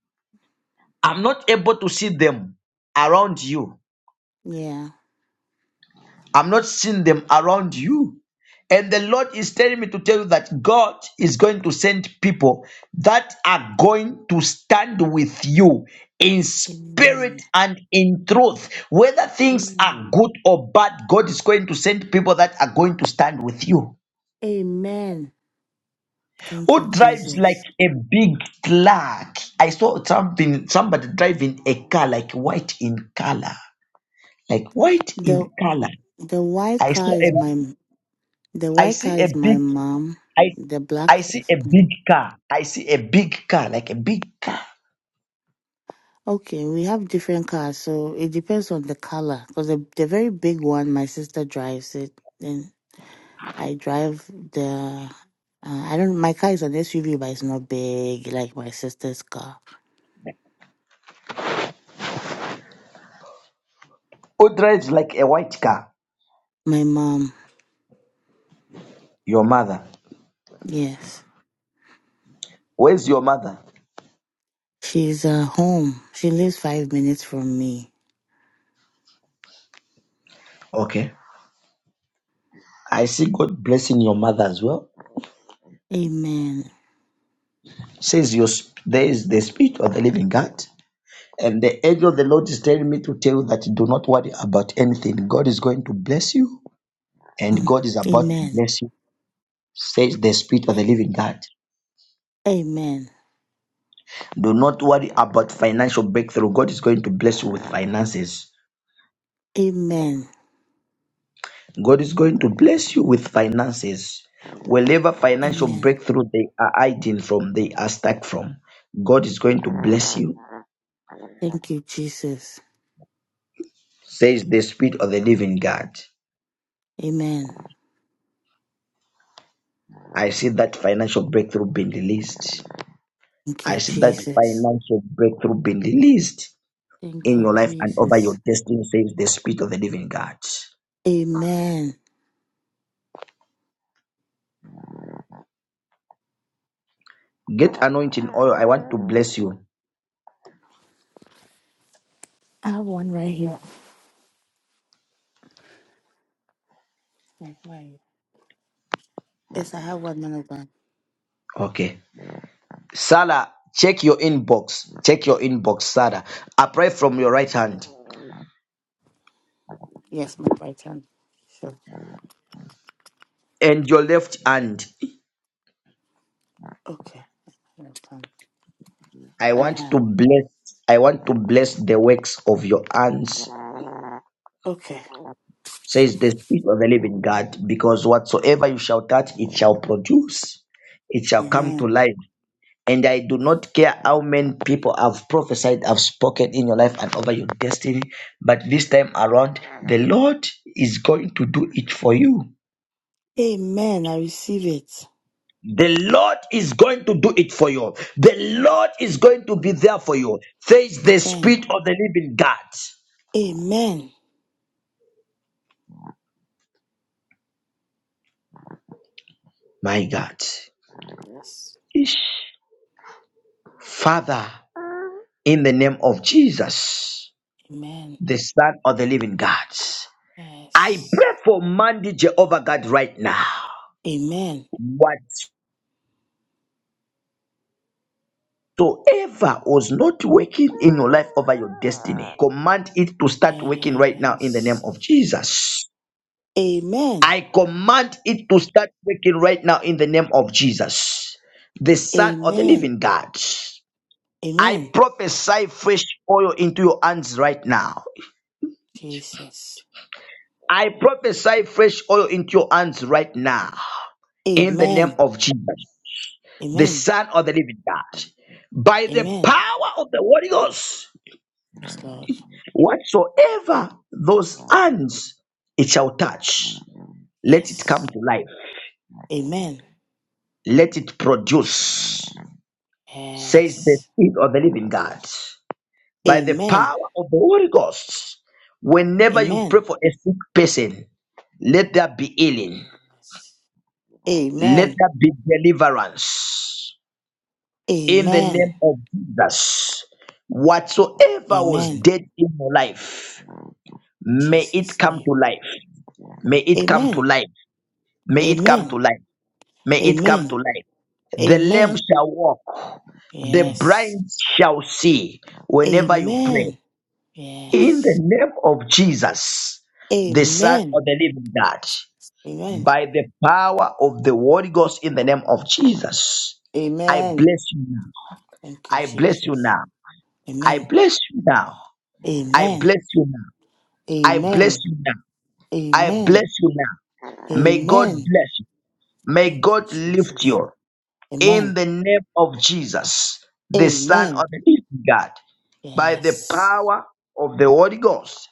A: I'm not able to see them around you.
S: Yeah.
A: I'm not seeing them around you. And the Lord is telling me to tell you that God is going to send people that are going to stand with you in spirit
S: Amen.
A: and in truth. Whether things are
S: Amen.
A: good or bad, God is going to send people that are going to stand with you.
S: Amen. Thank
A: Who
S: you,
A: drives like
S: Jesus.
A: a big truck? I saw something, somebody driving a car like white in color, like white
S: The
A: in color.
S: the white
A: I
S: car
A: saw a,
S: is my The
A: I
S: white
A: see
S: car
A: a
S: is my
A: big,
S: mom.
A: I,
S: The black
A: I see
S: is.
A: a
S: Mhm.
A: big car. I see a big car, like a big car.
S: Okay, we have different cars, so it depends on the color. Because the, the very big one, my sister drives it. Then I drive the. Uh, I don't. My car is an SUV, but it's not big like my sister's car.
A: Who drives like a white car?
S: My mom,
A: Your mother.
S: yes,
A: Where's your mother?
S: she's uh, home. She lives five minutes from me.
A: Okay. I see God blessing your mother as well.
S: Amen.
A: Says your, sp- there is the spirit of the living God. And the angel of the Lord is telling me to tell you that do not worry about anything. God is going to bless you, and
S: Mm.
A: God is about to
S: Amen.
A: bless you, says the Spirit of the Living God.
S: Amen.
A: Do not worry about financial breakthrough. God is going to bless you with finances.
S: Amen.
A: God is going to bless you with finances. Wherever financial
S: Amen.
A: breakthrough they are hiding from, they are stuck from, God is going to bless you,
S: Thank you, Jesus.
A: says the Spirit of the Living God.
S: Amen.
A: I see that financial breakthrough being released.
S: Thank
A: I
S: you,
A: see that
S: Jesus.
A: financial breakthrough being released
S: Thank
A: in
S: you,
A: your life and over your
S: Jesus.
A: destiny, says the Spirit of the Living God.
S: Amen.
A: Get anointing oil. I want to bless you.
S: I have one right here. Right, right. Yes, I have one minute done.
A: Okay. Sarah, check your inbox. Check your inbox, Sarah. Apply from your right hand
S: Yes, my right hand. Sure.
A: and your left hand.
S: Okay. Left hand.
A: I
S: I
A: want
S: have.
A: to bless. I want to bless the works of your hands,
S: Okay.
A: says the Spirit of the Living God, because whatsoever you shall touch, it shall produce it shall come to
S: Amen.
A: life And I do not care how many people have prophesied, have spoken in your life and over your destiny, but this time around, the Lord is going to do it for you.
S: Amen. I receive it.
A: The Lord is going to do it for you. The Lord is going to be
S: Mm.
A: there for you. Face the
S: Amen.
A: spirit of the living God.
S: Amen.
A: My God.
S: Yes.
A: Ish. Father, in the name of Jesus,
S: Amen.
A: the Son of the living God, I
S: Yes.
A: pray for Mandy Jehovah God right now.
S: Amen.
A: What Whatsoever was not working in your life over your destiny, command it to start working right now in the name
S: Yes.
A: of Jesus.
S: Amen.
A: I command it to start working right now in the name of Jesus, the Son of the
S: Amen.
A: Living God. I
S: Amen.
A: prophesy fresh oil into your hands right now.
S: Jesus.
A: I prophesy fresh oil into your hands right now in the name
S: Amen.
A: of Jesus, the
S: Amen.
A: Son of the Living God. By the
S: Amen.
A: power of the Holy Ghost,
S: Yes, Lord.
A: Whatsoever those hands it shall touch, let it come
S: Yes.
A: to life,
S: Amen.
A: let it produce, says the
S: Yes.
A: Spirit of the living God. By the
S: Amen.
A: power of the Holy Ghost, whenever you pray
S: Amen.
A: for a sick person, let there be healing,
S: Yes.
A: let
S: Amen.
A: there be deliverance in the
S: Amen.
A: name of Jesus. Whatsoever was
S: Amen.
A: dead in your life, may it
S: Jesus'
A: come
S: name.
A: to life. May it come to
S: Amen.
A: life. May it come
S: Amen.
A: to life. May it come to
S: Amen.
A: life. The lame
S: Amen.
A: shall walk, the
S: Yes.
A: blind shall see whenever you pray.
S: Amen.
A: In the
S: Yes.
A: name of Jesus, the Son
S: Amen.
A: of the Living God,
S: Amen.
A: by the power of the Holy Ghost, in the name of Jesus, I
S: Amen.
A: bless you now.
S: Thank you,
A: I bless you
S: Jesus.
A: now. I
S: Amen.
A: bless you now. I
S: Amen.
A: bless you now. I bless
S: Amen.
A: you now. I
S: Amen.
A: bless you now. May God
S: Amen.
A: bless you. May
S: Thank you,
A: God lift
S: Jesus.
A: you. in
S: Amen.
A: the name of Jesus, the Son of
S: Amen.
A: the Living God, by the
S: Yes.
A: power of the Holy Ghost.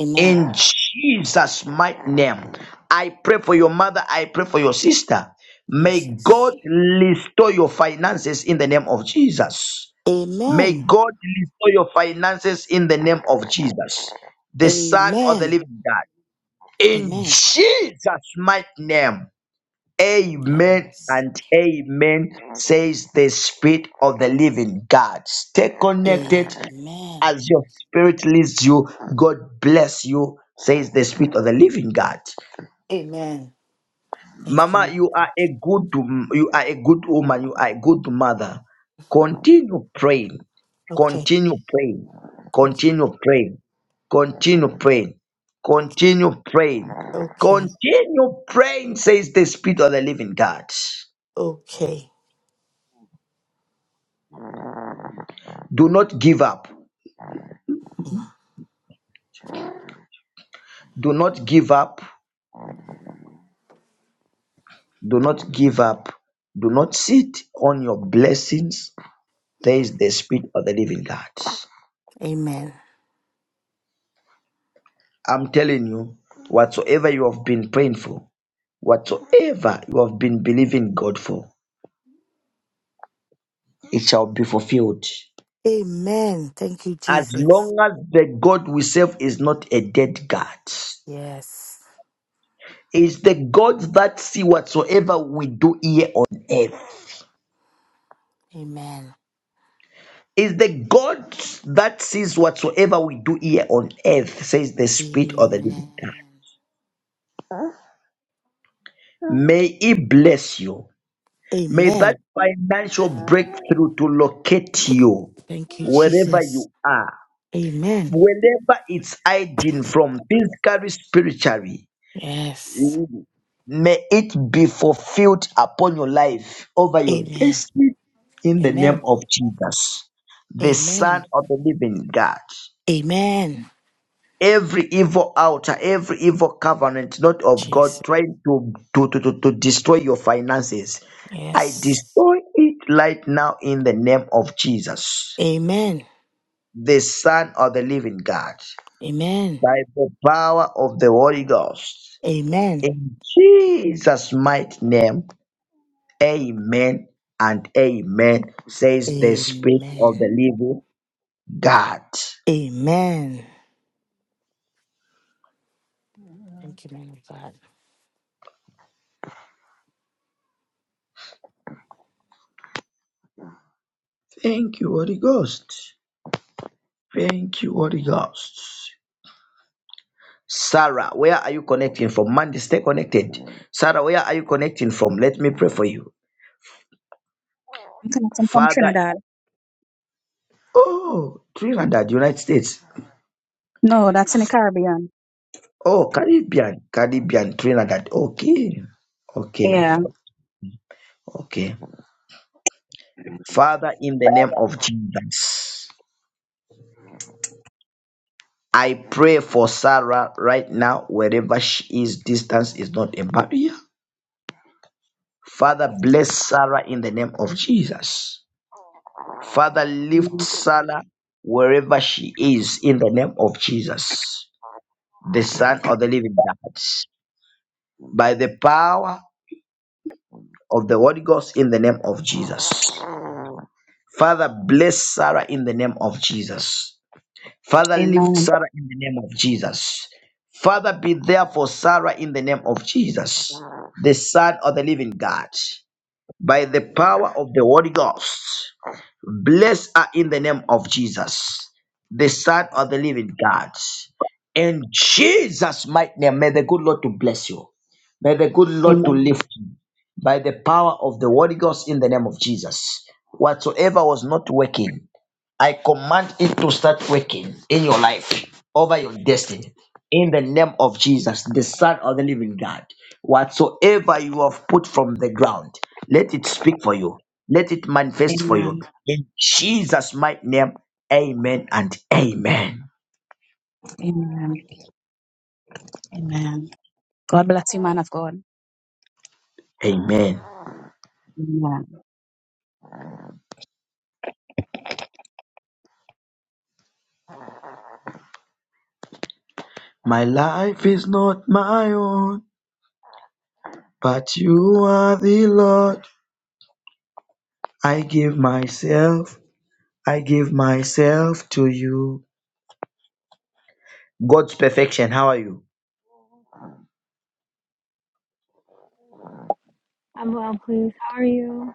S: Amen.
A: In Jesus' mighty name, I pray for your mother, I pray for your sister. May
S: Jesus.
A: God restore your finances in the name of Jesus. May
S: Amen.
A: God restore your finances in the name of Jesus, the Son of the
S: Amen.
A: Living God. In
S: Amen.
A: Jesus' mighty name. Amen
S: Yes.
A: and amen, says the Spirit of the living God. Stay connected
S: Amen.
A: as your spirit leads you. God bless you, says the Spirit of the living God.
S: Amen. Thank you.
A: Mama,
S: Lord.
A: you are a good you are a good woman, you are a good mother. Continue praying.
S: Okay.
A: Continue praying.
S: Okay.
A: Continue praying. Continue praying. Continue praying.
S: Okay.
A: Continue praying, says the Spirit of the living God.
S: Okay.
A: Do not give up. Do not give up. Do not give up. Do not sit on your blessings. There is the spirit of the living God.
S: Amen.
A: I'm telling you, whatsoever you have been praying for, whatsoever you have been believing God for, it shall be fulfilled.
S: Amen. Thank you,
A: As
S: Jesus.
A: long as the God we serve is not a dead God,
S: Yes.
A: is the God that see whatsoever we do here on earth.
S: Amen.
A: is the God that sees whatsoever we do here on earth, says the Spirit of the
S: Amen.
A: Living God. May He bless you. May that
S: Amen.
A: financial breakthrough to locate you
S: Thank you,
A: wherever
S: Jesus.
A: you are,
S: Amen.
A: wherever it's hiding from, physically, spiritually.
S: Yes.
A: May it be fulfilled upon your life, over your
S: Amen.
A: destiny, in the name
S: Amen.
A: of Jesus, the
S: Amen.
A: Son of the Living God.
S: Amen.
A: every evil altar, every evil covenant, not of
S: Jesus.
A: God, trying to, to, to, to, to destroy your finances. I
S: Yes.
A: destroy it right now in the name of Jesus,
S: Amen.
A: the Son of the Living God,
S: Amen.
A: by the power of the Holy Ghost.
S: Amen.
A: In Jesus' mighty name, amen and amen, says the Spirit of
S: Amen.
A: the Living God.
S: Amen. Thank you, man of God.
A: Thank you, Holy Ghost. Thank you, Holy Ghost. Sarah, where are you connecting from? Monday, stay connected. Sarah, where are you connecting from? Let me pray for you.
U: I'm connecting from
A: Father,
U: Trinidad.
A: oh, Trinidad, United States.
U: No, that's in the Caribbean.
A: Oh, Caribbean, Caribbean, Trinidad. Okay, okay,
U: Yeah.
A: okay. Father, in the name of Jesus, I pray for Sarah right now, wherever she is, distance is not a barrier. Father, bless Sarah in the name of Jesus. Father, lift
U: Mm.
A: Sarah wherever she is in the name of Jesus, the Son of the Living God, by the power of the Holy Ghost in the name of Jesus. Father, bless Sarah in the name of Jesus. Father, lift
U: Amen.
A: Sarah in the name of Jesus. Father, be there for Sarah in the name of Jesus, the Son of the Living God, by the power of the Holy Ghost. Blessed are in the name of Jesus, the Son of the Living God. In Jesus' mighty name, may the good Lord to bless you. May the good Lord to
U: Amen.
A: lift you by the power of the Holy Ghost in the name of Jesus. Whatsoever was not working. I command it to start working in your life, over your destiny, in the name of Jesus, the Son of the Living God. Whatsoever you have put from the ground, let it speak for you, let it manifest for you.
U: Amen.
A: In Jesus' mighty name, amen and amen.
U: Amen. Amen. God bless you, man of God.
A: Amen.
U: Amen.
A: My life is not my own, but you are the Lord. I give myself, I give myself to you. God's perfection, how are you?
V: I'm well, please. How are you?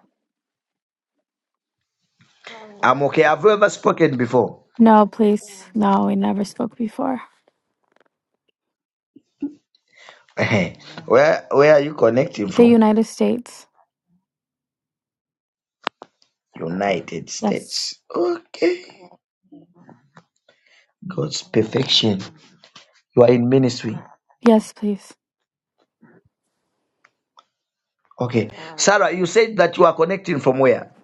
A: I'm okay. Have you ever spoken before?
V: No, please. No, we never spoke before.
A: where where are you connecting
V: The
A: from?
V: United States.
A: United
V: Yes.
A: States. Okay. God's perfection. You are in ministry.
V: Yes, please.
A: Okay. Sarah, you said that you are connecting from where?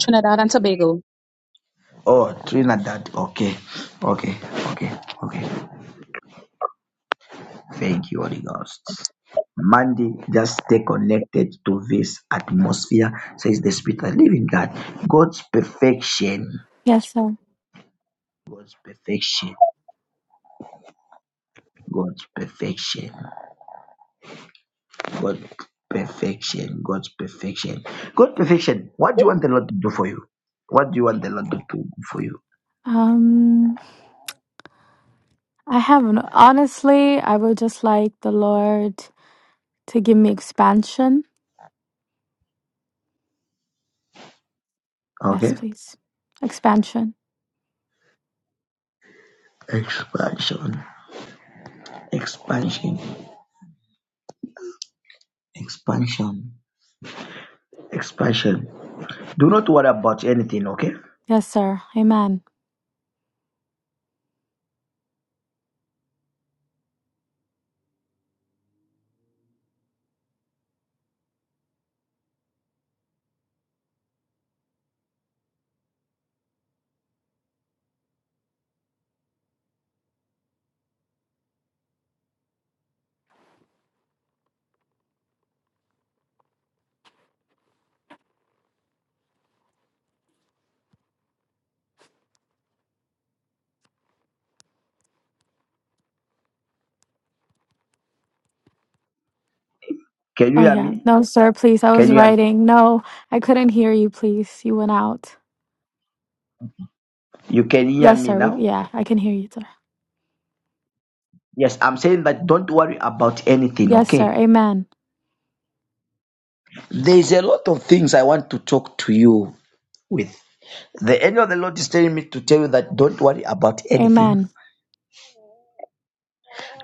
U: Trinidad and Tobago.
A: Oh, Trinidad. Okay. Okay. Okay. Okay. Thank you, Holy Ghost. Mandy, just stay connected to this atmosphere, says the Spirit of the Living God. God's perfection,
V: Yes, sir.
A: God's perfection, God's perfection. God perfection. God's perfection. God perfection. What do you want the Lord to do for you? What do you want the Lord to do for you?
V: Um, I haven't. Honestly, I would just like the Lord to give me expansion. Yes,
A: Okay?
V: please. Expansion.
A: Expansion. Expansion. Expansion. Expansion. Do not worry about anything, okay?
V: Yes, sir. Amen. Oh, yeah. No, sir, please. I was writing. No, I couldn't hear you, please. You went out.
A: You can hear
V: Yes,
A: me
V: sir. We,
A: now?
V: yeah, I can hear you, sir.
A: Yes, I'm saying that don't worry about anything,
V: Yes, sir.
A: okay?
V: Amen.
A: There's a lot of things I want to talk to you with. The angel of the Lord is telling me to tell you that don't worry about anything.
V: Amen.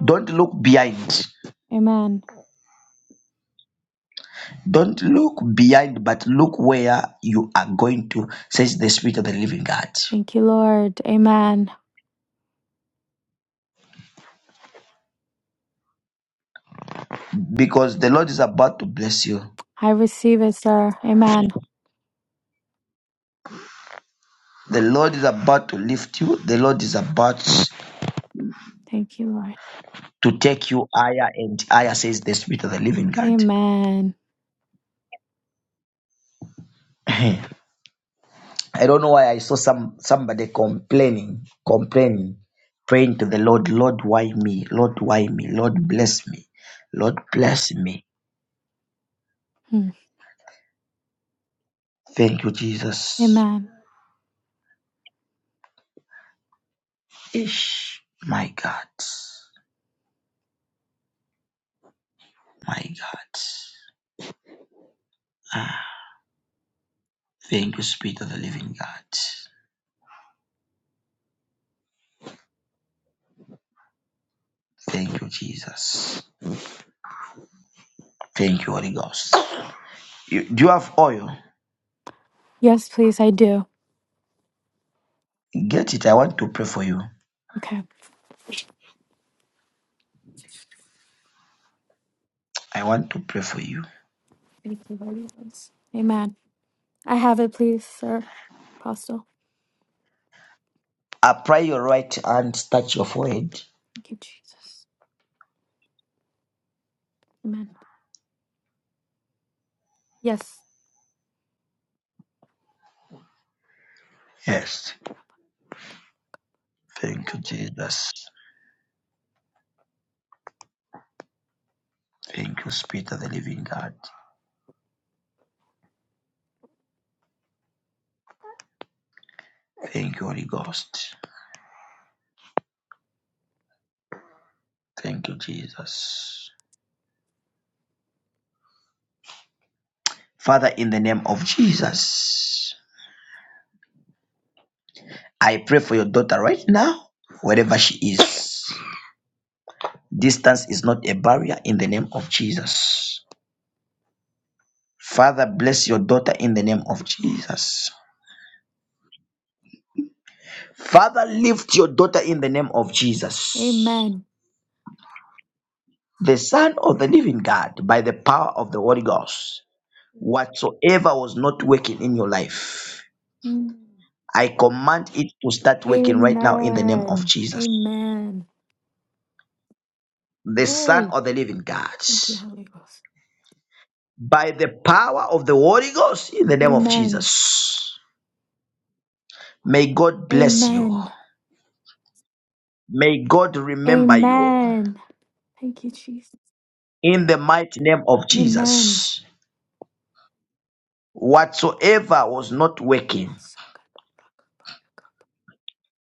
A: Don't look behind.
V: Amen.
A: Don't look behind, but look where you are going to, says the Spirit of the Living God.
V: Thank you, Lord. Amen.
A: Because the Lord is about to bless you.
V: I receive it, sir. Amen.
A: The Lord is about to lift you. The Lord is about
V: Thank you, Lord.
A: to take you higher and higher, says the Spirit of the Living God.
V: Amen.
A: I don't know why I saw some somebody complaining, complaining, praying to the Lord, Lord, why me? Lord, why me? Lord, bless me. Lord, bless me.
V: Hmm.
A: Thank you, Jesus.
V: Amen.
A: Ish, my God. My God. Ah, thank you, Spirit of the Living God. Thank you, Jesus. Thank you, Holy Ghost. You, do you have oil?
V: Yes, please, I do.
A: Get it. I want to pray for you.
V: Okay.
A: I want to pray for you.
V: Thank you, Lord. Jesus. Amen. I have it, please, sir. Apostle.
A: Apply your right hand, touch your forehead.
V: Thank you, Jesus. Amen. Yes.
A: Yes. Thank you, Jesus. Thank you, Spirit of the Living God. Thank you, Holy Ghost. Thank you, Jesus. Father, in the name of Jesus, I pray for your daughter right now, wherever she is. Distance is not a barrier in the name of Jesus. Father, bless your daughter in the name of Jesus. Father, lift your daughter in the name of Jesus.
V: Amen.
A: The Son of the Living God, by the power of the Holy Ghost, whatsoever was not working in your life,
V: Hmm.
A: I command it to start working right now in the name of
V: Amen.
A: Jesus.
V: Amen.
A: The Son
V: Glory.
A: of the Living God,
V: Thank you, Holy Ghost.
A: by the power of the Holy Ghost, in the name of
V: Amen.
A: Jesus. May God bless you.
V: Amen.
A: May God remember you
V: Amen. Thank you, Jesus.
A: in the mighty name of
V: Amen.
A: Jesus. Whatsoever was not working,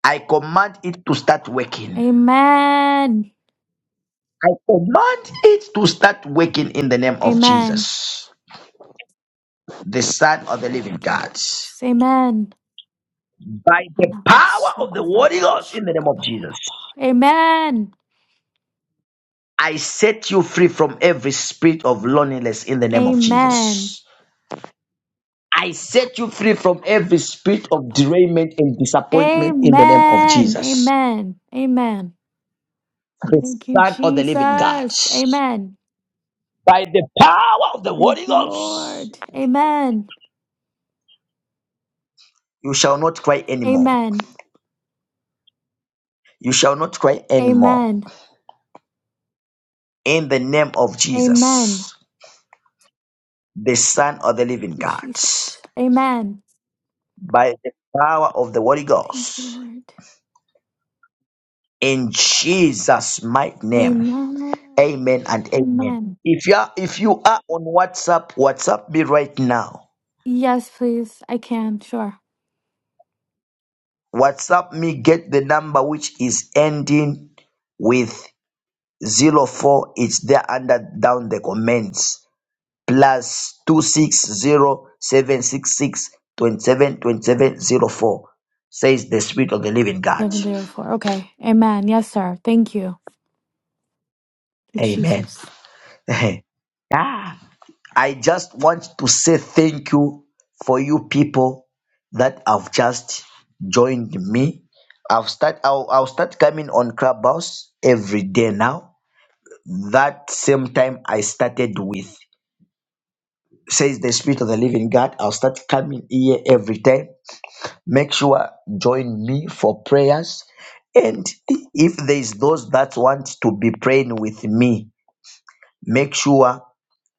A: I command it to start working.
V: Amen.
A: I command it to start working in the name of
V: Amen.
A: Jesus, the Son of the Living
V: Thank you,
A: God.
V: Holy Ghost. Amen.
A: By the
V: Amen.
A: power of the Holy Ghost in the name of Jesus, I set you free from every spirit of loneliness in the name of Jesus.
V: Amen.
A: I set you free from every spirit of derailment and disappointment in the name of
V: Amen.
A: Jesus.
V: Amen. Amen.
A: the
V: Thank you,
A: Son of the living God.
V: Jesus. Amen.
A: By the power of the Holy
V: Thank you,
A: Ghost,
V: Lord. Amen.
A: you shall not cry anymore.
V: Amen.
A: You shall not cry anymore.
V: Amen.
A: In the name of
V: Amen.
A: Jesus, the Son of the
V: Thank
A: living
V: you,
A: God.
V: Jesus. Amen.
A: By the power of the Holy
V: Thank you,
A: Ghost.
V: Lord.
A: In Jesus' mighty name.
V: Amen.
A: Amen and amen.
V: Amen.
A: If you are if you are on WhatsApp, WhatsApp me right now.
V: Yes, please. I can. Sure.
A: WhatsApp me, get the number which is ending with Zero four it's there under down the comments plus 260766272704 says the spirit of the living god
V: 704. Okay. Amen. Yes, sir. Thank you.
A: amen
V: Jesus.
A: ah, i just want to say thank you for you people that have just joined me i've start i'll, I'll start coming on clubhouse every day now that same time i started with says the Spirit of the Living God. I'll start coming here every day. Make sure join me for prayers. And if there is those that want to be praying with me, make sure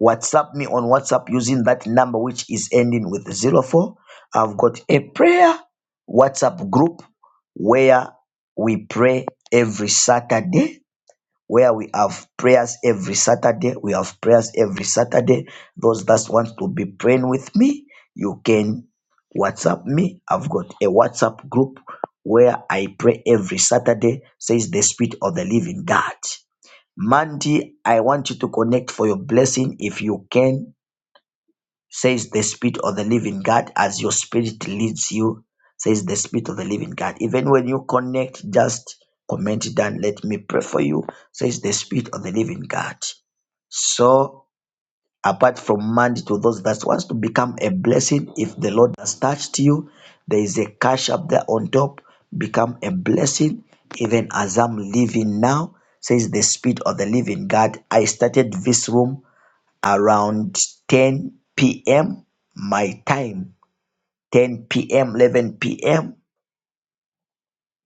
A: WhatsApp me on WhatsApp using that number which is ending with zero i I've got a prayer WhatsApp group where we pray every Saturday where we have prayers every Saturday. We have prayers every Saturday. Those that want to be praying with me, you can WhatsApp me. I've got a WhatsApp group where I pray every Saturday, says the Spirit of the Living God. Mandy, I want you to connect for your blessing if you can says the Spirit of the Living God, as your spirit leads you, says the Spirit of the Living God. Even when you connect, just comment it down, let me pray for you, says the Spirit of the Living God. So, apart from Monday to those that wants to become a blessing, if the Lord has touched you, there is a cash up there on top, become a blessing, even as I'm living now, says the Spirit of the Living God. I started this room around 10 p.m. my time 10 p.m. 11 p.m.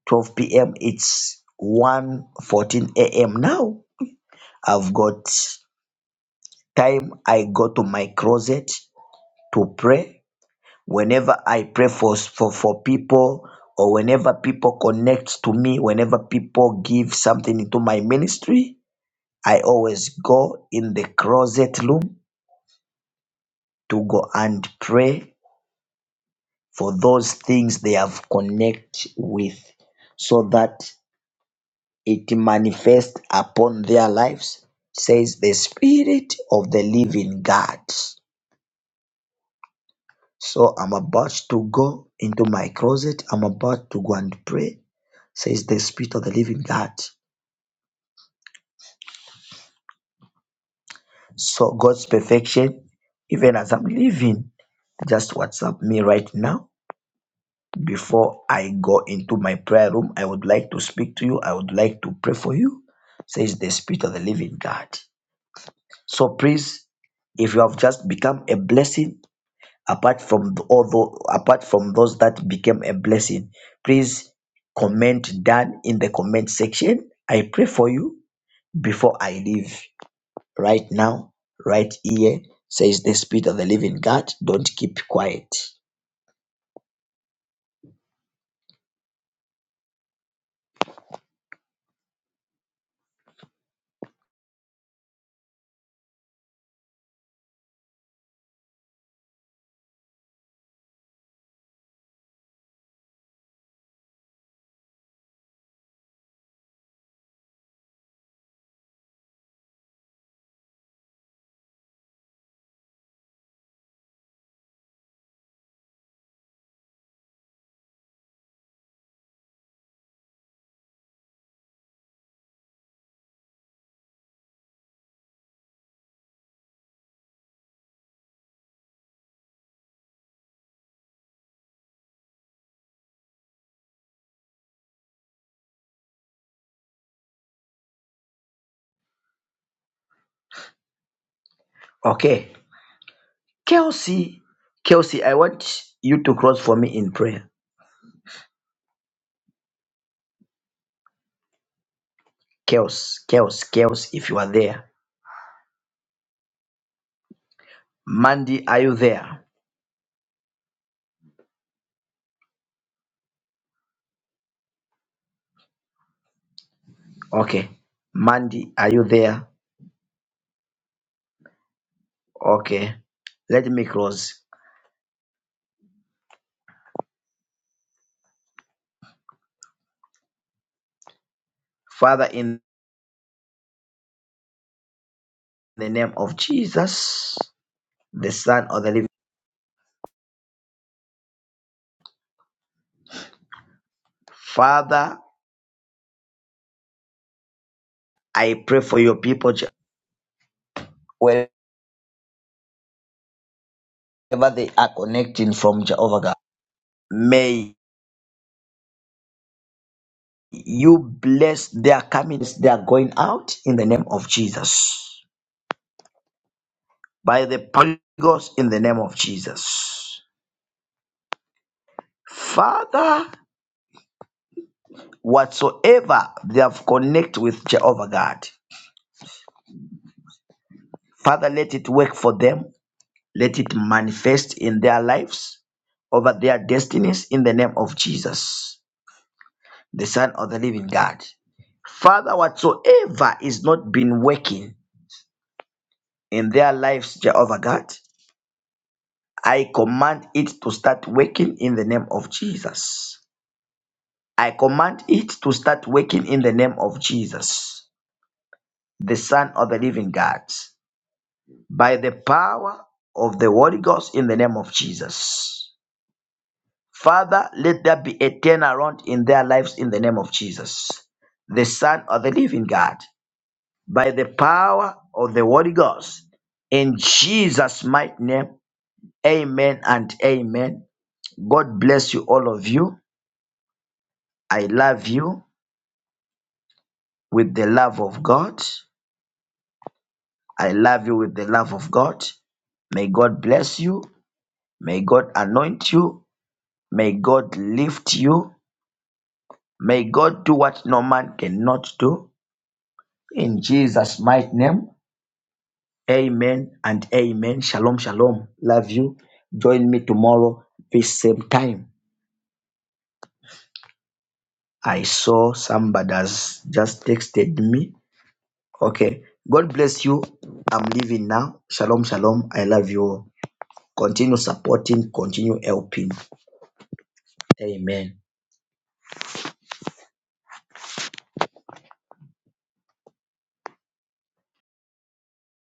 A: 12 p.m. it's 1:14 a.m. now I've got time I go to my closet to pray whenever I pray for for, for people or whenever people connect to me whenever people give something into my ministry I always go in the closet room to go and pray for those things they have connect with so that it manifests upon their lives says the spirit of the living god so i'm about to go into my closet i'm about to go and pray says the spirit of the living god so god's perfection even as i'm leaving just whatsapp me right now Before I go into my prayer room, I would like to speak to you. I would like to pray for you, says the Spirit of the Living God. So please, if you have just become a blessing, apart from the- all apart from those that became a blessing, please comment down in the comment section. I pray for you before I leave right now, right here, says the Spirit of the Living God. Don't keep quiet. Okay. Kelsey, Kelsey, I want you to cross for me in prayer. Kelsey, Kelsey, Kelsey, if you are there. Mandy, are you there? Okay. Mandy, are you there? Okay. Let me cross. Father, in the name of Jesus, the Son of the Living. Father, I pray for your people Je- wherever they are connecting from Jehovah God. May you bless their comings, their going out in the name of Jesus. by the power of the Holy Ghost in the name of Jesus. Father, whatsoever they have connect with Jehovah God, Father, let it work for them. Let it manifest in their lives, over their destinies in the name of Jesus, the Son of the living God. Father, whatsoever is not been working in their lives, Jehovah God, I command it to start working in the name of Jesus. I command it to start working in the name of Jesus, the Son of the Living God, by the power of the Holy Ghost in the name of Jesus. Father, let there be a turnaround in their lives in the name of Jesus, the Son of the Living God, by the power of the Holy Ghost. In Jesus' mighty name, amen and amen. God bless you, all of you. I love you with the love of God. I love you with the love of God. May God bless you. May God anoint you. May God lift you. May God do what no man cannot do. In Jesus' mighty name, amen and amen. Shalom, shalom. Love you. Join me tomorrow, this same time. I saw somebody has just texted me. Okay. God bless you. I'm leaving now. Shalom, shalom. I love you all. Continue supporting, continue helping. Amen.